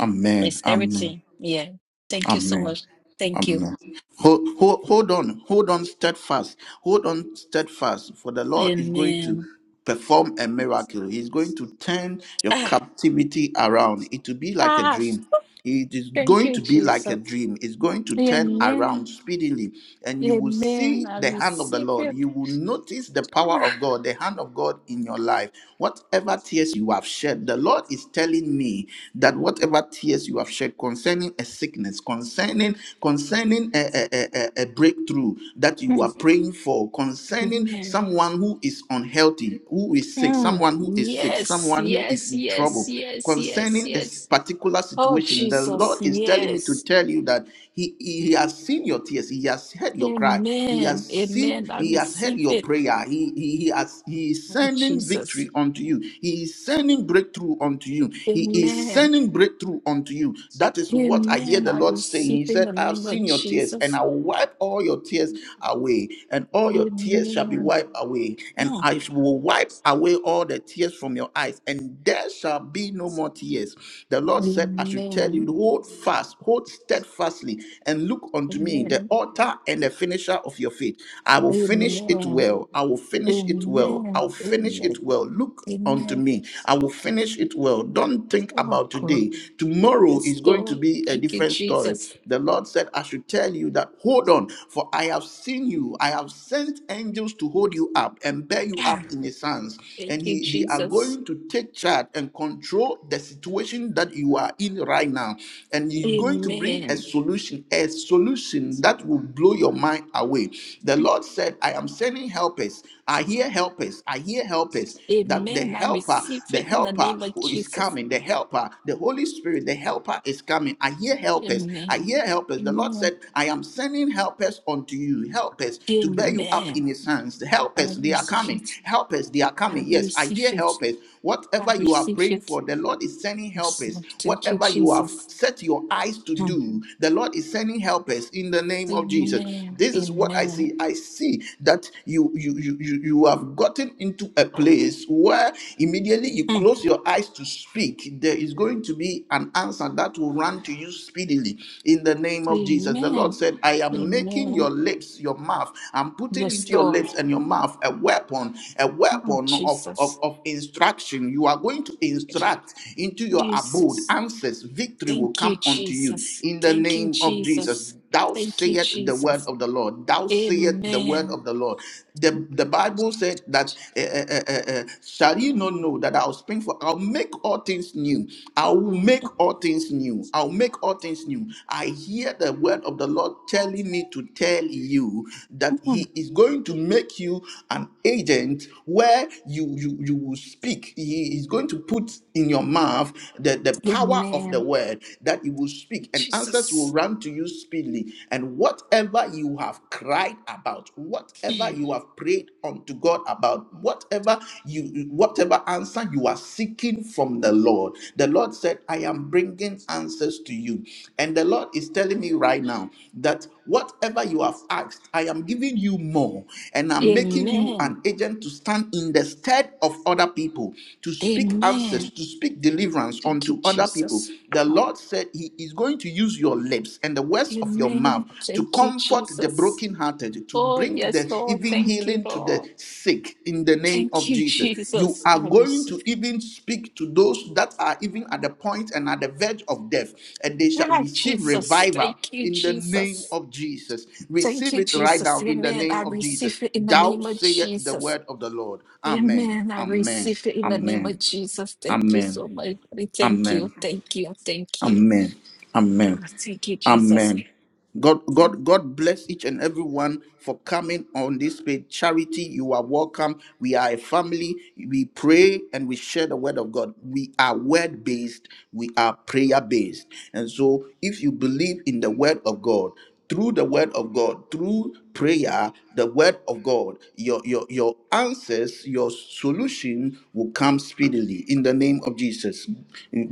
Amen.
It's
Amen.
everything. Yeah. Thank you so
Amen.
much. Thank you.
Amen. Hold, hold, hold on, hold on steadfast, hold on steadfast, for the Lord is going to
Amen.
perform a miracle. He's going to turn your
Ah,
captivity around. It will be like a
ah
dream. It is
thank
going to
you,
be like a
Jesus.
dream. It's going to turn around
Amen.
speedily, and you will
Amen.
see
I
the hand of the
receive
Lord.
it.
You will notice the power
Ah,
of God, the hand of God in your life. Whatever tears you have shed, the Lord is telling me that whatever tears you have shed concerning a sickness, concerning concerning a, a, a, a breakthrough that you are praying for, concerning
Amen.
someone who is unhealthy, who is sick,
Mm.
someone who is sick,
Yes,
someone who is
yes,
in
yes,
trouble,
yes, yes,
concerning a s-
yes.
particular
Oh,
situation, the
Jesus,
Lord is telling me to
yes.
tell you that He, he, he has seen your tears, He has heard your cry, He
Amen.
has seen,
Amen. I
He has heard
receive
your
it.
prayer, He He, he has He is
Oh,
sending
Jesus.
victory unto you, He is sending breakthrough unto you, He is sending
Amen.
concerning breakthrough unto you. That is what I hear
Amen.
the
I
Lord saying.
receive
He
in
said,
the
I have
name of
seen your tears, and
Jesus.
I will wipe all your tears away, and all your tears shall be
Amen.
wiped away, and
Mm.
I will wipe away all the tears from your eyes, and there shall be no more tears. The Lord said, I should tell you,
Amen.
hold fast, hold steadfastly, and look unto me, the
Amen.
author and the finisher of your faith. I will finish it
Amen.
well. I will finish it well.
Amen.
I'll finish it
Amen.
well. Look unto
Amen.
me. I will finish it well. Don't think
Oh,
about
God.
today. Tomorrow
Yes,
is going to
Lord.
be a
Thank you,
different story.
Jesus.
The Lord said, I should tell you that hold on, for I have seen you. I have sent angels to hold you up and bear you up
Ah,
in his hands.
Thank
And
you,
he they are
Jesus.
going to take charge and control the situation that you are in right now. And he's going to bring a
Amen.
solution, a solution that will blow your mind away. The Lord said, I am sending helpers. I hear helpers. I hear helpers. That the
Amen. I
helper,
receive
the
it in the
helper
name of
who is
Jesus.
coming, the helper, the Holy Spirit, the helper is coming. I hear helpers. I
Amen.
hear helpers. The Lord
Amen.
said, I am sending helpers unto you, helpers to bear you up
Amen.
in his hands. The
I
helpers, they are
receive
coming.
it.
Helpers, they are
I
coming. Yes, I
receive
hear
it.
helpers.
I
Whatever you are
receive
praying
it.
for, the Lord is sending
Yes,
helpers.
Lord. Thank you,
Whatever you have
Jesus.
set your eyes to
Hmm.
do, the Lord is sending helpers in the name of Jesus.
Amen.
This is what I
Amen.
see. I see that you you you you you have gotten into a place where immediately you
Hmm.
close your eyes to speak, there is going to be an answer that will run to you speedily in the name of Jesus. The Lord
Amen.
said, I am making your
Amen.
lips, your mouth, I'm putting
Yes,
into your
Lord.
lips and your mouth a weapon, a
Oh,
weapon of, of,
Jesus.
of instruction. You are going to instruct into your abode.
Jesus.
Answers, victory will
Thank you,
come unto you
Jesus.
in the
Thank you,
name of Jesus.
Jesus.
Thou
Thank you,
sayest the word
Jesus.
of the Lord. Thou sayest the word
Amen.
of the Lord. The, the Bible said that, eh, eh, eh, eh, eh, shall you not know that I'll spring for, I'll make all things new. I will make all things new. I'll make all things new. I hear the word of the Lord telling me to tell you that
Mm.
He is going to make you an agent where you you, you will speak. He is going to put in your mouth the, the power of the
Amen.
word that you will speak, and answers will
Jesus.
run to you speedily. And whatever you have cried about, whatever
Mm.
you have prayed unto God about, whatever you, whatever answer you are seeking from the Lord, the Lord said, "I am bringing answers to you." And the Lord is telling me right now that whatever you have asked, I am giving you more, and I'm making you
Amen.
an agent to stand in the stead of other people, to speak answers,
Amen.
to speak deliverance
Thank you,
to other people.
Jesus.
The
Ah,
Lord said He is going to use your lips and the words of your mouth
Amen.
to
Thank you,
comfort the
Jesus.
brokenhearted, to
Oh,
bring the
yes, Lord.
even
Thank you,
healing to the
Lord.
sick in the name
Thank
of
you,
Jesus. You
Jesus.
are
I
going
receive.
to even speak to those that are even at the point and at the verge of death, and they shall
Ah,
receive
Jesus.
revival
Thank you,
in the name
Jesus.
of Jesus.
Thank
Receive
you,
it right
Jesus.
now in the
Amen.
name
I
of Jesus.
receive it in the
Thou
name of
sayest the
Jesus.
word of the Lord. Amen.
Amen. I
Amen.
receive it in the name
Amen.
of Jesus. Thank you
Amen.
so much. Thank you.
Amen.
Thank you. Thank you.
Amen.
Ah,
Amen.
Thank you, Jesus.
Amen. God,
Mm.
God, God bless each and everyone for coming on this page. Charity, you are welcome. We are a family. We pray and we share the word of God. We are word based. We are prayer based. And so, if you believe in the word of God, through the word of God, through prayer, the word of God, your, your, your answers, your solution will come speedily in the name of Jesus.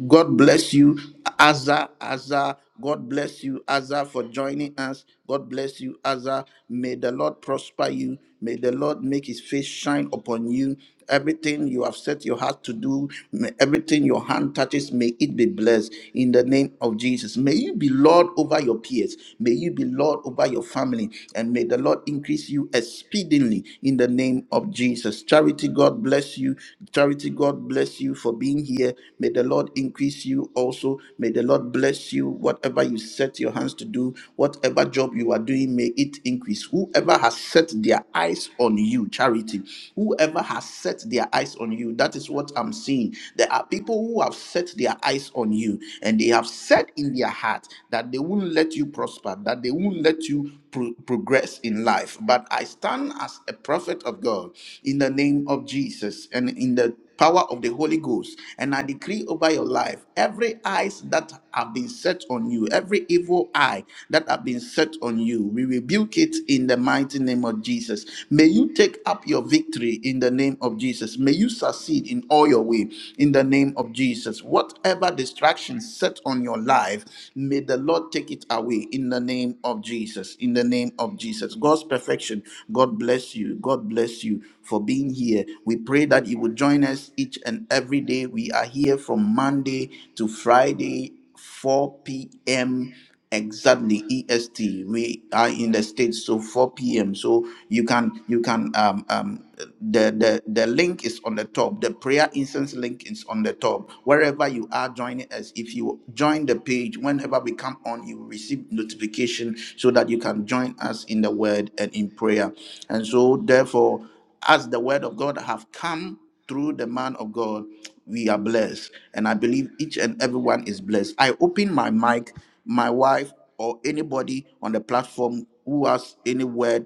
God bless you, Azza, Azza. God bless you, Azza, for joining us. God bless you, Azza. May the Lord prosper you. May the Lord make his face shine upon you. Everything you have set your heart to do, may everything your hand touches, may it be blessed in the name of Jesus. May you be Lord over your peers. May you be Lord over your family. And may the Lord increase you exceedingly in the name of Jesus. Charity, God bless you. Charity, God bless you for being here. May the Lord increase you also. May the Lord bless you. Whatever you set your hands to do, whatever job you are doing, may it increase. Whoever has set their their eyes on you. Charity. Whoever has set their eyes on you, that is what I'm seeing. There are people who have set their eyes on you and they have said in their heart that they won't let you prosper, that they won't let you pro- progress in life. But I stand as a prophet of God in the name of Jesus and in the power of the Holy Ghost. And I decree over your life every eyes that have been set on you, every evil eye that have been set on you, we rebuke it in the mighty name of Jesus. May you take up your victory in the name of Jesus. May you succeed in all your way in the name of Jesus. Whatever distraction set on your life, may the Lord take it away in the name of Jesus. Jesus, in the name of Jesus. God's perfection. God bless you. God bless you for being here. We pray that you would join us each and every day. We are here from Monday to Friday, 4 p.m. exactly EST. We are in the States, so 4 p.m. So you can you can um um the the the link is on the top. The prayer incense link is on the top wherever you are joining us if you join the page whenever we come on you will receive notification so that you can join us in the word and in prayer and so therefore as the word of god have come through the man of god we are blessed and i believe each and everyone is blessed i open my mic my wife or anybody on the platform who has any word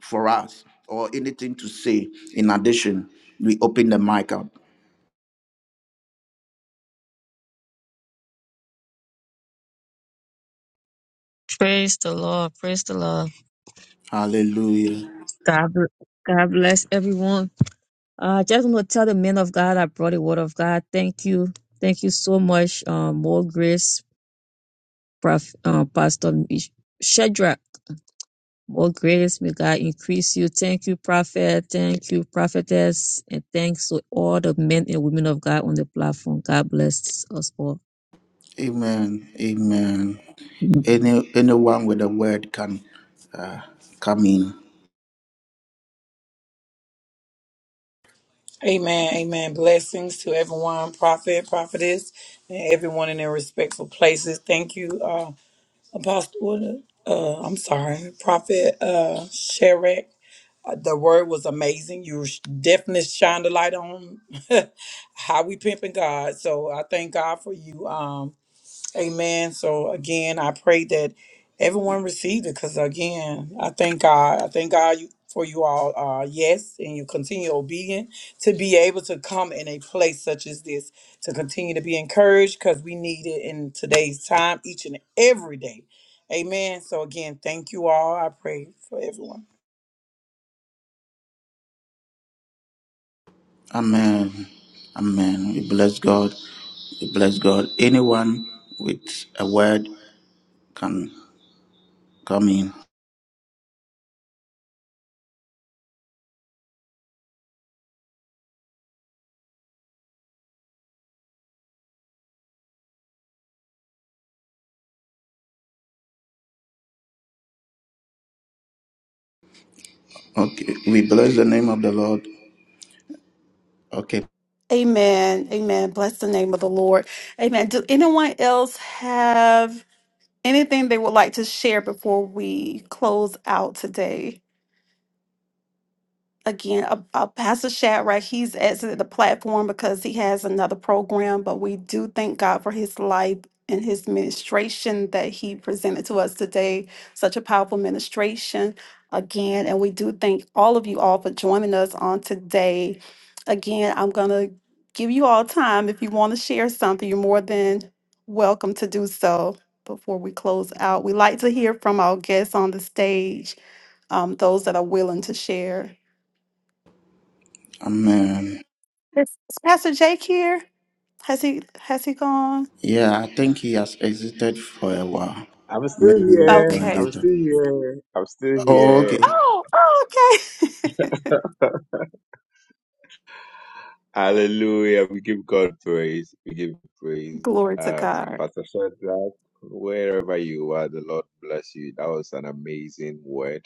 for us or anything to say in addition we open the mic up
Praise the Lord. Praise the Lord.
hallelujah
God, bl- God bless everyone. I uh, just want to tell the men of God I brought the word of God. Thank you. Thank you so much. Um, more grace, Prof, uh, Pastor Shadrach. More grace. May God increase you. Thank you, Prophet. Thank you, Prophetess. And thanks to all the men and women of God on the platform. God bless us all.
Amen. Amen. Any anyone with a word can uh, come in.
Amen. Amen. Blessings to everyone, prophet, prophetess, and everyone in their respectful places. Thank you, uh, Apostle. Uh, uh, I'm sorry, Prophet uh, Sherek. Uh, The word was amazing. You sh- definitely shined the light on how we pimping God. So I thank God for you. Um, amen. So again, I pray that everyone received it because again, I thank God. I thank God you, for you all. Uh, yes, and you continue obedient to be able to come in a place such as this to continue to be encouraged because we need it in today's time, each and every day. Amen. So again, thank you all. I pray for everyone.
Amen. Amen. We bless God. We bless God. Anyone with a word can come in. Okay. We bless the name of the Lord. Okay.
Amen. Amen. Bless the name of the Lord. Amen. Do anyone else have anything they would like to share before we close out today? again, uh, uh, Pastor Shadrach, he's exited the platform because he has another program, but we do thank God for his life and his ministration that he presented to us today. Such a powerful ministration again. And we do thank all of you all for joining us on today. Again, I'm going to give you all time. If you want to share something, you're more than welcome to do so before we close out. We like to hear from our guests on the stage, um, those that are willing to share.
Amen.
Is, is Pastor Jake here? Has he has he gone?
Yeah, I think he has exited for a while.
I'm still
Maybe we will
here.
join
Okay.
I'm
later.
still here. I'm still
Oh,
here.
okay.
Oh, oh okay.
Hallelujah. We give God praise. We give praise.
Glory to
Um,
God.
Pastor Shadrach, wherever you are, the Lord bless you. That was an amazing word.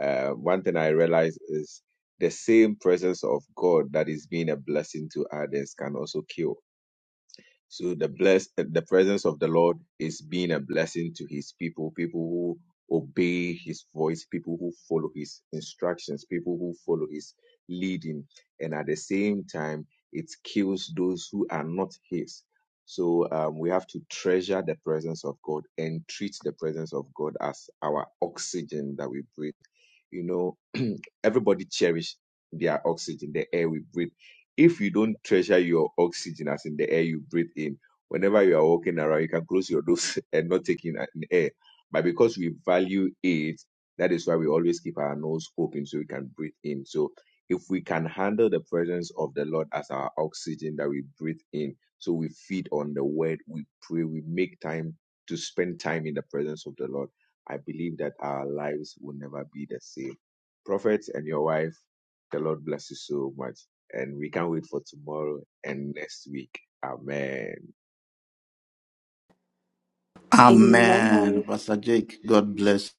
Uh, one thing I realized is the same presence of God that is being a blessing to others can also kill so the bless the presence of the Lord is being a blessing to his people, people who obey his voice, people who follow his instructions, people who follow his leading. And at the same time, it kills those who are not his. So um, we have to treasure the presence of God and treat the presence of God as our oxygen that we breathe. You know, everybody cherish their oxygen, the air we breathe if you don't treasure your oxygen, as in the air you breathe in, whenever you are walking around, you can close your nose and not take in an air. But because we value it, that is why we always keep our nose open so we can breathe in. So if we can handle the presence of the Lord as our oxygen that we breathe in, so we feed on the word, we pray, we make time to spend time in the presence of the Lord. I believe that our lives will never be the same. Prophet and your wife, the Lord bless you so much and we can't wait for tomorrow and next week. Amen.
Amen.
Amen.
Pastor Jake, God bless.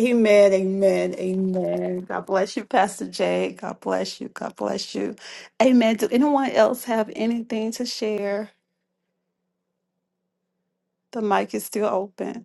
Amen. Amen. Amen. God bless you, Pastor Jake. God bless you. God bless you. Amen. Do anyone else have anything to share? The mic is still open.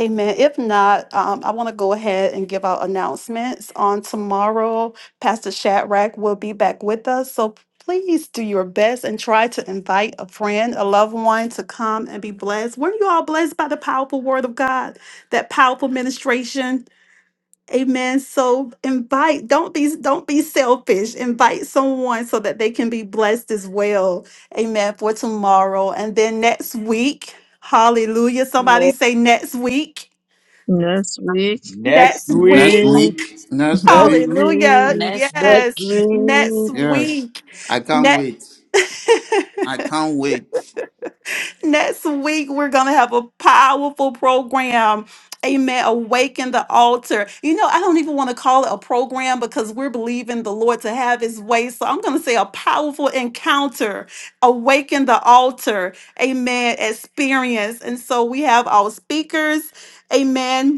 Amen. If not, um, I want to go ahead and give out announcements. On tomorrow, Pastor Shadrach will be back with us. So please do your best and try to invite a friend, a loved one to come and be blessed. Weren't you all blessed by the powerful word of God, that powerful ministration? Amen. So invite, don't be don't be selfish. Invite someone so that they can be blessed as well. Amen. For tomorrow. And then next week, hallelujah. Somebody say next week.
Next week.
Next
Next
Next
week.
week,
week. Next
next
week.
Hallelujah.
week,
Next
next
Yes.
week.
week.
Next
Yes,
week.
I can't
Next
wait. I can't wait.
next week we're gonna have a powerful program. Amen. Awaken the altar. You know, I don't even want to call it a program because we're believing the Lord to have his way. So I'm gonna say a powerful encounter. Awaken the altar. Amen. Experience. And so we have our speakers. Amen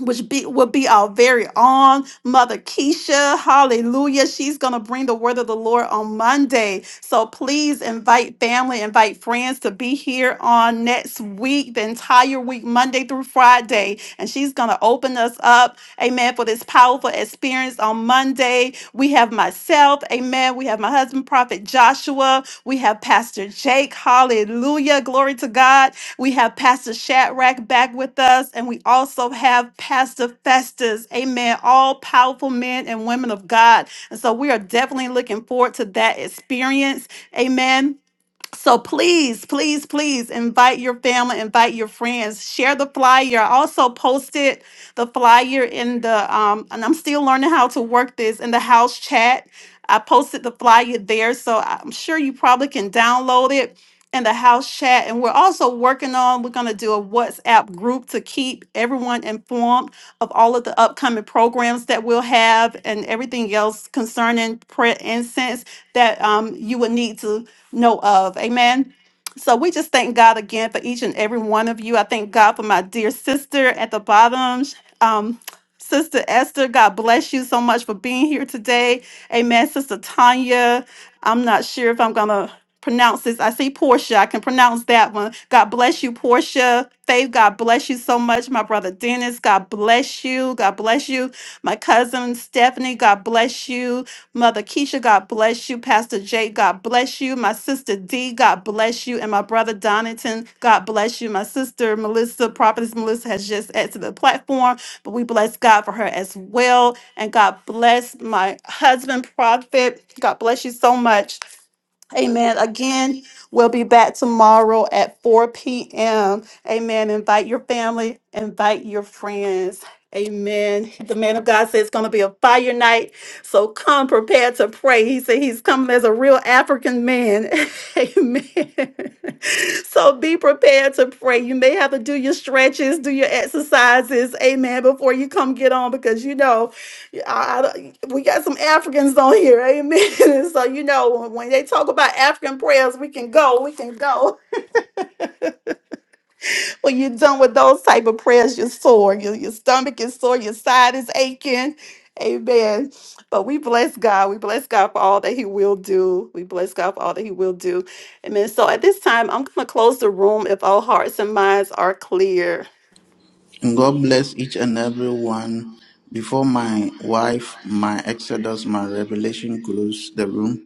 which be, will be our very own Mother Keisha. Hallelujah. She's going to bring the word of the Lord on Monday. So please invite family, invite friends to be here on next week, the entire week, Monday through Friday. And she's going to open us up, amen, for this powerful experience on Monday. We have myself, amen. We have my husband, Prophet Joshua. We have Pastor Jake. Hallelujah. Glory to God. We have Pastor Shadrach back with us, and we also have Pastor Festus. Amen. All powerful men and women of God. And so we are definitely looking forward to that experience. Amen. So please, please, please invite your family, invite your friends, share the flyer. I also posted the flyer in the um, and I'm still learning how to work this in the house chat. I posted the flyer there, so I'm sure you probably can download it in the house chat. And we're also working on, we're gonna do a WhatsApp group to keep everyone informed of all of the upcoming programs that we'll have and everything else concerning prayer incense that um, you would need to know of. Amen. So we just thank God again for each and every one of you. I thank God for my dear sister at the bottom. Um, Sister Esther, God bless you so much for being here today. Amen. Sister Tanya, I'm not sure if I'm going to pronounce this. I see Portia. I can pronounce that one. God bless you, Portia. Faith, God bless you so much. My brother Dennis, God bless you. God bless you. My cousin Stephanie, God bless you. Mother Keisha, God bless you. Pastor Jay, God bless you. My sister D, God bless you. And my brother Donington, God bless you. My sister Melissa, Prophetess Melissa has just added to the platform, but we bless God for her as well. And God bless my husband, Prophet. God bless you so much Amen. Again, we'll be back tomorrow at 4 p.m. Amen. Invite your family, invite your friends. Amen. The man of God said it's going to be a fire night. So come prepared to pray. He said he's coming as a real African man. Amen. So be prepared to pray. You may have to do your stretches, do your exercises. Amen. Before you come get on because you know I, I- we got some Africans on here, amen. And so you know when they talk about African prayers, we can go, we can go. When you're done with those type of prayers, you're sore, your your stomach is sore, your side is aching, amen. But we bless God, we bless God for all that He will do. We bless God for all that He will do, amen. So at this time, I'm gonna close the room if all hearts and minds are clear.
And God bless each and every one. Before my wife, my Exodus, my Revelation close the room,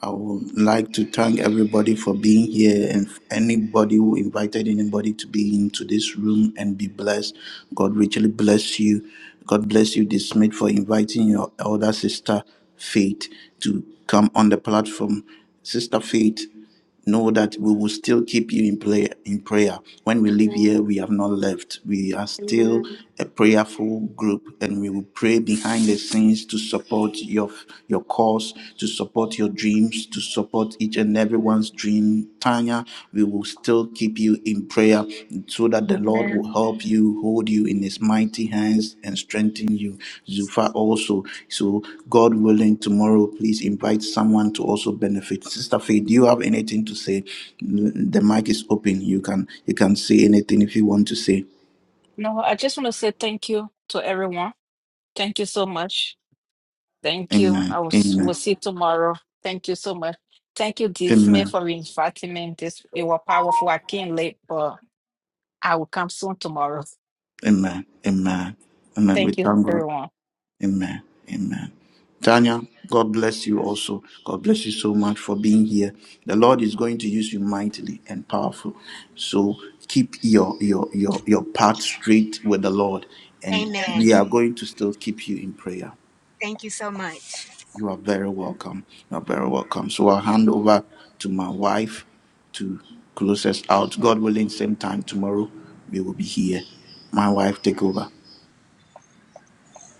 I would like to thank everybody for being here and anybody who invited anybody to be into this room and be blessed. God richly bless you. God bless you, this mate, for inviting your elder sister, Faith, to come on the platform. Sister Faith, know that we will still keep you in prayer in prayer when we leave here
Amen.
we have not left we are still
Amen.
a prayerful group and we will pray behind the scenes to support your your cause to support your dreams to support each and everyone's dream tanya we will still keep you in prayer so that the Lord will
Amen.
help you, hold you in his mighty hands and strengthen you. Zufa also. So God willing, tomorrow please invite someone to also benefit. Sister Faye, do you have anything to say? The mic is open. You can you can say anything if you want to say.
No, I just want to say thank you to everyone. Thank you so much. Thank you.
Amen.
I will, s-
Amen.
we'll see you tomorrow. Thank you so much. Thank you, D. Smith,
Amen.
for inviting me. This it was powerful. I came late, but I will come soon tomorrow.
Amen. Amen. Amen. We
Thank you,
thank God.
everyone.
Amen. Amen. Tanya, God bless you also. God bless you so much for being here. The Lord is going to use you mightily and powerful. So keep your your your your path straight with the Lord. And
Amen.
we are going to still keep you in prayer.
Thank you so much.
You are very welcome. You are very welcome. So I'll hand over to my wife to close us out. God willing, same time tomorrow, we will be here. My wife, take over.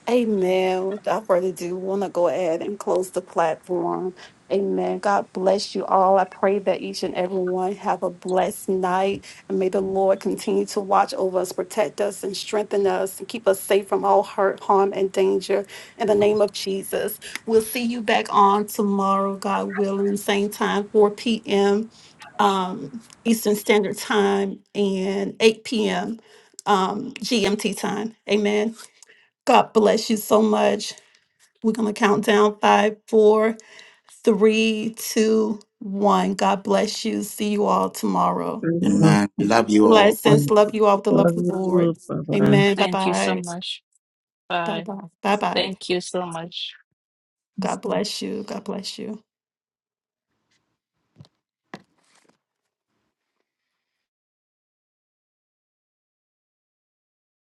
Amen. I really do want to go ahead and close the platform. Amen. God bless you all. I pray that each and every one have a blessed night. And may the Lord continue to watch over us, protect us, and strengthen us, and keep us safe from all hurt, harm, and danger. In the name of Jesus. We'll see you back on tomorrow, God willing, same time, 4 p.m. Um, Eastern Standard Time and 8 p.m. Um, GMT time. Amen. God bless you so much. We're going to count down five, four, three, two, one. God bless you. See you all tomorrow.
Amen. We love you all.
Blessings. Love you all with the
Love
love of
you
the Lord.
too. Bye bye.
Amen. Bye
Thank you so
bye.
much.
Bye
Bye.
bye. Bye bye.
Thank you so much.
God bless you. God bless you.